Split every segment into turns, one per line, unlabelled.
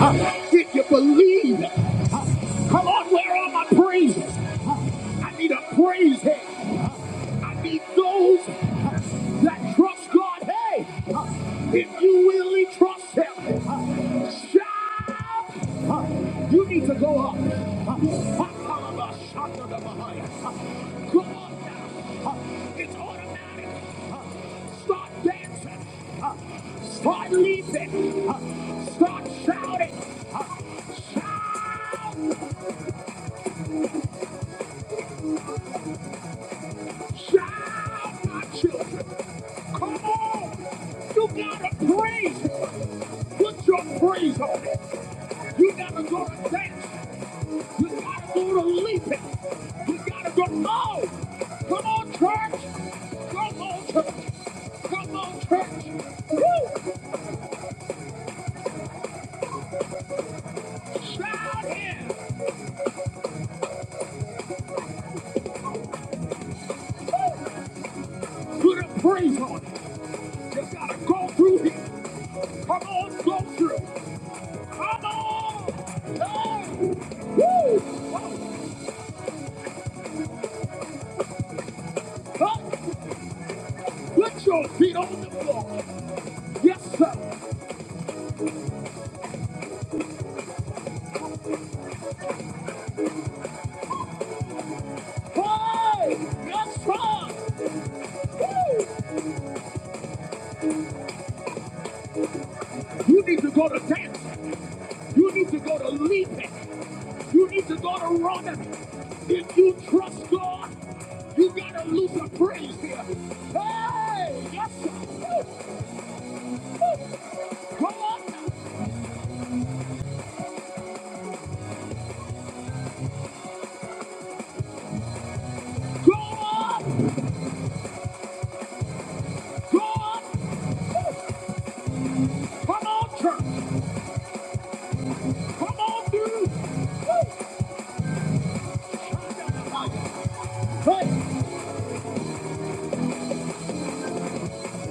Huh? Did you believe? Huh? Come on, where are my praises? Huh? I need a praise hit. I need those that trust God. Hey, if you really trust Him, shout! You need to go up. Go up now. It's automatic. Start dancing. Start leaping. Start shouting. Shout! Shout, my children. Come on. You gotta praise him. Put your praise on it. You gotta go to dance. You gotta go to leaping. You gotta go. No! Come on, church! Come on, church! Come on, church! Woo! Shout in! Woo! Put a praise on it. You gotta go through here. Come on, go through. Come on! No! Woo! Huh? Put your feet on the floor. Yes, sir. Hey, yes, sir. Woo! You need to go to dance. You need to go to leaping. You need to go to running. If you trust God, you gotta lose a praise here. Hey, yes, sir. Woo, woo. Come on, go on, go on. Come on, church. Come on, dude. Woo. Hey,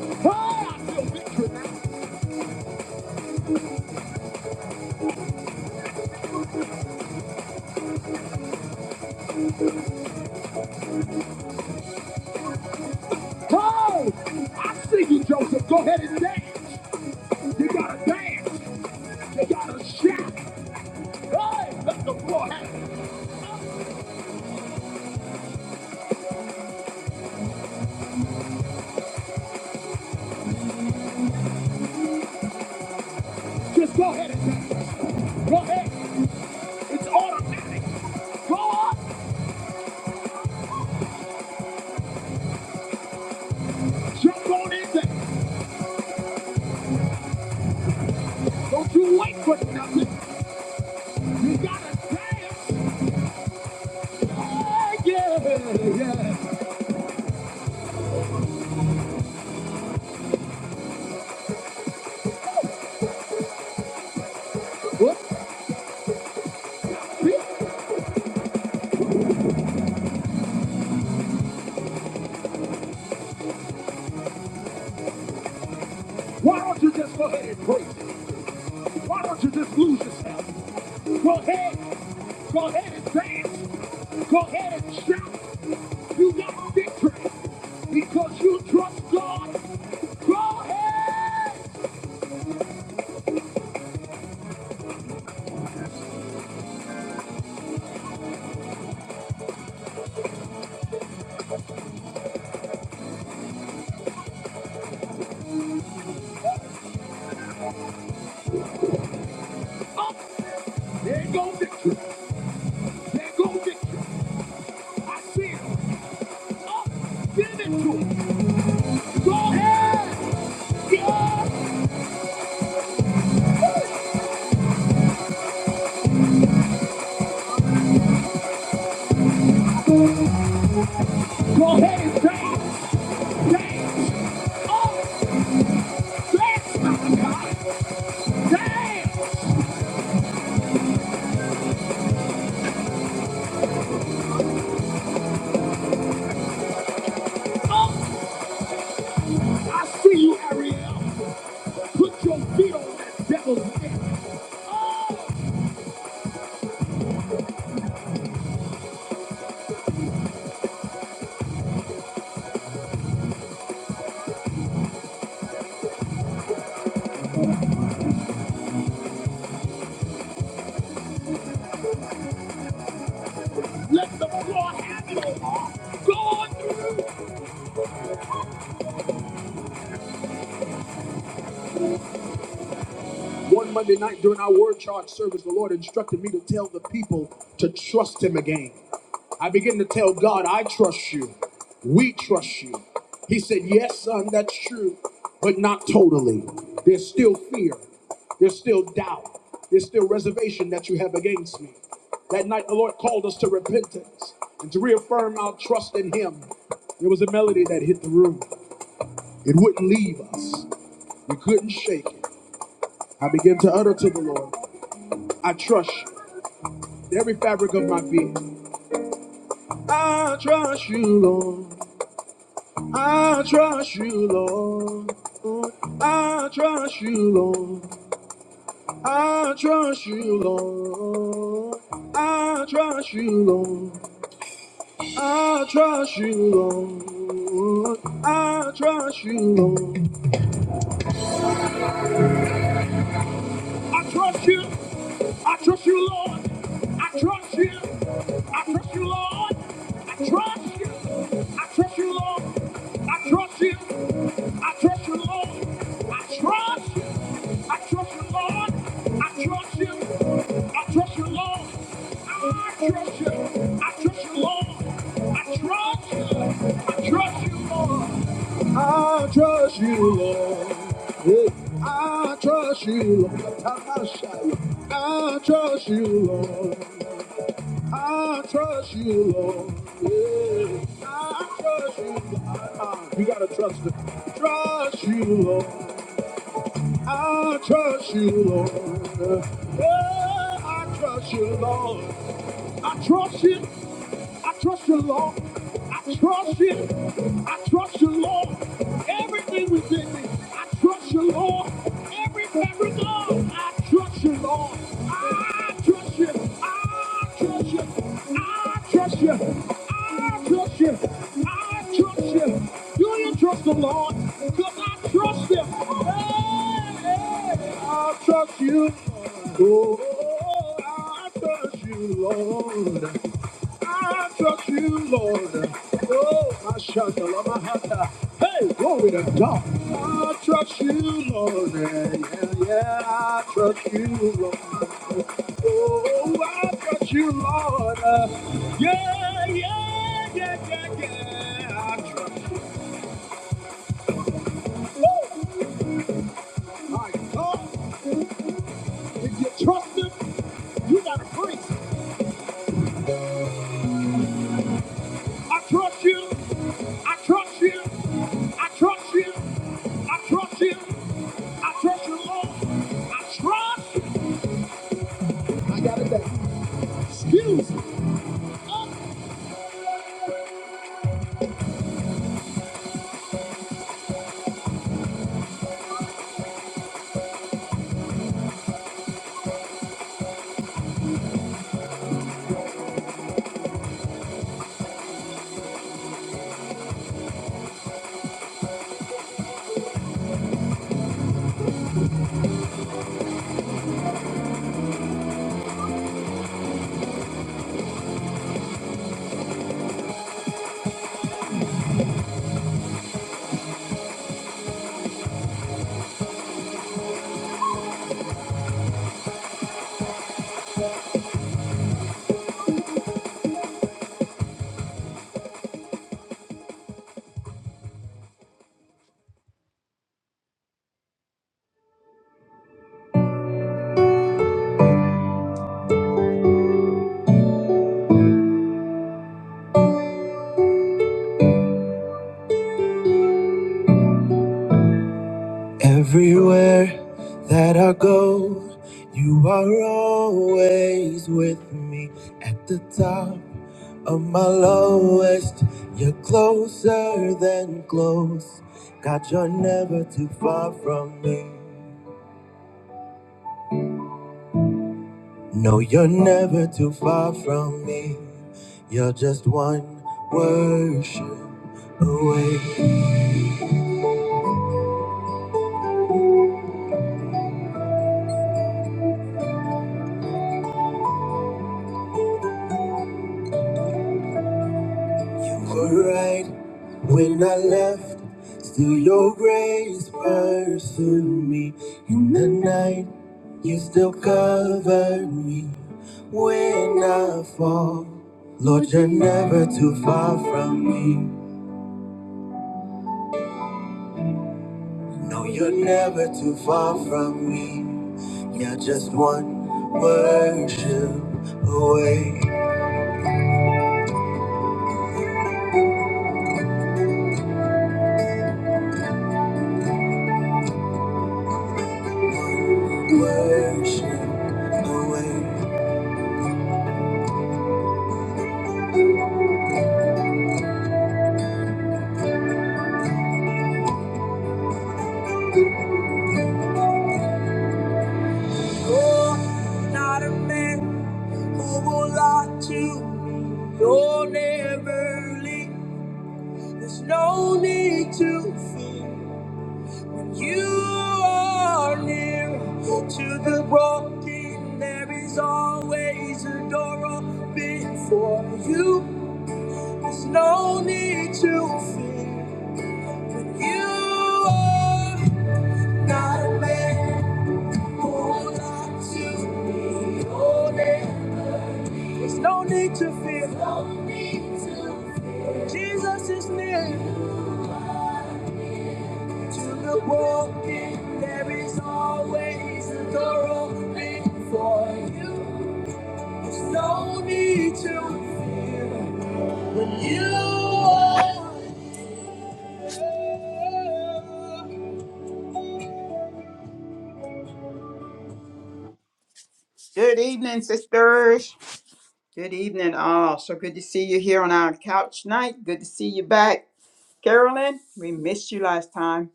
hey, I feel victory now. Oh, I see you, Joseph. Go ahead and dance. You gotta dance. You gotta shout. Hey, let the floor happen. Just go ahead and dance. Go ahead. It's automatic. Go up. Jump on in there. Don't you wait for nothing. You gotta dance. Hey, yeah, yeah. What? Why don't you just go ahead and break? Why don't you just lose yourself? Go ahead. Go ahead and dance. Go ahead and shout. You got victory because you trust God. Go ahead. Up. There go victory. There go victory. I see it. Up. Give it to him. Go ahead. Yeah. Go ahead and dance. Dance. Up. Dance, my God. Dance. Up. I see you, Ariel. Put your feet on that devil's neck. Oh, let the floor have it, Omar. Go on through. One Monday night during our word charge service, the Lord instructed me to tell the people to trust Him again. I began to tell God, I trust you. We trust you. He said, Yes, son, that's true, but not totally. There's still fear. There's still doubt. There's still reservation that you have against me. That night, the Lord called us to repentance and to reaffirm our trust in Him. There was a melody that hit the room. It wouldn't leave us. We couldn't shake it. I began to utter to the Lord. I trust you with every fabric of my being. I trust you. I trust you, Lord. I trust you. I trust you, Lord. I trust you. I trust you, Lord. I trust you. I trust you, Lord. I trust you. I trust you, Lord. I trust you. I trust you, Lord. I trust you. I trust you, Lord. I trust you. I trust you, Lord. Hey, I trust you, Lord. I shall. I trust you, Lord. I trust you, Lord. Yeah, I trust you. Lord. uh You gotta trust it. Trust you, Lord. I trust you, Lord. Yeah, I trust you, Lord. I trust you. I trust you, Lord. I trust you. I trust you, Lord. Everything within me. I trust you, Lord. Every miracle. I trust you, Lord. I trust you. I trust you. I trust you. I trust you. I trust you. Do you trust the Lord? Because I trust him. Hey, hey, I trust you. Oh, I trust you, Lord. I trust you, Lord. Oh, my shakala, my hata. Hey, glory to God. I trust you, Lord. Yeah, yeah, yeah, I trust you, Lord. Oh, I trust you, Lord. Yeah, yeah, yeah, yeah, yeah. I trust you. Woo! My God, if you trust him, you got to praise I trust you. I trust you. I trust you. I trust you. I trust you, Lord. I trust you. Excuse me. Everywhere that I go, you are always with me. At the top of my lowest, you're closer than close. God, you're never too far from me. No, you're never too far from me. You're just one worship away. You were right when I left. Still, your grace pursued me. In the night, you still cover me when I fall. Lord, you're never too far from me. No, you're never too far from me. You're just one worship away, worship away. You're not a man who will lie to me. You'll never leave. There's no need to fear. You are near to the broken. There is always a door open for you. There's no need to fear. You are not a man who lied to me. Oh, There's no need to fear. No need to fear. Jesus is near. To the walking, there is always a door open for you. There's no need to fear when you are. Good evening, sisters. Good evening, all. So good to see you here on our couch night. Good to see you back, Carolyn. We missed you last time.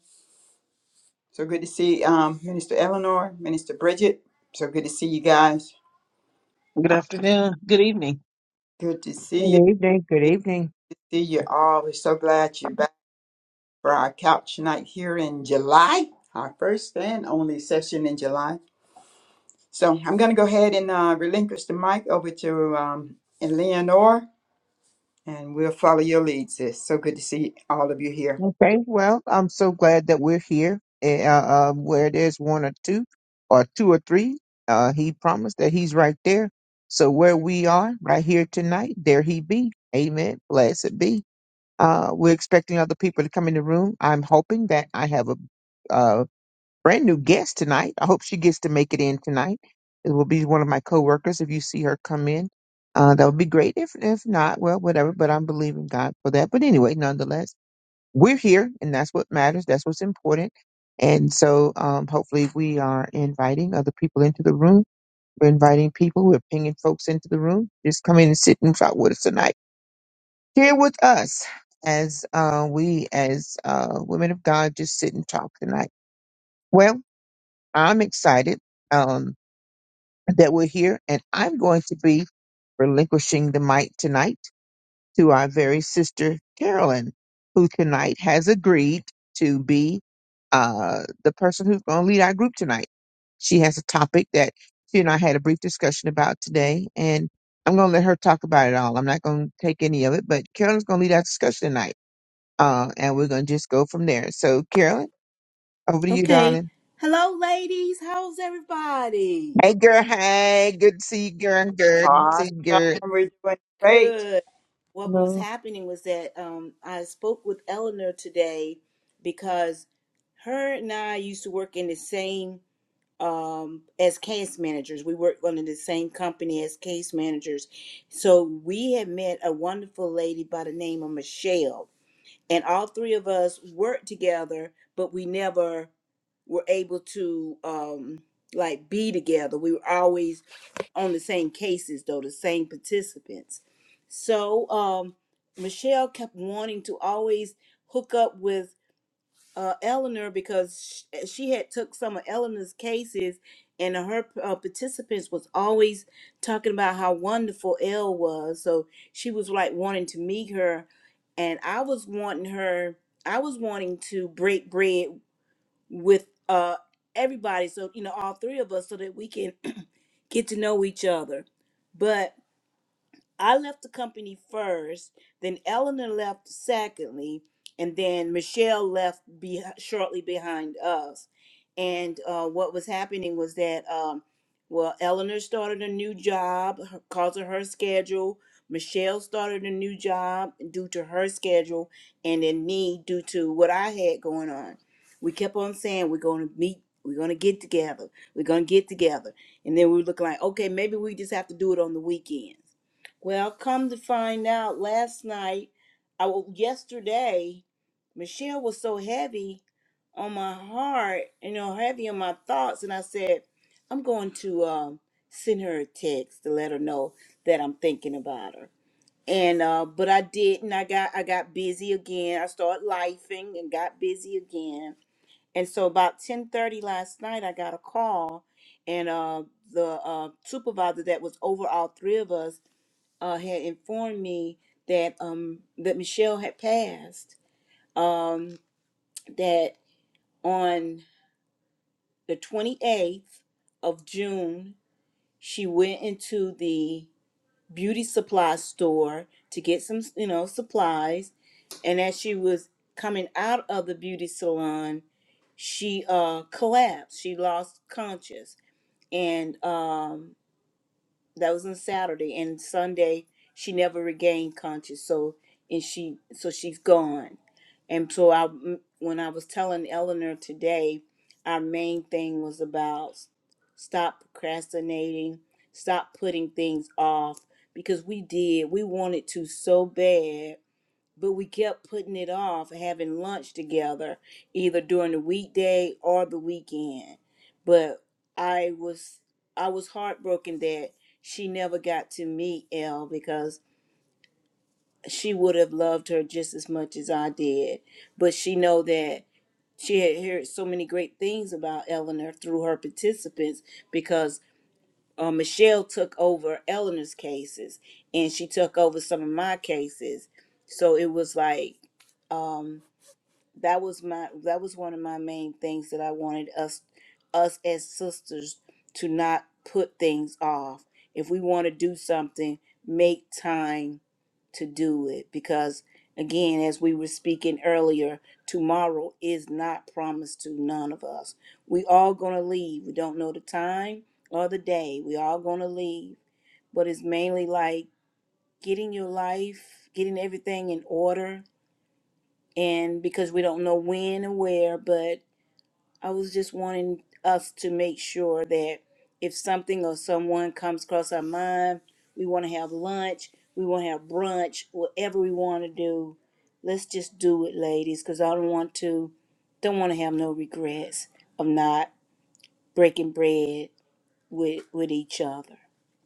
So good to see um, Minister Eleanor, Minister Bridget. So good to see you guys.
Good
Uh,
afternoon. Good evening.
good to see you.
Good evening. Good evening.
See you all. We're so glad you're back for our couch night here in July, our first and only session in July. So I'm going to go ahead and uh, relinquish the mic over to um, Eleanor, and we'll follow your lead, sis. So good to see all of you here.
Okay. Well, I'm so glad that we're here. eh, Uh, um, where there's one or two, or two or three, uh, he promised that he's right there. So where we are, right here tonight, there he be. Amen. Blessed be. Uh, we're expecting other people to come in the room. I'm hoping that I have a uh, brand new guest tonight. I hope she gets to make it in tonight. It will be one of my coworkers. If you see her come in, uh, that would be great. If if not, well, whatever. But I'm believing God for that. But anyway, nonetheless, we're here, and that's what matters. That's what's important. And so, um, hopefully, we are inviting other people into the room. We're inviting people. We're pinging folks into the room. Just come in and sit and talk with us tonight. Here with us as uh, we, as uh, women of God, just sit and talk tonight. Well. I'm excited um, that we're here, and I'm going to be relinquishing the mic tonight to our very sister Carolyn, who tonight has agreed to be uh, the person who's going to lead our group tonight. She has a topic that she and I had a brief discussion about today, and I'm going to let her talk about it all. I'm not going to take any of it, but Carolyn's going to lead our discussion tonight, uh, and we're going to just go from there. So, Carolyn, over to you,
Okay.
darling.
Hello, ladies. How's everybody?
Hey girl, hey, good to see you, girl, girl, good to see
Awesome.
you, girl.
We're doing great,
Good. What was
Hello.
happening was that um, I spoke with Eleanor today because her and I used to work in the same um, as case managers. We worked under the same company as case managers. So we had met a wonderful lady by the name of Michelle, and all three of us worked together, but we never were able to um, like be together. We were always on the same cases though, the same participants. So um, Michelle kept wanting to always hook up with uh, Eleanor because sh- she had took some of Eleanor's cases, and her uh, participants was always talking about how wonderful Elle was. So she was like wanting to meet her, and I was wanting her. I was wanting to break bread with uh everybody, so you know all three of us, so that we can get to know each other. But I left the company first, then Eleanor left secondly, and then Michelle left be- shortly behind us. And uh, what was happening was that, um, well, Eleanor started a new job her- because of her schedule. Michelle started a new job due to her schedule, and then me due to what I had going on. We kept on saying we're going to meet, we're going to get together, we're going to get together, and then we were looking like, okay, maybe we just have to do it on the weekends well, come to find out, last night, I w- yesterday, Michelle was so heavy on my heart, you know, heavy on my thoughts, and I said, I'm going to um, send her a text to let her know that I'm thinking about her. And uh, but I didn't. I got I got busy again. I started lifing and got busy again. And so about 10:30 last night, I got a call, and uh, the uh, supervisor that was over all three of us uh, had informed me that um, that Michelle had passed. Um, that on the 28th of June, she went into the beauty supply store to get some, you know, supplies, and as she was coming out of the beauty salon, she uh, collapsed. She lost conscious, and um that was on Saturday and Sunday she never regained conscious so and she so she's gone and so I when I was telling Eleanor today our main thing was about s- stop procrastinating stop putting things off because we did we wanted to so bad but we kept putting it off having lunch together either during the weekday or the weekend but i was i was heartbroken that she never got to meet l because she would have loved her just as much as i did but she know that she had heard so many great things about eleanor through her participants because uh, michelle took over eleanor's cases and she took over some of my cases so it was like um that was my that was one of my main things that I wanted us us as sisters to not put things off. If we want to do something, make time to do it because again, as we were speaking earlier, tomorrow is not promised to none of us. We all going to leave. We don't know the time or the day. We all going to leave, but it's mainly like getting your life, getting everything in order and because we don't know when and where, but I was just wanting us to make sure that if something or someone comes across our mind, we want to have lunch, we want to have brunch, whatever we want to do, let's just do it, ladies, because I don't want to, don't want to have no regrets of not breaking bread with with each other.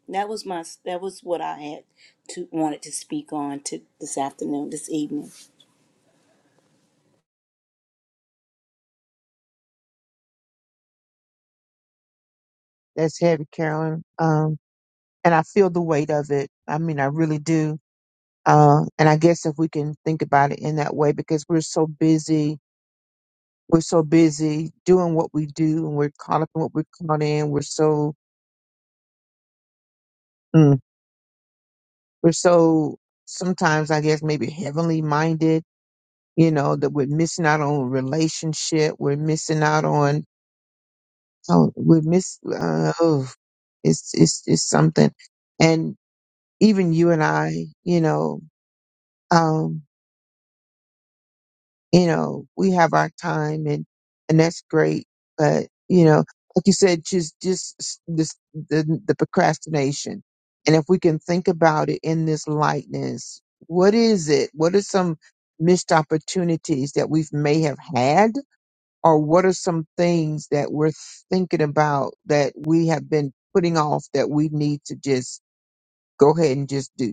That was my that was what I had to wanted to speak on to this afternoon, this evening.
That's heavy, Carolyn. Um, and I feel the weight of it. I mean, I really do. Uh, and I guess if we can think about it in that way, because we're so busy, we're so busy doing what we do, and we're caught up in what we're caught in. We're so, mm, we're so sometimes, I guess, maybe heavenly minded. You know that we're missing out on relationship. We're missing out on So we miss. Uh, oh, it's it's it's something. And even you and I, you know, um, you know, we have our time, and and that's great. But you know, like you said, just just s- this the the procrastination. And if we can think about it in this lightness, what is it? What are some missed opportunities that we may have had? or what are some things that we're thinking about that we have been putting off that we need to just go ahead and just do?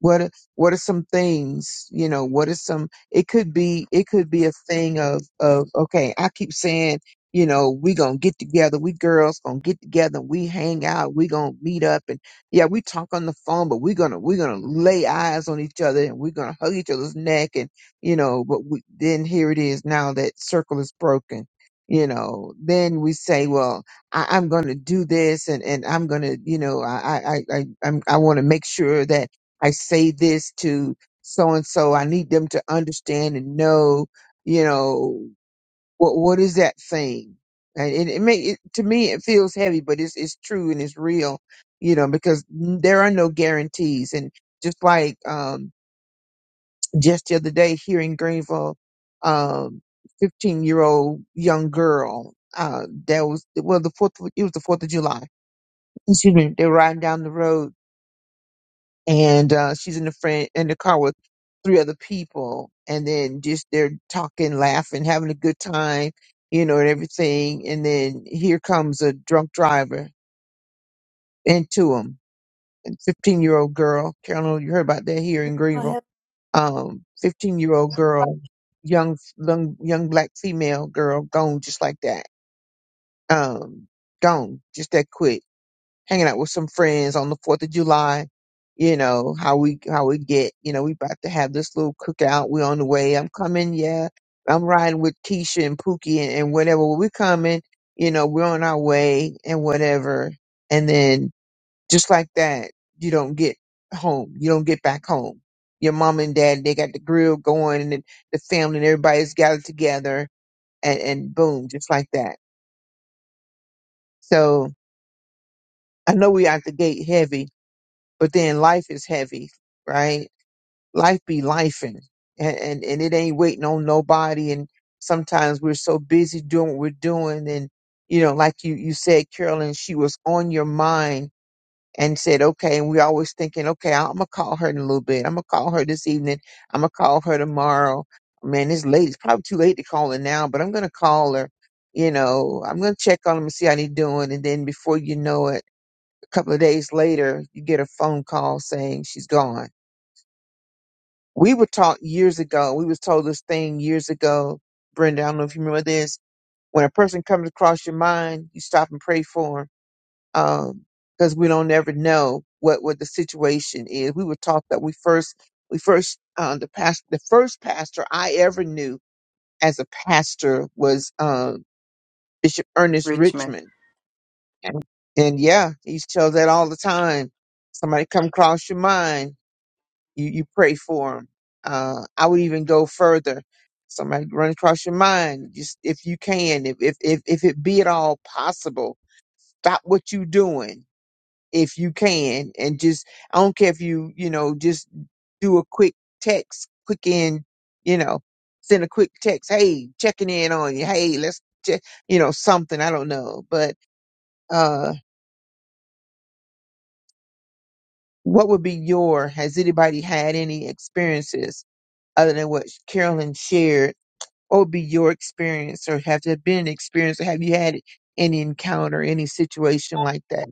what are- what are some things you know what are some it could be it could be a thing of of okay i keep saying you know we gonna get together we girls gonna get together we hang out we gonna meet up and yeah we talk on the phone but we gonna we gonna lay eyes on each other and we gonna hug each other's neck and you know but we, then here it is now that circle is broken you know then we say well I, i'm gonna do this and and i'm gonna you know i i i, I i'm i want to make sure that I say this to so and so. I need them to understand and know, you know, what what is that thing? And it, it may it, to me it feels heavy, but it's it's true and it's real, you know, because there are no guarantees. And just like um, just the other day here in Greenville, um, fifteen year old young girl. Uh, that was well the fourth. It was the Fourth of July. Excuse me. They were riding down the road, and uh, she's in the friend in the car with three other people, and then just they're talking, laughing, having a good time, you know, and everything. And then here comes a drunk driver into them. Fifteen year old girl, Carolyn, you heard about that here in Greenville.
I
Um, fifteen year old girl, young young young black female girl, gone just like that. Um, gone just that quick hanging out with some friends on the Fourth of July. You know how we how we get. You know we about to have this little cookout. We on the way. I'm coming. Yeah, I'm riding with Keisha and Pookie and, and whatever. We coming. You know we're on our way and whatever. And then just like that, you don't get home. You don't get back home. Your mom and dad they got the grill going and the, the family and everybody's gathered together and and boom just like that. So I know we out the gate heavy but then life is heavy, right? Life be lifing, and, and and it ain't waiting on nobody. And sometimes we're so busy doing what we're doing, and you know, like you you said, Carolyn, she was on your mind and said, okay. And we always thinking, okay, I'm gonna call her in a little bit. I'm gonna call her this evening. I'm gonna call her tomorrow. Man, it's late. It's probably too late to call her now, but I'm gonna call her. You know, I'm gonna check on him and see how they doing, and then before you know it couple of days later, you get a phone call saying she's gone. We were taught years ago, we was told this thing years ago, Brenda, I don't know if you remember this. When a person comes across your mind, you stop and pray for them because we don't ever know what, what the situation is. We were taught that we first, we first, uh, the past, the first pastor I ever knew as a pastor was uh, Bishop Ernest
Richmond.
Richmond. And, and yeah, he tells that all the time. Somebody come across your mind You you pray for them. Uh, I would even go further. Somebody run across your mind. Just if you can, if if if, if it be at all possible, stop what you doing if you can, and just I don't care if you you know just do a quick text, quick in, you know, send a quick text. Hey, checking in on you. Hey, let's check, you know, something. I don't know, but uh, what would be your? Has anybody had any experiences other than what Carolyn shared? what would be your experience or have there been an experience or have you had any encounter any situation like that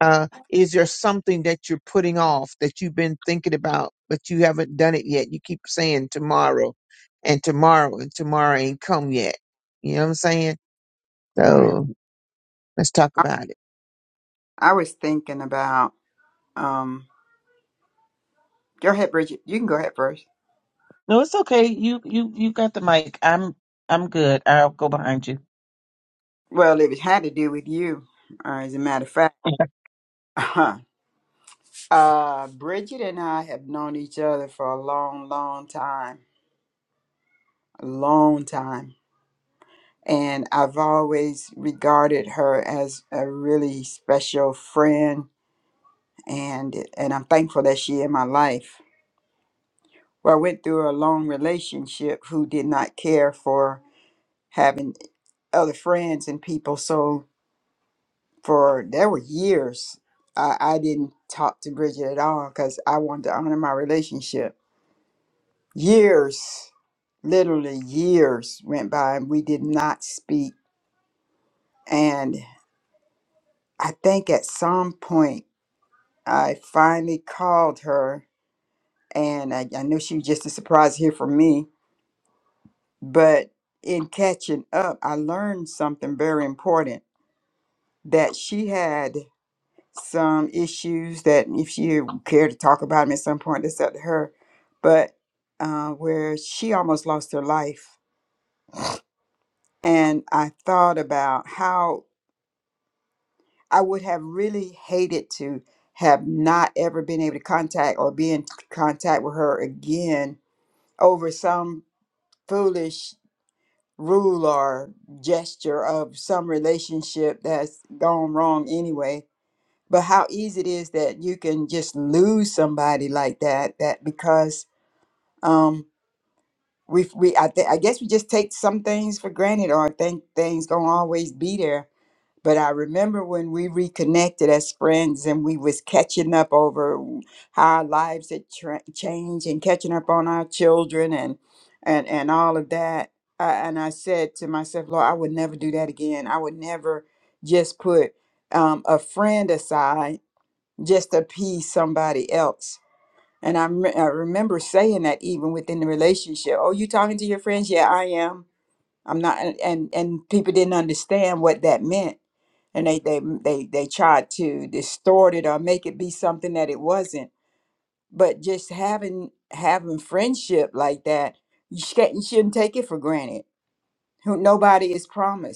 uh, is there something that you're putting off that you've been thinking about but you haven't done it yet you keep saying tomorrow and tomorrow and tomorrow ain't come yet you know what i'm saying
Right.
so let's talk about it
I was thinking about um go ahead, Bridget. You can go ahead first.
No, it's okay. You you you got the mic. I'm I'm good. I'll go behind you.
Well, it had to do with you, uh, as a matter of fact. uh Bridget and I have known each other for a long, long time. A long time. And I've always regarded her as a really special friend and and I'm thankful that she in my life. Well, I went through a long relationship who did not care for having other friends and people. So for there were years I, I didn't talk to Bridget at all because I wanted to honor my relationship. Years, literally years went by and we did not speak. And I think at some point I finally called her and I, I knew she was just a surprise here for me. But in catching up, I learned something very important that she had. some issues that if she cared to talk about them at some point, that's up to her. But uh, where she almost lost her life, and I thought about how I would have really hated to have not ever been able to contact or be in contact with her again over some foolish rule or gesture of some relationship that's gone wrong anyway but how easy it is that you can just lose somebody like that that because um we we I, th- I guess we just take some things for granted or think things gonna always be there but i remember when we reconnected as friends and we was catching up over how our lives had tra- changed and catching up on our children and and and all of that I, and i said to myself lord i would never do that again i would never just put um, a friend aside just to appease somebody else. And I, rem- I remember saying that even within the relationship. Oh, you talking to your friends? Yeah, I am. I'm not. And and, and people didn't understand what that meant, and they they they they tried to distort it or make it be something that it wasn't. But just having having friendship like that, you, sh- you shouldn't take it for granted. Who nobody is promised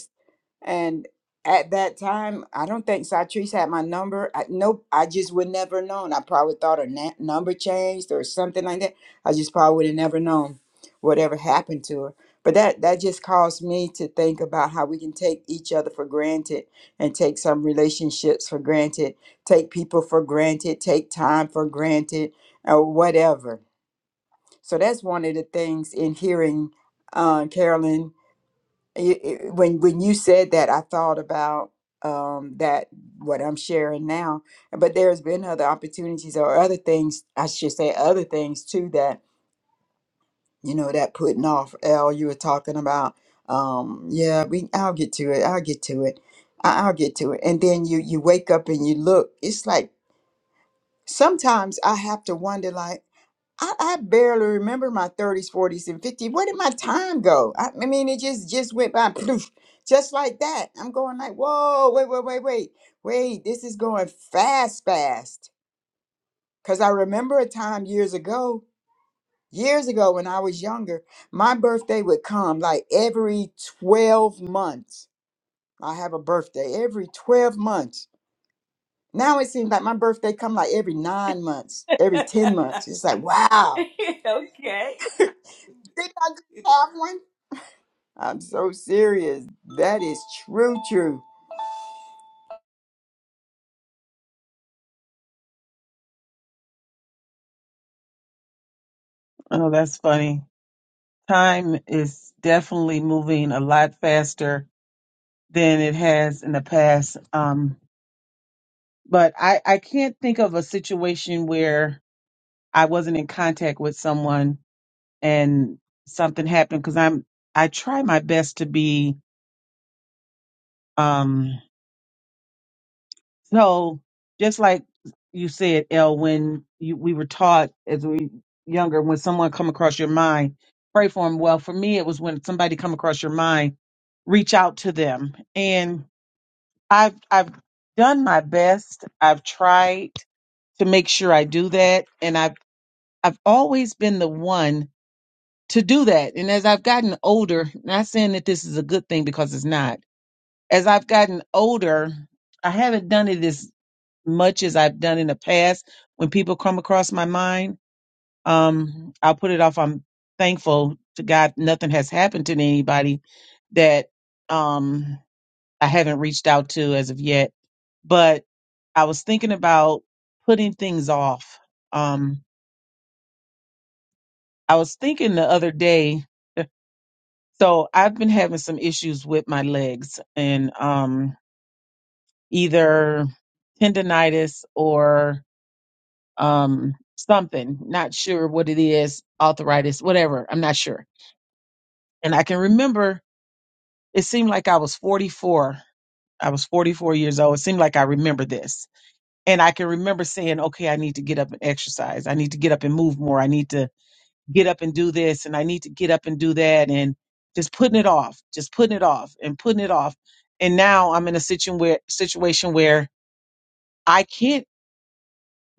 and at that time, I don't think Satrice had my number. I, nope, I just would never known. I probably thought her na- number changed or something like that. I just probably would have never known whatever happened to her. But that that just caused me to think about how we can take each other for granted and take some relationships for granted, take people for granted, take time for granted, or whatever. So that's one of the things in hearing uh, Carolyn it, it- when when you said that, I thought about um, that what I'm sharing now. But there's been other opportunities or other things, I should say, other things too that you know that putting off. L, you were talking about. Um, yeah, we. I'll get to it. I'll get to it. I, I'll get to it. And then you you wake up and you look. It's like sometimes I have to wonder, like. I, I barely remember my 30s, 40s, and 50s. Where did my time go? I, I mean, it just just went by, poof, just like that. I'm going like, whoa, wait, wait, wait, wait, wait. This is going fast, fast. Cause I remember a time years ago, years ago when I was younger, my birthday would come like every 12 months. I have a birthday every 12 months. Now it seems like my birthday come like every nine months, every 10
have.
months. It's like, wow,
okay.
did I just have one? I'm so serious. That is true, true.
Oh, that's funny. Time is definitely moving a lot faster than it has in the past. Um, but I, I can't think of a situation where I wasn't in contact with someone and something happened because I'm I try my best to be um So just like you said, El, when you, we were taught as we younger, when someone come across your mind, pray for them. Well, for me, it was when somebody come across your mind, reach out to them. And I've, I've done my best. I've tried to make sure I do that. And I've, I've always been the one to do that. And as I've gotten older, not saying that this is a good thing because it's not, as I've gotten older, I haven't done it as much as I've done in the past. When people come across my mind, um, I'll put it off. I'm thankful to God nothing has happened to anybody that um, I haven't reached out to as of yet. But I was thinking about putting things off. Um, I was thinking the other day, so I've been having some issues with my legs and um, either tendonitis or um something not sure what it is arthritis whatever i'm not sure and i can remember it seemed like i was 44 i was 44 years old it seemed like i remember this and i can remember saying okay i need to get up and exercise i need to get up and move more i need to get up and do this and i need to get up and do that and just putting it off just putting it off and putting it off and now i'm in a situation where situation where i can't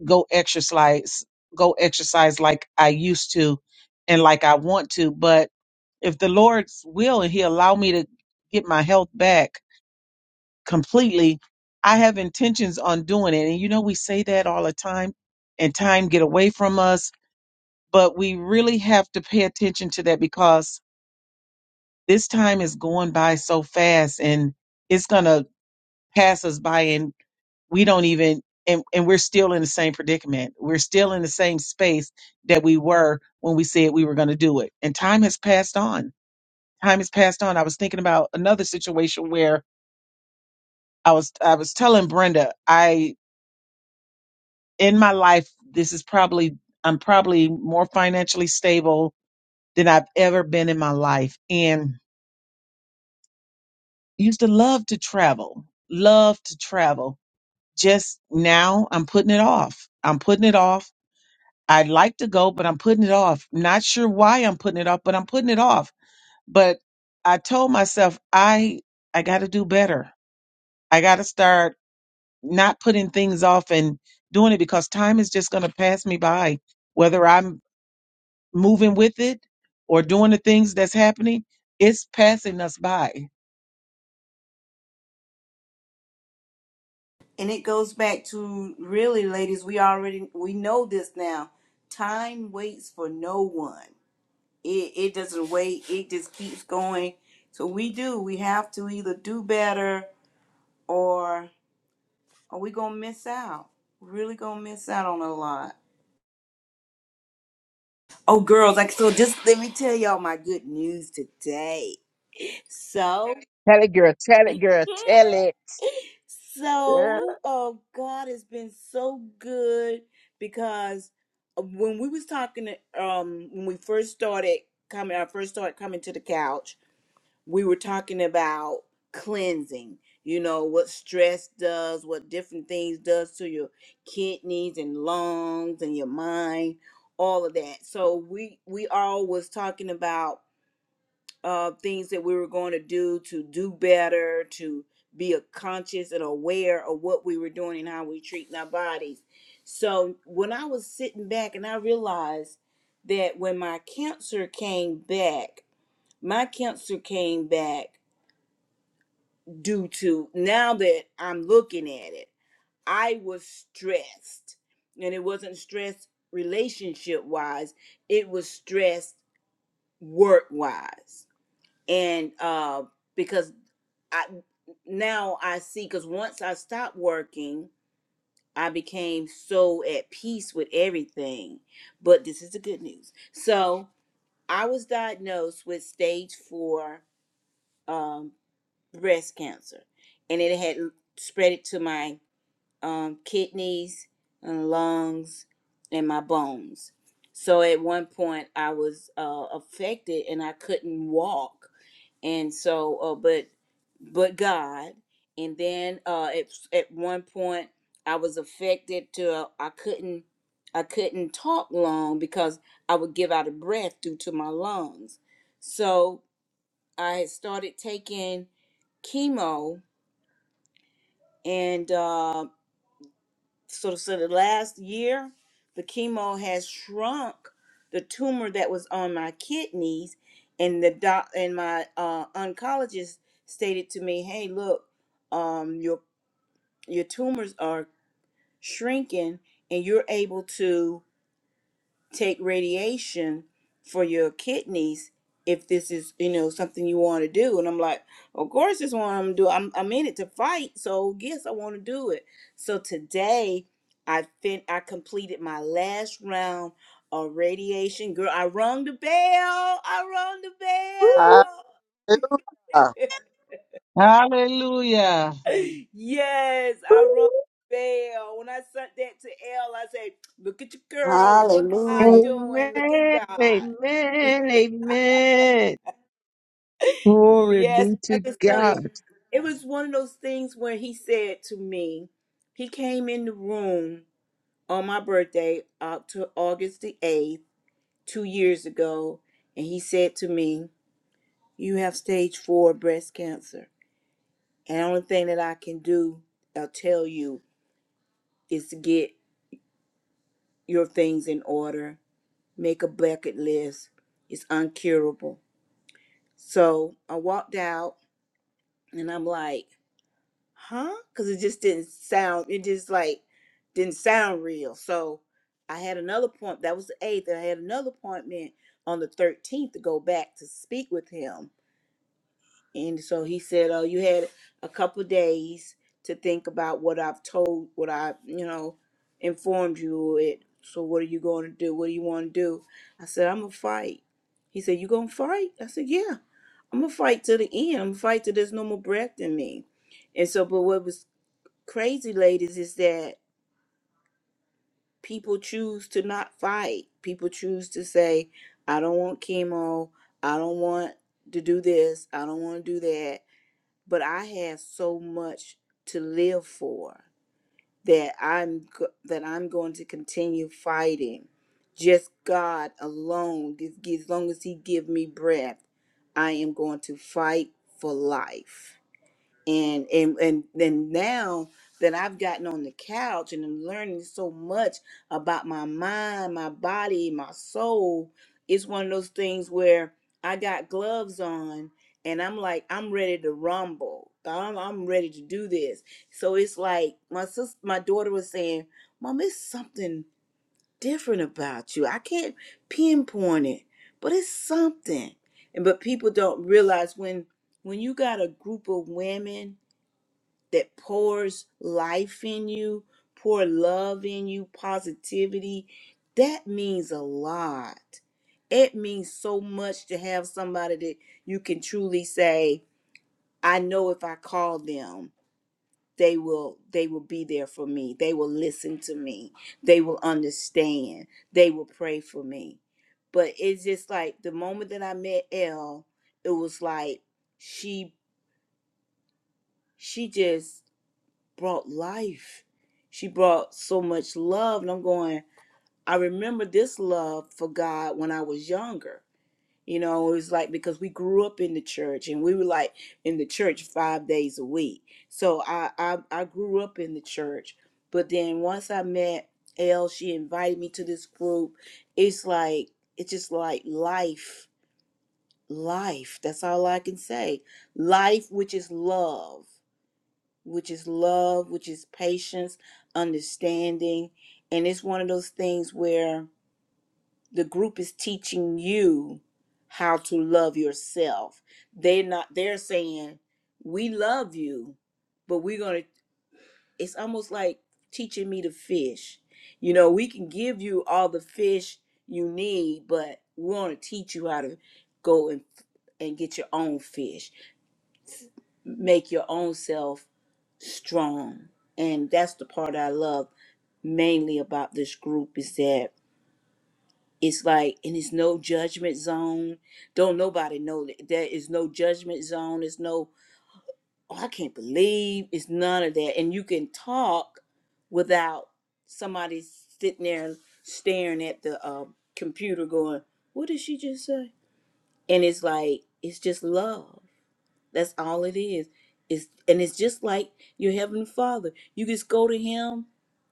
go exercise go exercise like I used to and like I want to but if the Lord's will and he allow me to get my health back completely I have intentions on doing it and you know we say that all the time and time get away from us but we really have to pay attention to that because this time is going by so fast and it's going to pass us by we don't even and, and we're still in the same predicament we're still in the same space that we were when we said we were going to do it and time has passed on time has passed on i was thinking about another situation where i was i was telling brenda i in my life this is probably i'm probably more financially stable than i've ever been in my life and used to love to travel love to travel just now i'm putting it off i'm putting it off I'd like to go, but I'm putting it off. Not sure why I'm putting it off, but I'm putting it off. But I told myself I I got to do better. I got to start not putting things off and doing it because time is just going to pass me by whether I'm moving with it or doing the things that's happening, it's passing us by.
and it goes back to really ladies we already we know this now time waits for no one it, it doesn't wait it just keeps going so we do we have to either do better or are we gonna miss out We're really gonna miss out on a lot oh girls like so just let me tell y'all my good news today so
tell it girl tell it girl
Yeah.
tell it Yeah.
So, oh, God has been so good because uh, when we was talking, um, when we first started coming, I first started coming to the couch. We were talking about cleansing. You know what stress does, what different things does to your kidneys and lungs and your mind, all of that. So we we all was talking about uh, things that we were going to do to do better, to be a conscious and aware of what we were doing and how we treating our bodies. So when I was sitting back and I realized that when my cancer came back, my cancer came back due to now that I'm looking at it, I was stressed. And it wasn't stress relationship wise, it was stress work wise. And uh because I now I see because once I stopped working, I became so at peace with everything. But this is the good news. So I was diagnosed with stage four um, breast cancer, and it had l- spread it to my um, kidneys and lungs and my bones. So at one point, I was uh, affected and I couldn't walk and so uh, but but god and then uh at, at one point i was affected to uh, i couldn't i couldn't talk long because i would give out a breath due to my lungs so i had started taking chemo and uh, so so the last year the chemo has shrunk the tumor that was on my kidneys and the doc and my uh, oncologist stated to me hey look um your your tumors are shrinking and you're able to take radiation for your kidneys if this is you know something you want to do and i'm like of course this one i'm gonna do I'm, I'm in it to fight so yes i want to do it so today i fin- i completed my last round of radiation girl i rung the bell i rung the
Woo,
Hallelujah.
bell
Hallelujah.
yes,
woo,
I rung the bell. When I sent that to L, I said, "Look at your girl. Look what God
Hallelujah.
woo.
doing. Look
amen
at God."
amen amen glory
Yes,
be
I
to
just tell you.
god
It was one of those things where he said to me, he came in the room on my birthday, October, August the 8th, two years ago, and he said to me, You have stage four breast cancer. And the only thing that I can do, I'll tell you, is to get your things in order, make a bucket list. It's uncurable. So I walked out and I'm like, huh? Because it just didn't sound, it just like didn't sound real. So I had another point. That was the eighth. and I had another appointment on the 13th to go back to speak with him. And so he said, Oh, you had a couple of days to think about what I've told, what I, you know, informed you it. So what are you going to do? What do you want to do? I said, I'm going to fight. He said, You going to fight? I said, Yeah. I'm going to fight to the end. I'm going to fight till there's no more breath in me. And so, but what was crazy ladies is that people choose to not fight. People choose to say, I don't want chemo. I don't want to do this. I don't want to do that. But I have so much to live for that I'm go- that I'm going to continue fighting. Just God alone, as as long as He give me breath, I am going to fight for life. and and and then now that I've gotten on the couch and I'm learning so much about my mind, my body, my soul, it's one of those things where I got gloves on and I'm like I'm ready to rumble. I'm, I'm ready to do this. So it's like my sis, my daughter was saying, "Mom, it's something different about you. I can't pinpoint it, but it's something." And but people don't realize when when you got a group of women that pours life in you, pour love in you, positivity, that means a lot. It means so much to have somebody that you can truly say, I know if I call them, they will they will be there for me. They will listen to me. They will understand. They will pray for me. But it's just like the moment that I met Elle, it was like she she just brought life. She brought so much love. And I'm going, I remember this love for God when I was younger. You know, it was like because we grew up in the church and we were like in the church five days a week. So I I, I grew up in the church. But then once I met Elle, she invited me to this group. It's like it's just like life. Life. That's all I can say. Life which is love which is love, which is patience, understanding. And it's one of those things where the group is teaching you how to love yourself. They're not, they're saying, We love you, but we're going to, it's almost like teaching me to fish. You know, we can give you all the fish you need, but we want to teach you how to go and, and get your own fish make your own self strong. And that's the part I love mainly about this group is that it's like, and it's no judgment zone. Don't nobody know that there is no judgment zone. It's no, oh, I can't believe. It's none of that. And you can talk without somebody sitting there staring at the uh, computer going, what did she just say? And it's like, it's just love. That's all it is. It's and it's just like your heavenly father. You just go to him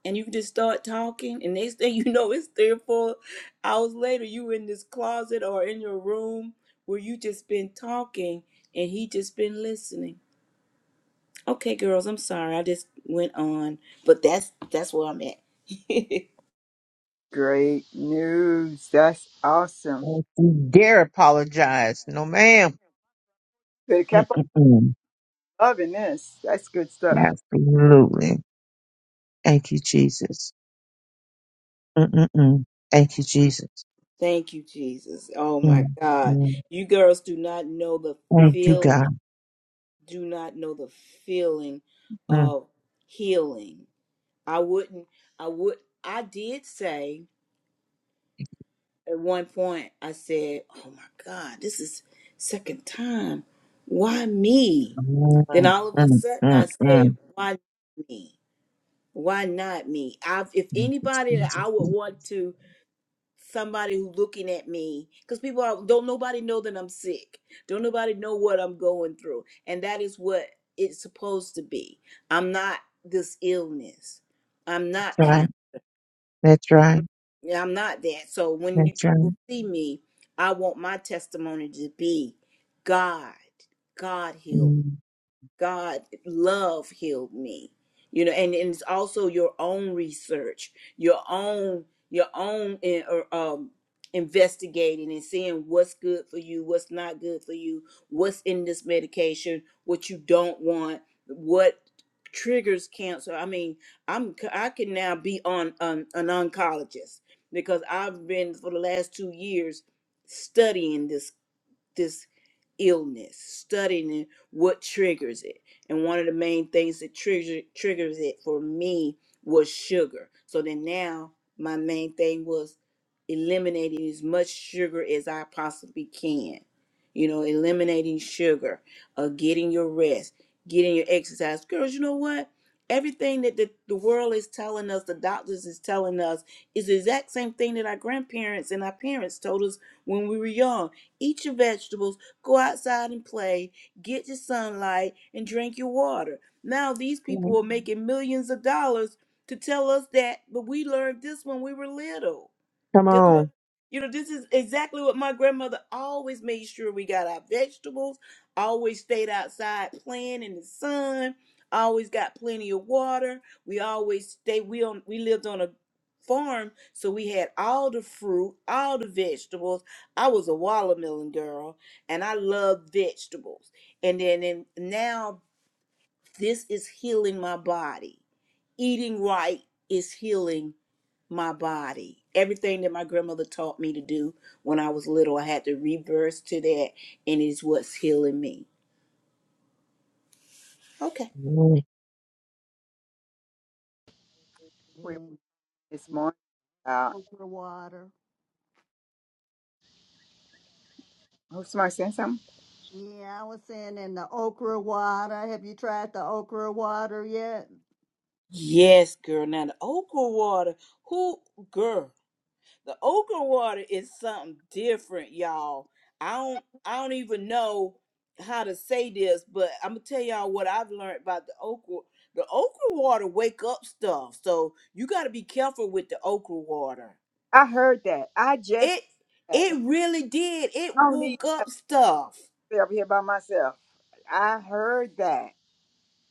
and you can just start talking and next thing you know it's three or four hours later you in this closet or in your room where you just been talking and he just been listening. Okay girls, I'm sorry. I just went on. But that's that's where I'm at.
Great news. That's awesome.
Don't you dare apologize. No, madam
Good. Kept on loving this. That's good stuff.
Absolutely. Thank you, Jesus. Mm-mm-mm. Thank you, Jesus.
Thank you, Jesus. Oh my
Mm-mm.
God.
Thank
You girls do not know the
you,
feeling.
God.
do not know the feeling of healing. I wouldn't, I would, I did say at one point, I said, Oh my God, this is second time. Why me? Then all of a sudden I said,
Mm-mm-mm-mm-mm.
Why me? Why not me? i if anybody that I would want to somebody who's looking at me because people are, don't nobody know that i'm sick don't nobody know what i'm going through and that is what it's supposed to be i'm not this illness i'm
That's
not
right.
cancer
That's right.
Yeah, i'm not that so when you
That's
people
right.
see me i want my testimony to be god god healed me
Mm.
God love healed me. You know, and, and it's also your own research, your own your own in, or, um investigating and seeing what's good for you, what's not good for you, what's in this medication, what you don't want, what triggers cancer. I mean, I'm c- I can now be on um, an oncologist because I've been for the last 2 years studying this this illness, studying what triggers it. And one of the main things that trigger, triggers it for me was sugar. So then now my main thing was eliminating as much sugar as I possibly can. You know, eliminating sugar, uh, getting your rest, getting your exercise. Girls, you know what? Everything that the, the world is telling us, the doctors is telling us, is the exact same thing that our grandparents and our parents told us when we were young eat your vegetables, go outside and play, get your sunlight, and drink your water. Now these people are making millions of dollars to tell us that, but we learned this when we were little.
Come
This what
on.
you know. This is exactly what my grandmother always made sure we got our vegetables. Always stayed outside playing in the sun. Always got plenty of water. We always stay. We on. We lived on a farm, so we had all the fruit, all the vegetables. I was a watermelon girl, and I loved vegetables. And then and now this is healing my body. Eating right is healing my body. Everything that my grandmother taught me to do when I was little, I had to reverse to that, and it's what's healing me. Okay.
Mm.
We
in
this
the
morning. Uh,
okra water.
who's somebody saying something?
Yeah, I was saying in the okra water. Have you tried the okra water yet?
Yes, girl. Now the okra water, who girl? The okra water is something different, y'all. I don't, I don't even know how to say this, but I'm gonna tell y'all what I've learned about the okra. The okra water wake up stuff, so you got to be careful with the okra water.
I heard that. I just
It
heard that.
it really did. It
I don't need
woke
to
up stuff.
be up here by myself. I heard that.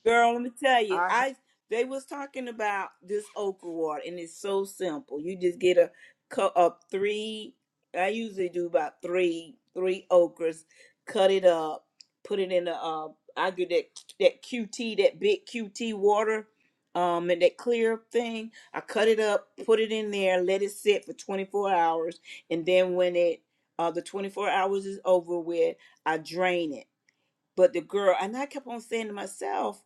Girl, let me tell you,
I
I they was talking about this okra water, and it's so simple. You just get a cut up three. I usually do about three three okras, cut it up, put it in the. Uh, I get that that QT, that big QT water, um, and that clear thing. I cut it up, put it in there, let it sit for 24 hours, and then when it uh the 24 hours is over with, I drain it. But the girl, and I kept on saying to myself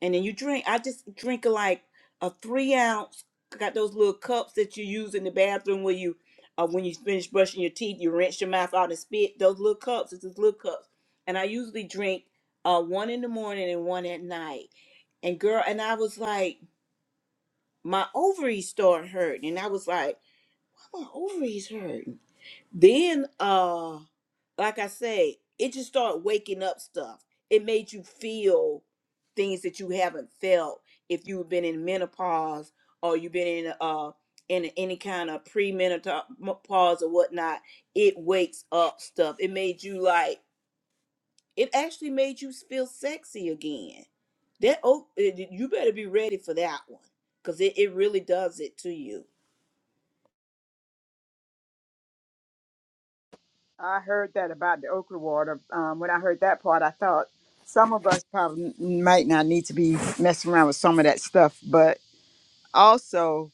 and then you drink. I just drink like a three ounce. Got those little cups that you use in the bathroom where you, uh, when you finish brushing your teeth, you rinse your mouth out and spit. Those little cups, it's those little cups, and I usually drink uh, one in the morning and one at night. And girl, and I was like, my ovaries start hurting, and I was like, my ovaries hurting. Then uh, like I say, it just started waking up stuff. It made you feel things that you haven't felt if you've been in menopause or you've been in uh in any kind of pre-menopause or whatnot. It wakes up stuff. It made you like it actually made you feel sexy again. That oh, it- you better be ready for that one because it, it really does it to you.
I heard that about the okra water. Um, when I heard that part, I thought some of us probably might not need to be messing around with some of that stuff, but. also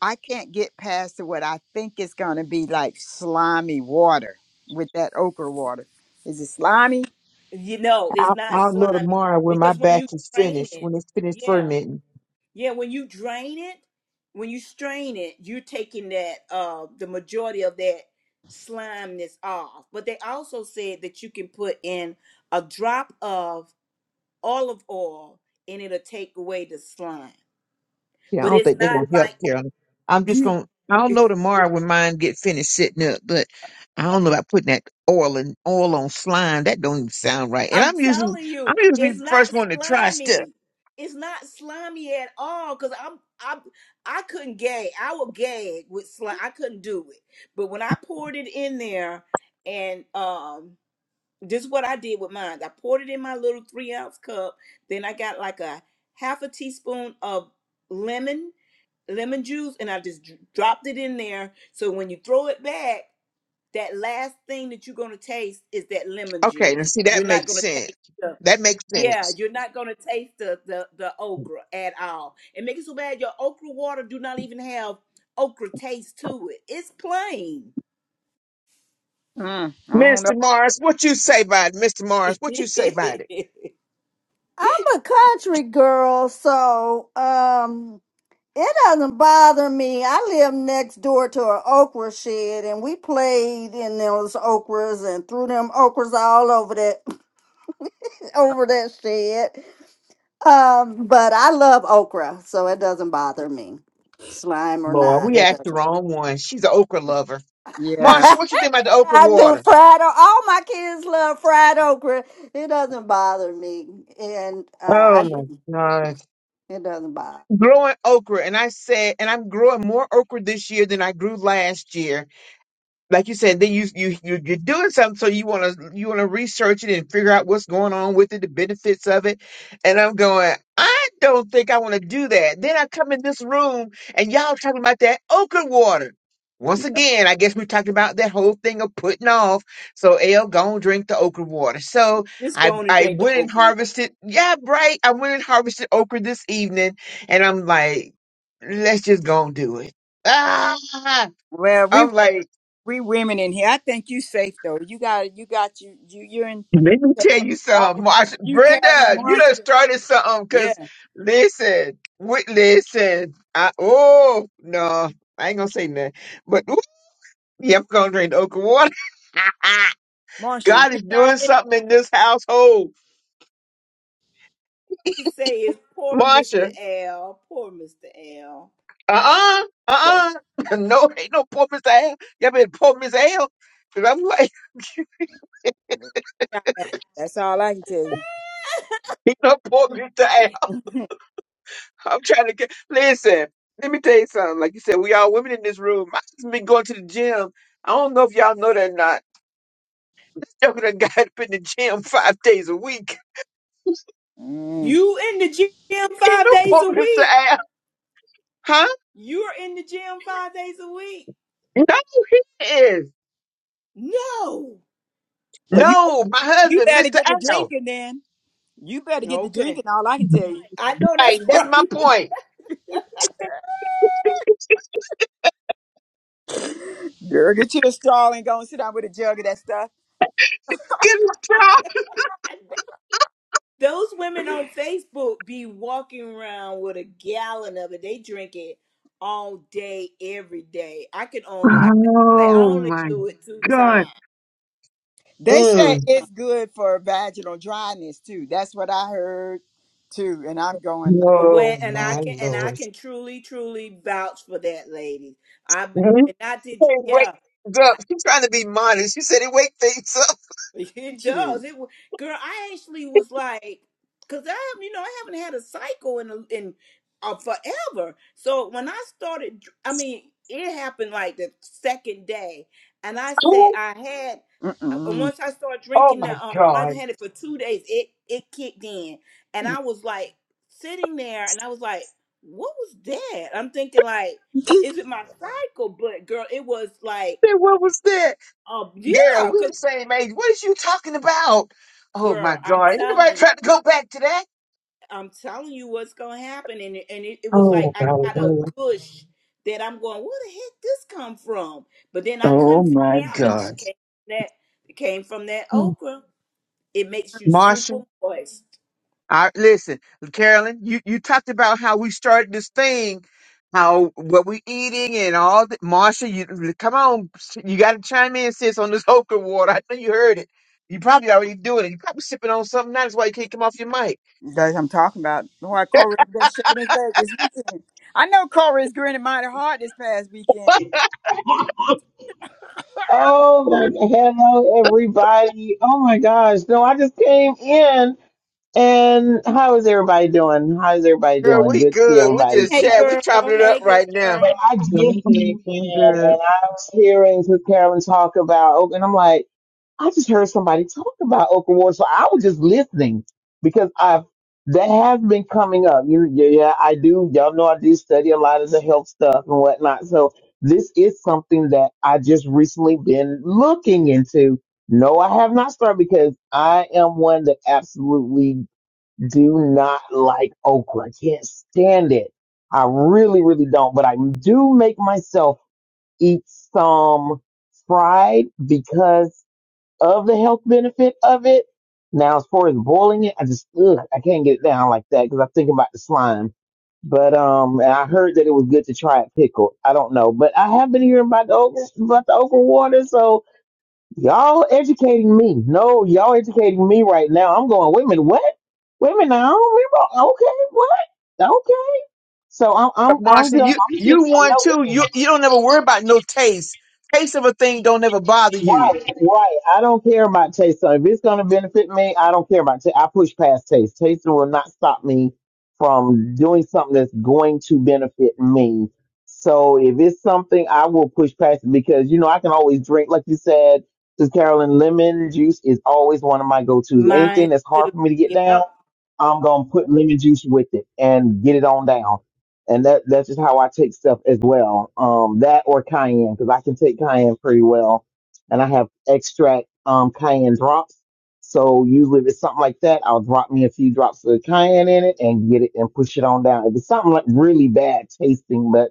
i can't get past what i think is going to be like slimy water with that okra water is it slimy
You know, it's
I'll,
not
I'll know
slimy
tomorrow when my
because when you
batch is
train
finished,
it,
when it's finished
yeah
fermenting.
Yeah, when you drain it, when you strain it, you're taking that uh the majority of that slimeness off. But they also said that you can put in a drop of olive oil and it'll take away the slime.
Yeah, I
But
don't
it's
think they're
not
gonna help
like
Carolyn. I'm just gonna. I don't know tomorrow when mine get finished sitting up, but I don't know about putting that oil and oil on slime. That don't even sound right. And
I'm
I'm usually
telling
I'm
you,
usually
it's
the
not
first one to try stuff.
slimy. It's not slimy at all. Cause I'm I I couldn't gag. I would gag with slime. I couldn't do it. But when I poured it in there, and um, this is what I did with mine. I poured it in my little three ounce cup. Then I got like a half a teaspoon of lemon lemon juice, and I just dr- dropped it in there. So when you throw it back that last thing that you're going to taste is that lemon
Okay, now
juice.
see that
You're not
makes
going to
sense.
taste the
That makes
yeah,
sense.
you're not going to taste the, the the okra at all. And make it so bad your okra water do not even have okra taste to it. It's plain.
mm, i don't
Mr.
know
Morris, what you say about it? Mr. Morris, what you say about it?
I'm a country girl, so um it doesn't bother me. I live next door to an okra shed and we played in those okras and threw them okras all over that over that shed. Um, but I love okra, so it doesn't bother me. Slime or
Lord,
not,
we
it
asked the wrong one. She's an okra lover.
yeah
Marsha,
doesn't.
what you think about the okra
I do
water?
fried okra. All my kids love fried okra. It doesn't bother me, and uh, I
Oh my
do.
god.
It doesn't bother.
growing okra and I said, and I'm growing more okra this year than I grew last year like you said, then you you you- you're doing something, so you want to you want to research it and figure out what's going on with it, the benefits of it. And I'm going, I don't think I want to do that. Then I come in this room and y'all talking about that okra water. Once
yeah.
again, I guess we're talking about that whole thing of putting off. So L, go and drink the okra water. So
Just
I
go on and
I
drink the
went and
okra. water.
harvested. Yeah, right. I went and harvested okra this evening, and I'm like, let's just go and do it. Ah,
well we
I'm like.
we women in here i think you safe though you got you got you you you're in
Let me tell you something,
y'all-
Marsha.
you carolyn
Brenda, you done
marsha
started something because
yeah
listen, we, listen, I, oh, no, I ain't gonna say nothing, but ooh, yeah, I'm gonna drink the okra water.
marsha you
God is
tried
doing
it
something in this household,
It say it's poor
yeah,
Mr.
Marsha.
L, poor Mr. L.
Uh uh,
that-
uh uh, no, ain't no poor Mr. L. Y'all better poor Mister L. Cause I'm like,
yeah, that's all i can tell you
he no poor Mr. L. I'm trying to get. Listen, let me tell you something. Like you said, we all women in this room. I just been going to the gym. I don't know if y'all know that or not. Y'all done got up in the gym five days a week.
mm.
You in the gym
Ain't
five
no
days
poor
a
Mr.
week.
Al, huh?
You're in the gym five days a week.
No, he is.
No.
well you
No, my
you
husband,
better
Mr.
get the
Al.
drinking then you better get the
Okay.
drinking all i can tell you
I know
Right,
that's
that's my
right.
point.
Girl, get you a straw and go and sit down with a jug of that stuff.
Get a job.
Those women on Facebook be walking around with a gallon of it. They drink it all day, every day. I can only I say I
Oh
only
my
do it two
God.
times.
They
I
say
Mm.
it's good for vaginal dryness too. That's what I heard too. And I'm going like,
don't,
Oh
when and
I'm
I
my
can and I
lord.
can truly, truly vouch for that, ladies. I've been
Mhm.
and I
She
did.
said,
Yeah,
wake things up. She's trying to be modest. She said it wake things
It
thinking,
does. It wa- girl, I actually was like, cause I have, you know, I haven't had a cycle in a, in uh, forever. So when I started, dr- I mean, it happened like the second day, and I
up.
said I had.
shoot,
uh, uh,
mm-mm.
Once I started
Oh
drinking the,
my
um, when I
God.
had
I
it for two days, it it kicked in, and I was like sitting there, and I was like, what was that? I'm thinking like, is it my cycle? But girl, it was like,
said, What was that?
um,
Girl,
yeah,
we
cause
the same age. What is you talking about? Oh my
girl, I'm
God. Ain't nobody
telling.
trying to go back to that?
I'm telling you what's gonna happen, and it- and it, it was like
Oh
I
my
got a
Lord.
gush that I'm going, where the heck this come from? But then I
Oh
couldn't figure
my
it out. But
God.
that came that it came from that
Hmm.
okra. It makes you super
Marsha,
moist.
I listen, Carolyn, you, you talked about how we started this thing, how what we eating and all that. Marsha, you come on, you gotta chime in, sis, on this okra water. I know you heard it. You probably already doing it. You probably sipping on something now. That's why you can't come off your mic.
Guys, I'm talking about why Corey was been shaking his leg this weekend. I know Corey's grinning mighty hard this past weekend.
Oh my g- hello everybody. Oh my gosh. No, I just came in and how is everybody doing? How is everybody
Girl,
doing?
we
Good to see
good. We
everybody
just
Hey
tonight.
chat. We
girl,
chopping it up
hey
right now.
girl,
But I just came
Sounds
in and
good, sounds good.
I was hearing Miss Carolyn talk about oh, and I'm like I just heard somebody talk about Okaward, so I was just listening because I've that has been coming up. You, yeah, yeah, I do. Y'all know I do study a lot of the health stuff and whatnot. So this is something that I just recently been looking into. No, I have not started because I am one that absolutely do not like okra. I can't stand it. I really, really don't. But I do make myself eat some fried because of the health benefit of it. Now, as far as boiling it, I just ugh, I can't get it down like that because I'm thinking about the slime. But um, and I heard that it was good to try it pickled. I don't know, but I have been hearing about the okra, about the okra water. So y'all educating me. No, y'all educating me right now. I'm going. Wait a minute, what? Wait a minute, I don't remember. Okay, what? Okay. So I'm
But
I'm I'm
Marcia,
just
you
I'm getting
you
some
one too.
notes.
You you don't never worry about no taste. Taste of a thing don't ever bother you.
Right, right. I don't care about taste. So if it's gonna benefit me, I don't care about taste. I push past taste. Tasting will not stop me from doing something that's going to benefit me. So if it's something, I will push past it because you know I can always drink, like you said, because Carolyn lemon juice is always one of my go tos.
mine
Anything that's hard
too.
for me to get down.
Yep,
I'm gonna put lemon juice with it and get it on down. And that that's just how I take stuff as well. Um, that or cayenne because I can take cayenne pretty well, and I have extract um cayenne drops. So usually if it's something like that, I'll drop me a few drops of cayenne in it and get it and push it on down. If it's something like really bad tasting, but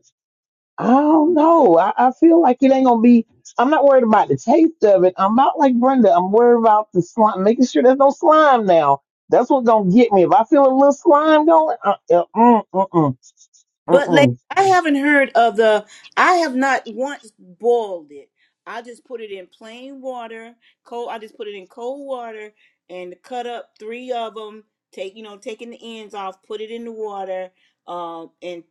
I don't know. I, I feel like it ain't gonna be. I'm not worried about the taste of it. I'm not like Brenda. I'm worried about the slime, making sure there's no slime now. That's what's gonna get me. If I feel a little slime going, uh, uh, mm, mm, mm, mm,
But ladies,
mm.
I haven't heard of the. I have not once boiled it. I just put it in plain water, cold. I just put it in cold water and cut up three of them. Take you know, taking the ends off, put it in the water, um, and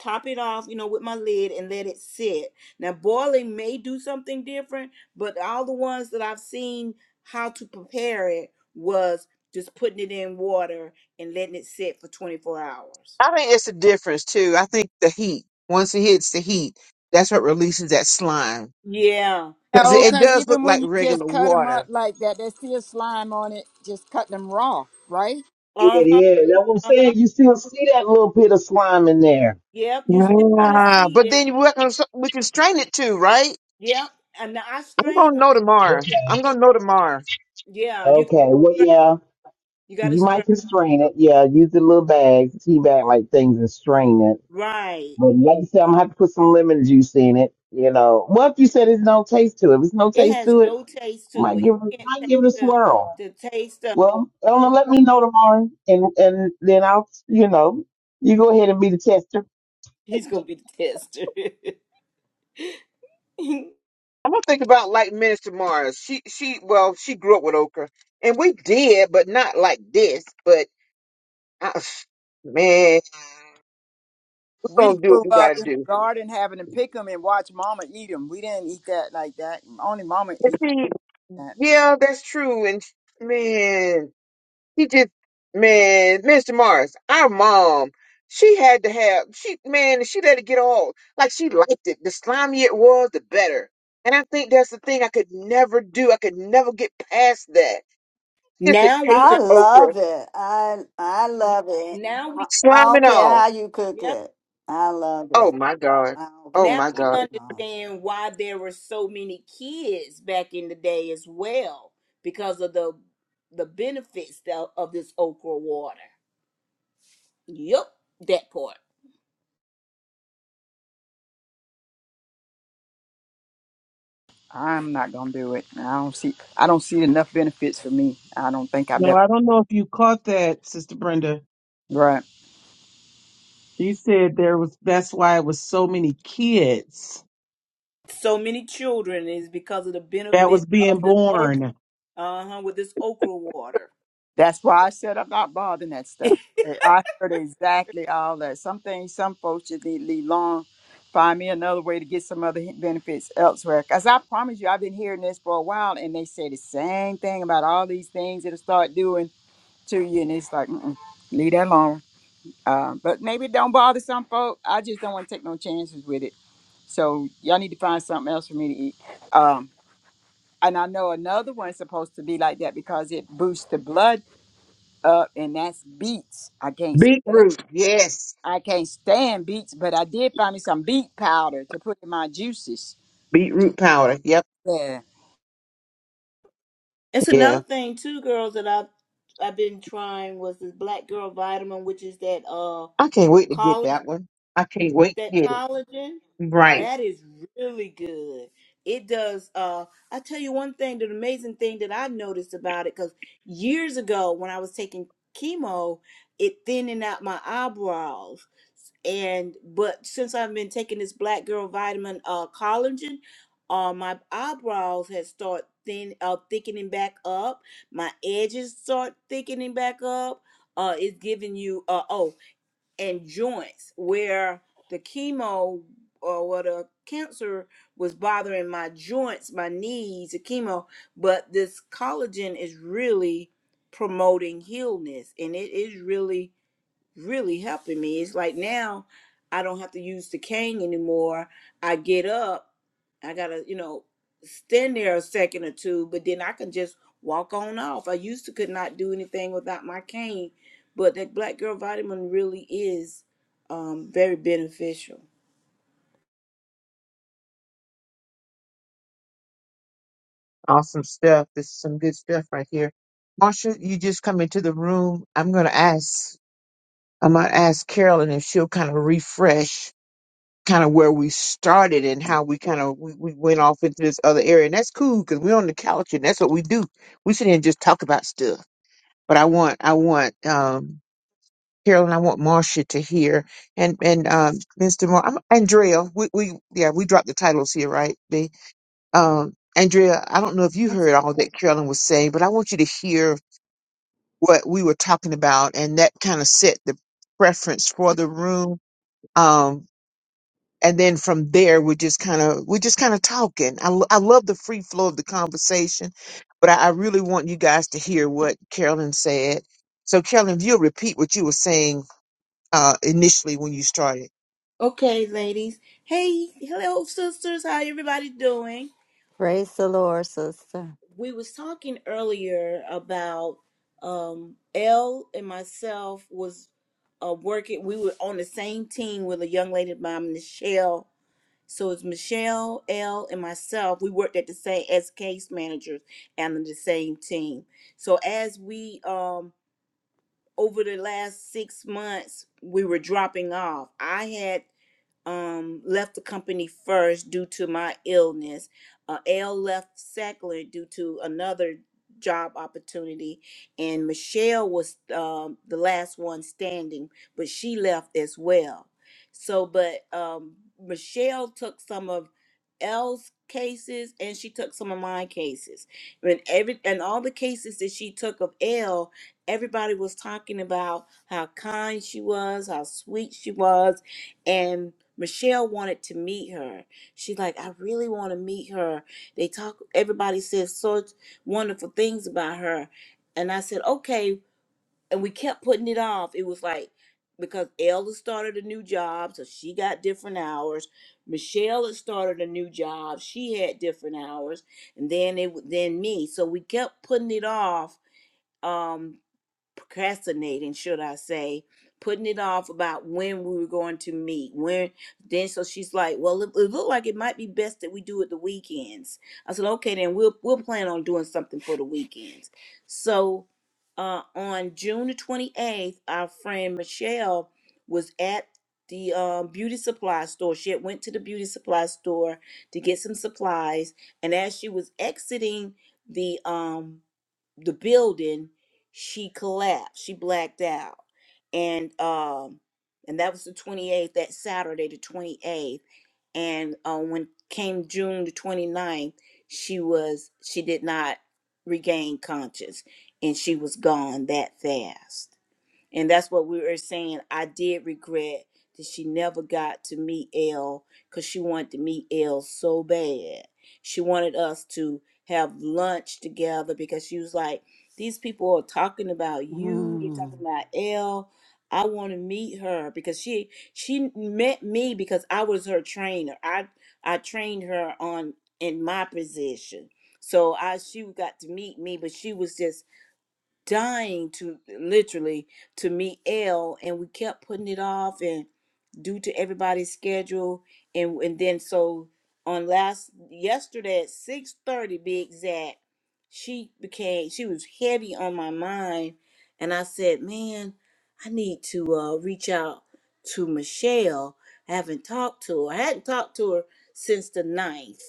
top it off. You know, with my lid and let it sit. Now boiling may do something different, but all the ones that I've seen how to prepare it was just putting it in water and letting it sit for 24 hours.
I think it's the difference too. I think the heat. Once it hits the heat, that's what releases that slime
Yeah,
because it,
No,
yeah.
it
because
does look
even
like
when you
regular
just cut them
water.
up like that, there's still slime on it. Just cut them raw, right?
yeah,
Uh-huh.
yeah. That's what I'm
Uh-huh.
saying. You still see that little bit of slime in there.
Yep, you still gonna
Ah,
see
but
it.
then you we can we can strain it too, right?
Yep. And I
I'm gonna
strain my
know tomorrow. I'm gonna know tomorrow.
yeah, you gotta
Okay, well,
strain.
yeah,
You gotta
you
strain.
might can strain it. Yeah, use the little bags, tea bag like things, and strain it.
Right.
But like you said, I'm gonna have to put some lemon juice in it. You know, what if you said there's no taste to it? If there's no
It
taste
has
to it.
no taste to
Might
it.
give it,
You can't
might
take
give it a
the
swirl.
the taste of it.
Well, Elena, let me know tomorrow, and and then I'll, you know, you go ahead and be the tester.
He's gonna be the tester.
I'm gonna think about like Minister Mars. She she well, she grew up with okra, and we did, but not like this. But I, man, we're
We
gonna do
grew
what we
up
gotta
in the
do.
garden having to pick them and watch Mama eat them. We didn't eat that like that. Only Mama
But
eat
see,
that.
yeah, that's true. And man, he just man, Minister Mars, our mom, she had to have she man, she let it get all like she liked it. The slimier it was, the better. And I think that's the thing I could never do. I could never get past that. Just the
now
taste
we
of
I
understand
okra,
love it. I I love it.
now
I,
we
I
slime
don't
and
care
all.
how you cook
yeah,
it. I love
Oh
it.
my God.
I don't
Oh
care.
now
my
we
God.
Mm-hmm.
understand why there were so many kids back in the day as well because of the the benefits tho- of this okra water. Yep, that part.
I'm not gonna do it. I don't see. I don't see enough benefits for me. I don't think I
No,
better.
I don't know if you caught that, Sister Brenda.
Right.
She said there was that's why it was so many kids
So many children is because of the
that
benefit
was being
of this okra.
born.
Uh huh. With this okra water,
That's why I said I'm not bothering that stuff. Eh, I heard exactly all that. Some things, some folks just need to leave long. Find me another way to get some other benefits elsewhere. Cause I promise you, I've been hearing this for a while, and they say the same thing about all these things that'll start doing to you, and it's like, mm-mm, leave that alone. Uh, but maybe it don't bother some folk. I just don't want to take no chances with it. So y'all need to find something else for me to eat. Um, and I know another one's supposed to be like that because it boosts the blood up, and that's beets. I can't stand,
Beetroot. Yes.
I can't stand beets, but I did find me some beet powder to put in my juices.
Beetroot powder. Yep.
Yeah,
it's
Yeah.
another thing too, girls. That I've I've been trying was this black girl vitamin, which is that uh
I can't wait to get
collagen.
that one. I can't wait to
That
get it.
collagen
Right.
that is really good. It does. Uh, I tell you one thing. The amazing thing that I noticed about it, because years ago when I was taking chemo, it thinning out my eyebrows and but since I've been taking this black girl vitamin uh collagen, uh my eyebrows has start thin uh thickening back up. My edges start thickening back up. Uh it's giving you uh oh and joints where the chemo or what a cancer was bothering my joints, my knees, the chemo, but this collagen is really promoting healness and it is really really helping me. It's like now I don't have to use the cane anymore. I get up, I gotta, you know, stand there a second or two, but then I can just walk on off. I used to could not do anything without my cane, but that black girl vitamin really is um very beneficial.
Awesome stuff. This is some good stuff right here. Marsha, you just come into the room. I'm going to ask, I'm going to ask Carolyn if she'll kind of refresh kind of where we started and how we kind of, we, we went off into this other area. And that's cool because we're on the couch and that's what we do. We sit here and just talk about stuff. But I want, I want, um, Carolyn, I want Marcia to hear, and and um, Mr. Moore, I'm, Andrea. We, we yeah, we dropped the titles here, right? B. Um, Andrea, I don't know if you heard all that Carolyn was saying, but I want you to hear what we were talking about, and that kind of set the preference for the room. Um, and then from there, we're just kind of we're just kind of talking. I lo- I love the free flow of the conversation, but I, I really want you guys to hear what Carolyn said. So, Carolyn, if you'll repeat what you were saying uh, initially when you started.
Okay, ladies. Hey, hello sisters, how everybody doing?
Praise the Lord, sister.
we was talking earlier about um L and myself was uh working we were on the same team with a young lady by Michelle. So it's Michelle, L and myself. We worked at the same as case managers and on the same team. So as we um over the last six months we were dropping off. I had um, left the company first due to my illness. Uh, L left second due to another job opportunity, and Michelle was um, the last one standing, but she left as well. So, but um, Michelle took some of L's cases and she took some of my cases. And every and all the cases that she took of L, everybody was talking about how kind she was, how sweet she was, Michelle wanted to meet her. She like, I really want to meet her. They talk. Everybody says such wonderful things about her, and I said, okay. And we kept putting it off. It was like because Elda started a new job, so she got different hours. Michelle had started a new job; she had different hours, and then it w- then me. So we kept putting it off. Um, procrastinating, should I say, putting it off about when we were going to meet. When then, so she's like, "Well, it, it looked like it might be best that we do it the weekends." I said, "Okay, then we'll we'll plan on doing something for the weekends." So, uh, on June the twenty eighth, our friend Michelle was at the um, beauty supply store. She had went to the beauty supply store to get some supplies, and as she was exiting the um the building, she collapsed. She blacked out. And um and that was the 28th, that Saturday the 28th. And uh, when came June the 29th, she was she did not regain conscious and she was gone that fast. And that's what we were saying. I did regret that she never got to meet L because she wanted to meet L so bad. She wanted us to have lunch together because she was like, These people are talking about you, they're talking
Mm.
about L. I want to meet her because she she met me because I was her trainer. I I trained her on in my position. So I she got to meet me, but she was just dying to literally to meet L, and we kept putting it off, and due to everybody's schedule, and and then so on last yesterday at six thirty, be exact, she became she was heavy on my mind, and I said, man, I need to uh, reach out to Michelle. I haven't talked to her. I hadn't talked to her since the ninth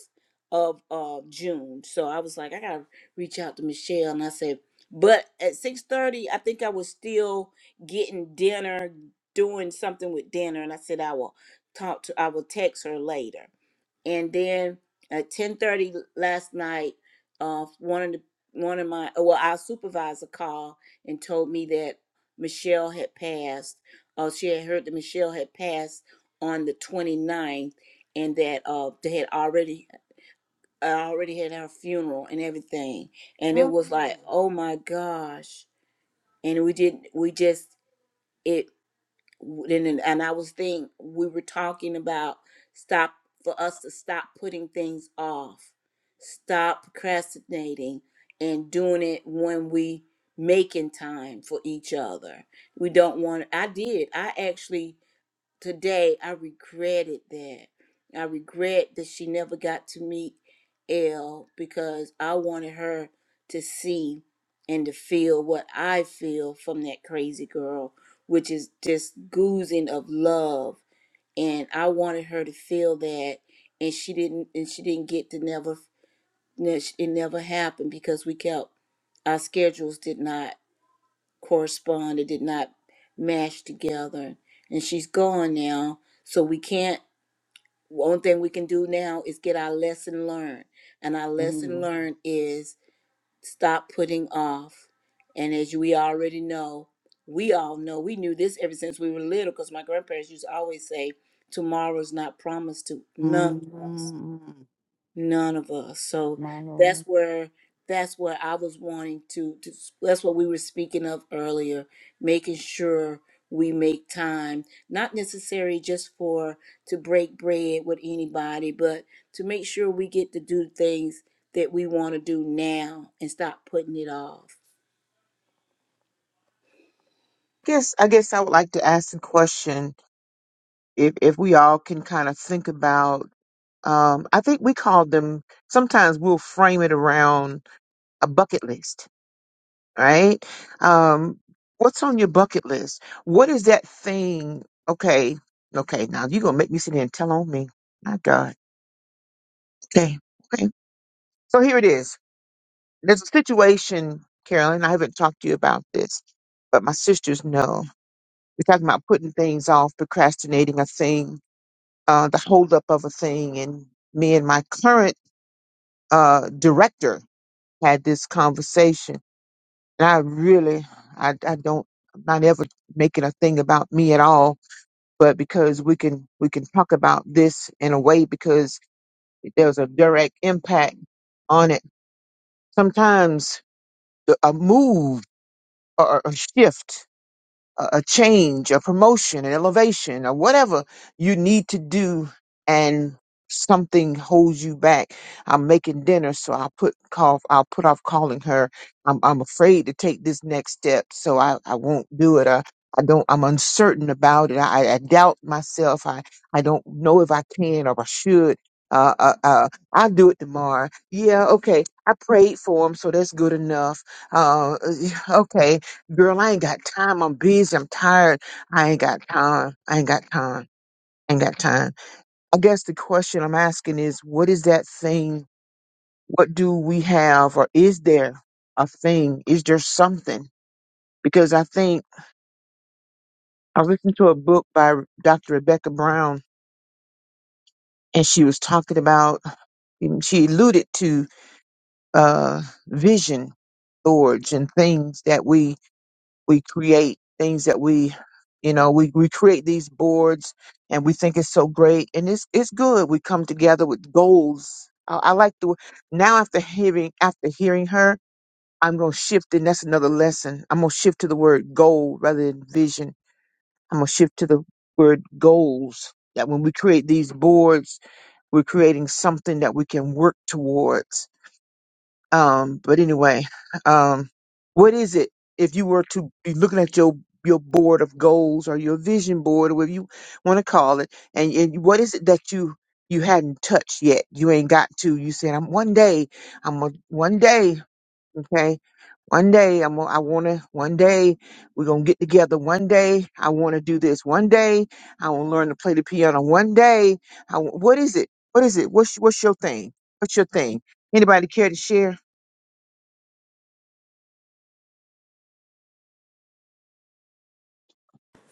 of uh, June. So I was like, I gotta reach out to Michelle, and I said but at 6.30 i think i was still getting dinner doing something with dinner and i said i will talk to i will text her later and then at 10.30 last night uh, one of the one of my well our supervisor called and told me that michelle had passed uh, she had heard that michelle had passed on the 29th and that uh, they had already I already had our funeral and everything, and it
Mm.
was like, oh my gosh! And we did, we just it, and and and I was thinking we were talking about stop for us to stop putting things off, stop procrastinating, and doing it when we making time for each other. We don't want. I did. I actually today I regretted that. I regret that she never got to meet Elle because I wanted her to see and to feel what I feel from that crazy girl, which is just oozing of love. And I wanted her to feel that, and she didn't. And she didn't get to never. It never happened because we kept our schedules did not correspond. It did not match together. And she's gone now. So we can't, one thing we can do now is get our lesson learned. And our lesson
Mm.
learned is stop putting off. And as we already know, we all know, we knew this ever since we were little because my grandparents used to always say, tomorrow's not promised to none of us
Mm.
None of us. So
My Lord.
that's where that's where I was wanting to, to that's what we were speaking of earlier, making sure we make time, not necessarily just for to break bread with anybody, but to make sure we get to do things that we want to do now and stop putting it off.
Yes, I guess I would like to ask a question. If if we all can kind of think about, um, I think we call them. Sometimes we'll frame it around a bucket list, right? Um, what's on your bucket list? What is that thing? Okay, okay. Now you're gonna make me sit here and tell on me. My God. Okay, okay. So here it is. There's a situation, Carolyn. I haven't talked to you about this, but my sisters know. We're talking about putting things off, procrastinating a thing, uh, the holdup of a thing. And me and my current uh, director had this conversation. And I really, I, I don't, I'm not ever making a thing about me at all. But because we can, we can talk about this in a way because there's a direct impact on it. Sometimes the- a move or a shift a, a change, a promotion, an elevation, or whatever you need to do, and something holds you back. I'm making dinner, so I'll put call. I'll put off calling her. I'm I'm afraid to take this next step, so I I won't do it. I, I don't. I'm uncertain about it. I, I doubt myself. I I don't know if I can or if I should. Uh, uh, uh, I'll do it tomorrow. Yeah, okay. I prayed for him, so that's good enough. Uh, okay. Girl, I ain't got time. I'm busy. I'm tired. I ain't got time. I ain't got time. I ain't got time. I guess the question I'm asking is what is that thing? What do we have, or is there a thing? Is there something? Because I think I listened to a book by Dr. Rebecca Brown, and she was talking about, she alluded to uh, vision boards and things that we we create things that we you know we, we create these boards and we think it's so great and it's it's good we come together with goals i, I like the now after hearing after hearing her i'm going to shift and that's another lesson i'm going to shift to the word goal rather than vision i'm going to shift to the word goals that when we create these boards we're creating something that we can work towards um, but anyway, um, what is it if you were to be looking at your your board of goals or your vision board or whatever you want to call it, and, and what is it that you you hadn't touched yet? You ain't got to. You said, "I'm one day. I'm a, one day. Okay, one day. I'm. gonna- I want to. One day we're gonna get together. One day I want to do this. One day I want to learn to play the piano. One day. I, wa- what is it? What is it? What's what's your thing? What's your thing? Anybody care to share?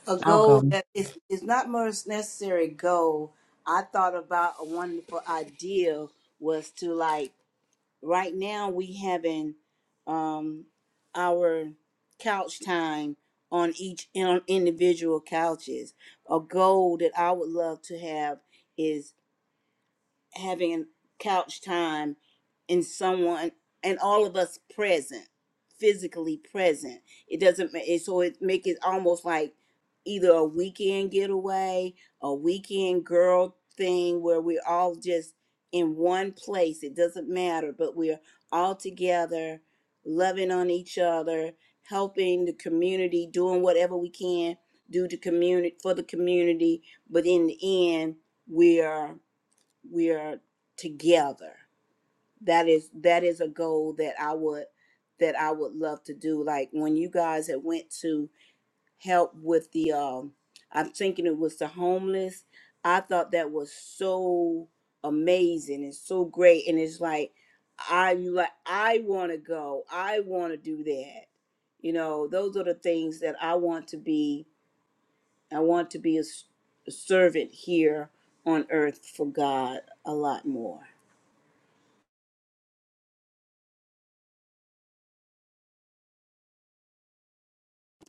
a
I'll go.
goal that is is not most necessary goal. I thought about a wonderful idea was to like right now we having um our couch time on each on individual couches. A goal that I would love to have having couch time and someone and all of us present physically present it doesn't ma- it so it make it almost like either a weekend getaway a weekend girl thing where we're all just in one place it doesn't matter but we're all together loving on each other helping the community doing whatever we can do to community for the community but in the end we're we are together that is that is a goal that i would that i would love to do like when you guys had went to help with the um i'm thinking it was the homeless i thought that was so amazing and so great and it's like i you like i want to go i want to do that you know those are the things that i want to be i want to be a, s- a servant here on earth for god a lot more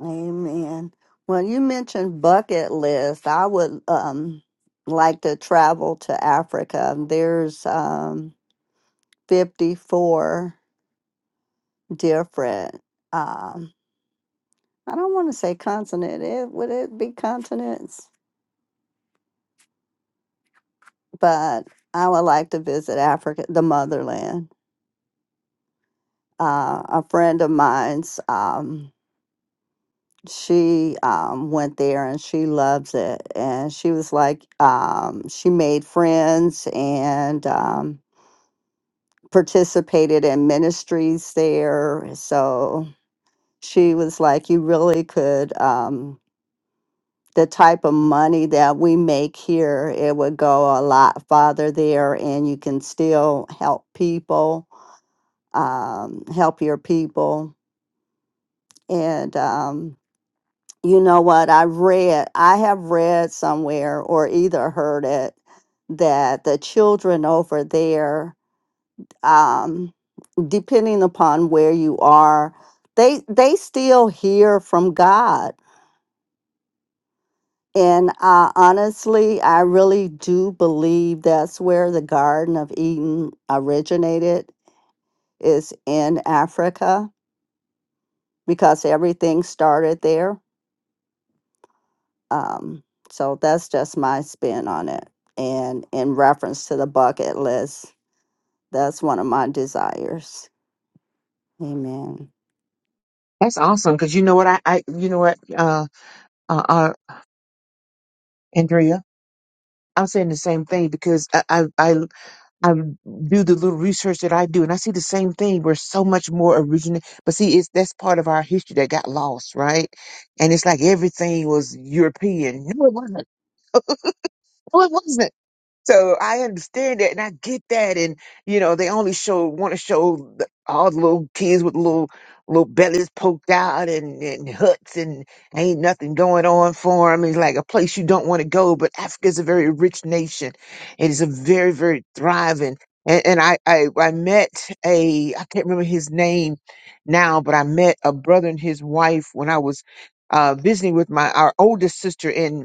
Amen. Well, you mentioned bucket list. I would um like to travel to Africa. There's um 54 different um I don't want to say continent. It would it be continents? But I would like to visit Africa, the motherland. Uh, a friend of mine's um she um went there and she loves it and she was like um she made friends and um participated in ministries there. So she was like, you really could, um, the type of money that we make here, it would go a lot farther there and you can still help people, um, help your people. And, um, you know what? I read, I have read somewhere or either heard it that the children over there, um, depending upon where you are they they still hear from god and uh, honestly i really do believe that's where the garden of eden originated is in africa because everything started there um, so that's just my spin on it and in reference to the bucket list that's one of my desires amen
That's awesome because you know what I, I you know what uh, uh uh Andrea I'm saying the same thing because I, I I I do the little research that I do and I see the same thing where so much more original but see it's that's part of our history that got lost right and it's like everything was European no it wasn't no it wasn't So I understand that and I get that. And, you know, they only show, want to show the- all the little kids with little, little bellies poked out and, and huts and ain't nothing going on for them. It's like a place you don't want to go. But Africa's a very rich nation. It is a very, very thriving. And, and I, I, I met a, I can't remember his name now, but I met a brother and his wife when I was uh, visiting with my, our oldest sister in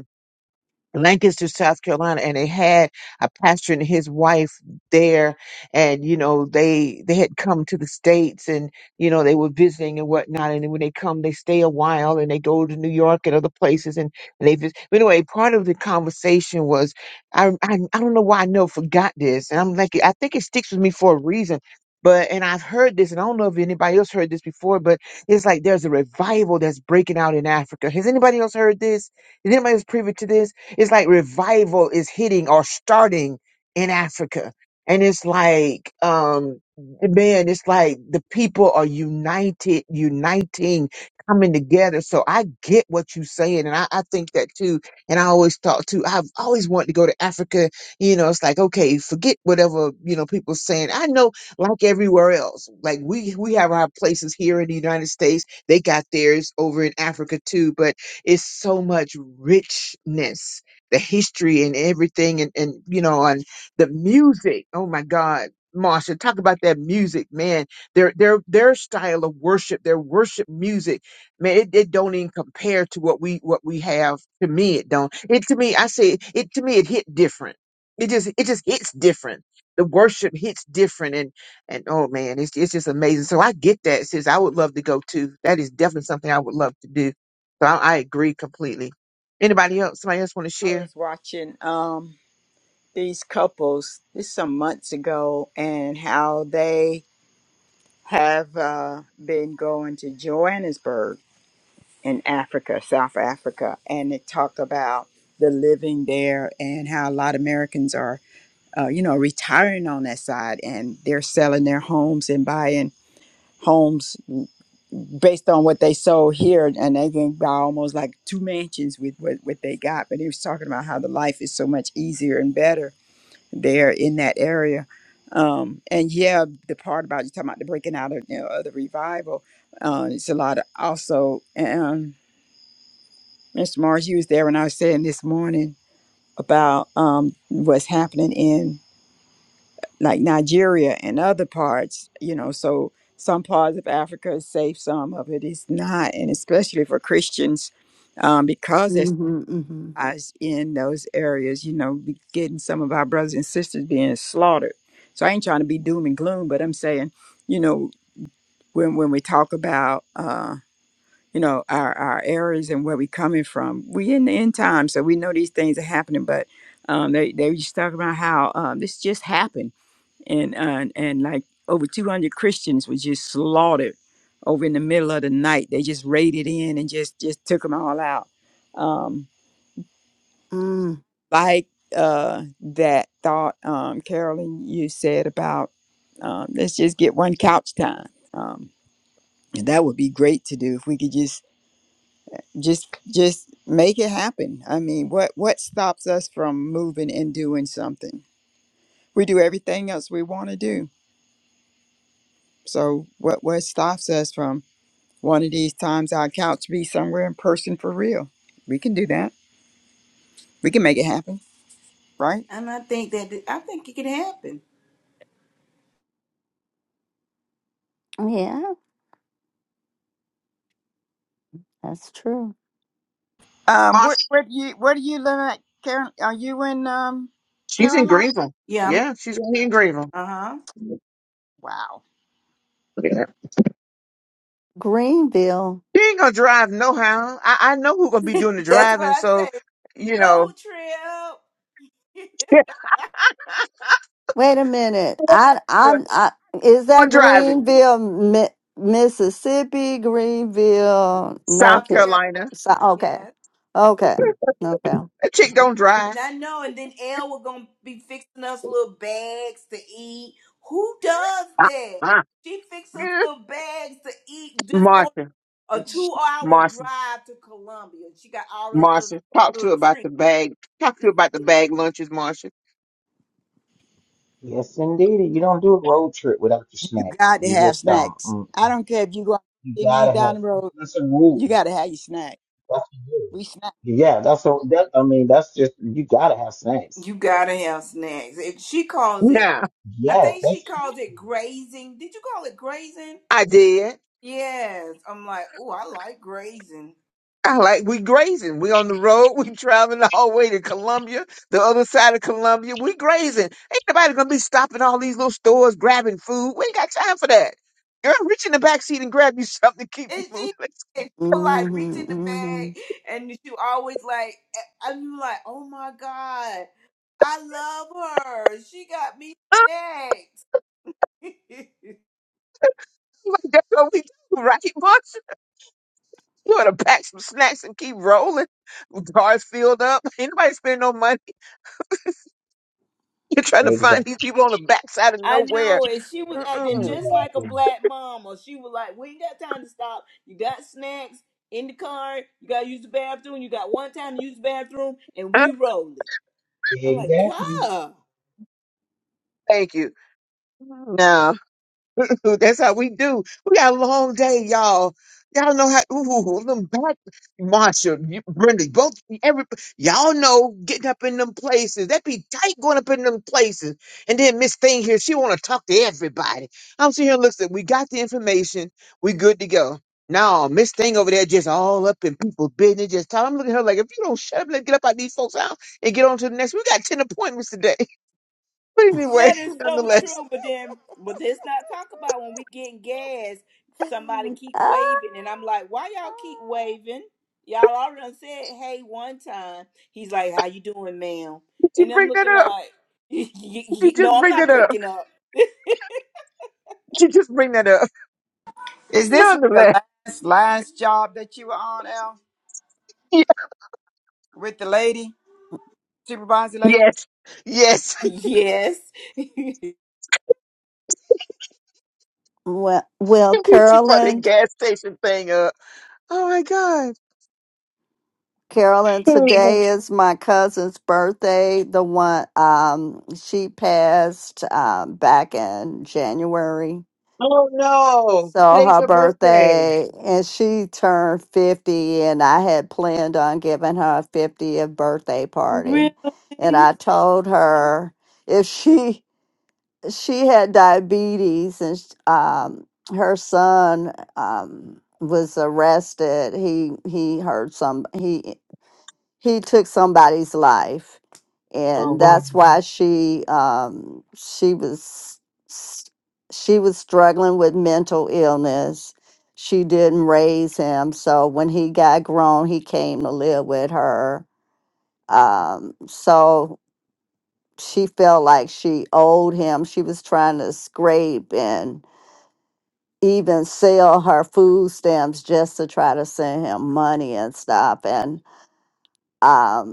Lancaster, South Carolina, and they had a pastor and his wife there, and you know they they had come to the states, and you know they were visiting and whatnot, and then when they come, they stay a while, and they go to New York and other places, and, and they visit. But anyway, part of the conversation was, I, I I don't know why I know forgot this, and I'm like I think it sticks with me for a reason. But and I've heard this, and I don't know if anybody else heard this before, but it's like there's a revival that's breaking out in Africa. Has anybody else heard this? Is anybody else privy to this? It's like revival is hitting or starting in Africa. And it's like, um, man, it's like the people are united, uniting, coming together. So I get what you're saying. And I, I think that too. And I always thought too, I've always wanted to go to Africa. You know, it's like, okay, forget whatever, you know, people saying. I know like everywhere else, like we, we have our places here in the United States. They got theirs over in Africa too, but it's so much richness the history and everything and, and you know and the music oh my god Marsha, talk about that music, man. Their their their style of worship, their worship music, man, it, it don't even compare to what we what we have. To me, it don't. It to me, I say it to me, it hit different. It just it just hits different. The worship hits different, and and oh man, it's it's just amazing. So I get that, sis. I would love to go too. That is definitely something I would love to do. So I, I agree completely. Anybody else? Somebody else want to
I
share?
was watching um these couples this some months ago, and how they have uh, been going to Johannesburg in Africa, South Africa, and it talked about the living there and how a lot of Americans are, uh, you know, retiring on that side and they're selling their homes and buying homes based on what they sold here, and they can buy almost like two mansions with what, what they got. But he was talking about how the life is so much easier and better there in that area. Um, and yeah, the part about you talking about the breaking out of, you know, of the revival, uh, it's a lot of also. Um, Mr. Mars, you was there when I was saying this morning about um, what's happening in like Nigeria and other parts, you know, so some parts of Africa is safe, some of it is not. And especially for Christians, um, because there's
hmm hmm
eyes in those areas, you know, we getting some of our brothers and sisters being slaughtered. So I ain't trying to be doom and gloom, but I'm saying, you know, when, when we talk about um, you know our our areas and where we're coming from we in the end time so we know these things are happening but um they they was talking about how um this just happened and uh, and, and like over 200 christians were just slaughtered over in the middle of the night they just raided in and just just took them all out um
mm.
like uh that thought um carolyn you said about um let's just get one couch time um and that would be great to do if we could just just just make it happen i mean what what stops us from moving and doing something we do everything else we want to do so what what stops us from one of these times our couch be somewhere in person for real we can do that we can make it happen right
And I think that I think it can happen.
oh yeah that's true
um
Ma,
where, where do you where do you live at karen are you in um
she's in
carolina
Greenville.
Yeah, I
Yeah, she's gonna
mean,
be in Greenville.
uh huh.
wow
Yeah.
Greenville.
She ain't gonna drive no how. I, I know who gonna be doing the
That's what
driving,
I
so
say.
you know
Road trip,
Wait a minute. I I'm
who
I is that
driving.
Greenville, Mi- Mississippi, Greenville,
South
North
South
Carolina?
Carolina.
Carolina.
So, okay.
Yes,
Okay. Okay.
That chick don't drive.
and I know. And then Elle were gonna be fixing us little bags to eat. Who does
Ah,
that?
ah.
She fixes us
Mm.
little bags to eat. Just go
Marsha.
a two-hour
Marsha.
drive to Columbia. She got all of this
Marsha. Talk to her
little
about
treats.
the bag. Talk to her about the bag lunches, Marsha.
Yes, indeed. You don't do a road trip without your
you
snacks.
got to
You
have
just don't.
snacks
Mm.
i don't care if you go
You
see me
gotta have.
down the road
That's a rule.
you got to have your snack
That's a rule.
we snack
Yeah, that's a. That, I mean, that's just you gotta have snacks.
You gotta have snacks. And she calls it.
Nah.
I
Yeah,
think she
that's a
calls it grazing. Did you call it grazing?
I did.
Yes, I'm like, oh, I like grazing.
I like we grazing. We on the road. We traveling all the way to Columbia, the other side of Columbia. We grazing. Ain't nobody gonna be stopping all these little stores grabbing food. We ain't got time for that. Girl, reach in the back seat and grab you something to keep
And
moving.
she, and she would like reach in the bag,
Mm-hmm,
and she would always like, I'm like, oh my god, I love her. She got me snacks.
Like, that's what we do, right, Marsha? You ought to pack some snacks and keep rolling. Cars filled up. Ain't nobody spending no money. You're trying to
rule.
find
exactly,
these people on the backside of
I
nowhere.
know it. She was acting
Mm-mm.
just like a
exactly,
black mama. She was like, "We ain't got time to stop. You got snacks in the car. You gotta use the bathroom. You got one time to use the bathroom, and
Uh,
we rolling." I'm like,
exactly.
"God."
Thank you. No. Ooh, That's how we do. We got a long day, y'all. Y'all know how. Ooh, them back, Marsha, you- Brenda, both every y'all know getting up in them places. That be tight going up in them places. And then Miss Thing here, she want to talk to everybody. I'm sitting here. Looks like we got the information. We good to go. Now Miss Thing over there just all up in people's business. Just talking. I'm looking at her like, if you don't shut up, let's get up out these folks' house and get on to the next. We got ten appointments today. But anyway,
That is so
nonetheless,
true. But then, but let's not talk about when we getting gas.
mm-hmm.
Somebody keep waving, and I'm like, why y'all keep waving? Y'all already done said hey one time. He's like, how you doing, ma'am?
did you
And I'm
bring that
looking
up?
like, "Y- y-
Did you
y- no,
just
I'm
bring
not
that up?
breaking up.
She just bring that up.
Is this with the
Nonetheless,
last last job that you were on, Al?
yeah,
With the lady, supervisor lady?
yes, yes.
Yes.
well, well,
she brought the
Carolyn,
gas station thing up. Oh my god.
Carolyn,
Hmm.
today is my cousin's birthday. The one um she passed um back in January.
Oh no!
So
Today's
her
her birthday.
birthday, and she turned 50, and I had planned on giving her a 50th birthday party.
really?
And I told her if she she had diabetes and sh- um, her son um, was arrested, he he heard some he he took somebody's life
Oh
and
wow.
that's why she um she was s- she was struggling with mental illness she didn't raise him so when he got grown he came to live with her um so she felt like she owed him she was trying to scrape and even sell her food stamps just to try to send him money and stuff and um,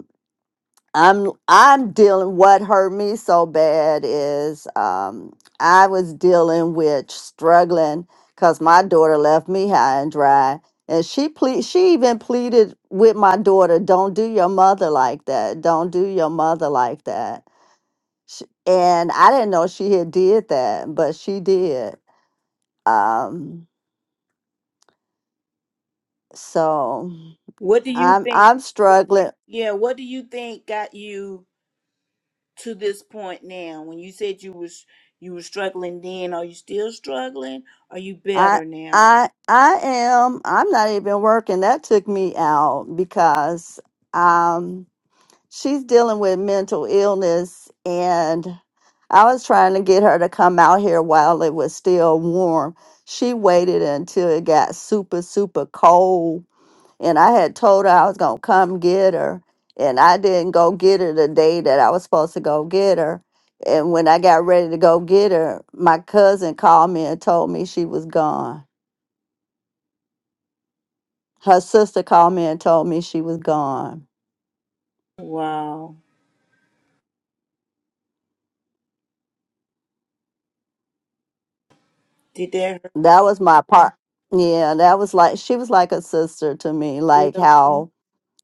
I'm I'm dealing what hurt me so bad is um I was dealing with struggling because my daughter left me high and dry. And she ple- she even pleaded with my daughter, don't do your mother like that. Don't do your mother like that. Sh and I didn't know she had did that, but she did. Um, so
What do you
I'm
think?
I'm struggling.
Yeah. What do you think got you to this point now? When you said you was you were struggling then, are you still struggling? Are you
I
better now?
I I am I'm not even working. That took me out because um she's dealing with mental illness and I was trying to get her to come out here while it was still warm. She waited until it got super super cold and I had told her I was going to come get her and I didn't go get her the day that I was supposed to go get her. And when I got ready to go get her, my cousin called me and told me she was gone. her sister called me and told me she was gone.
Wow. Did that
That was my
hurt?
part. Yeah, that was like she was like a sister to me, like
Really?
how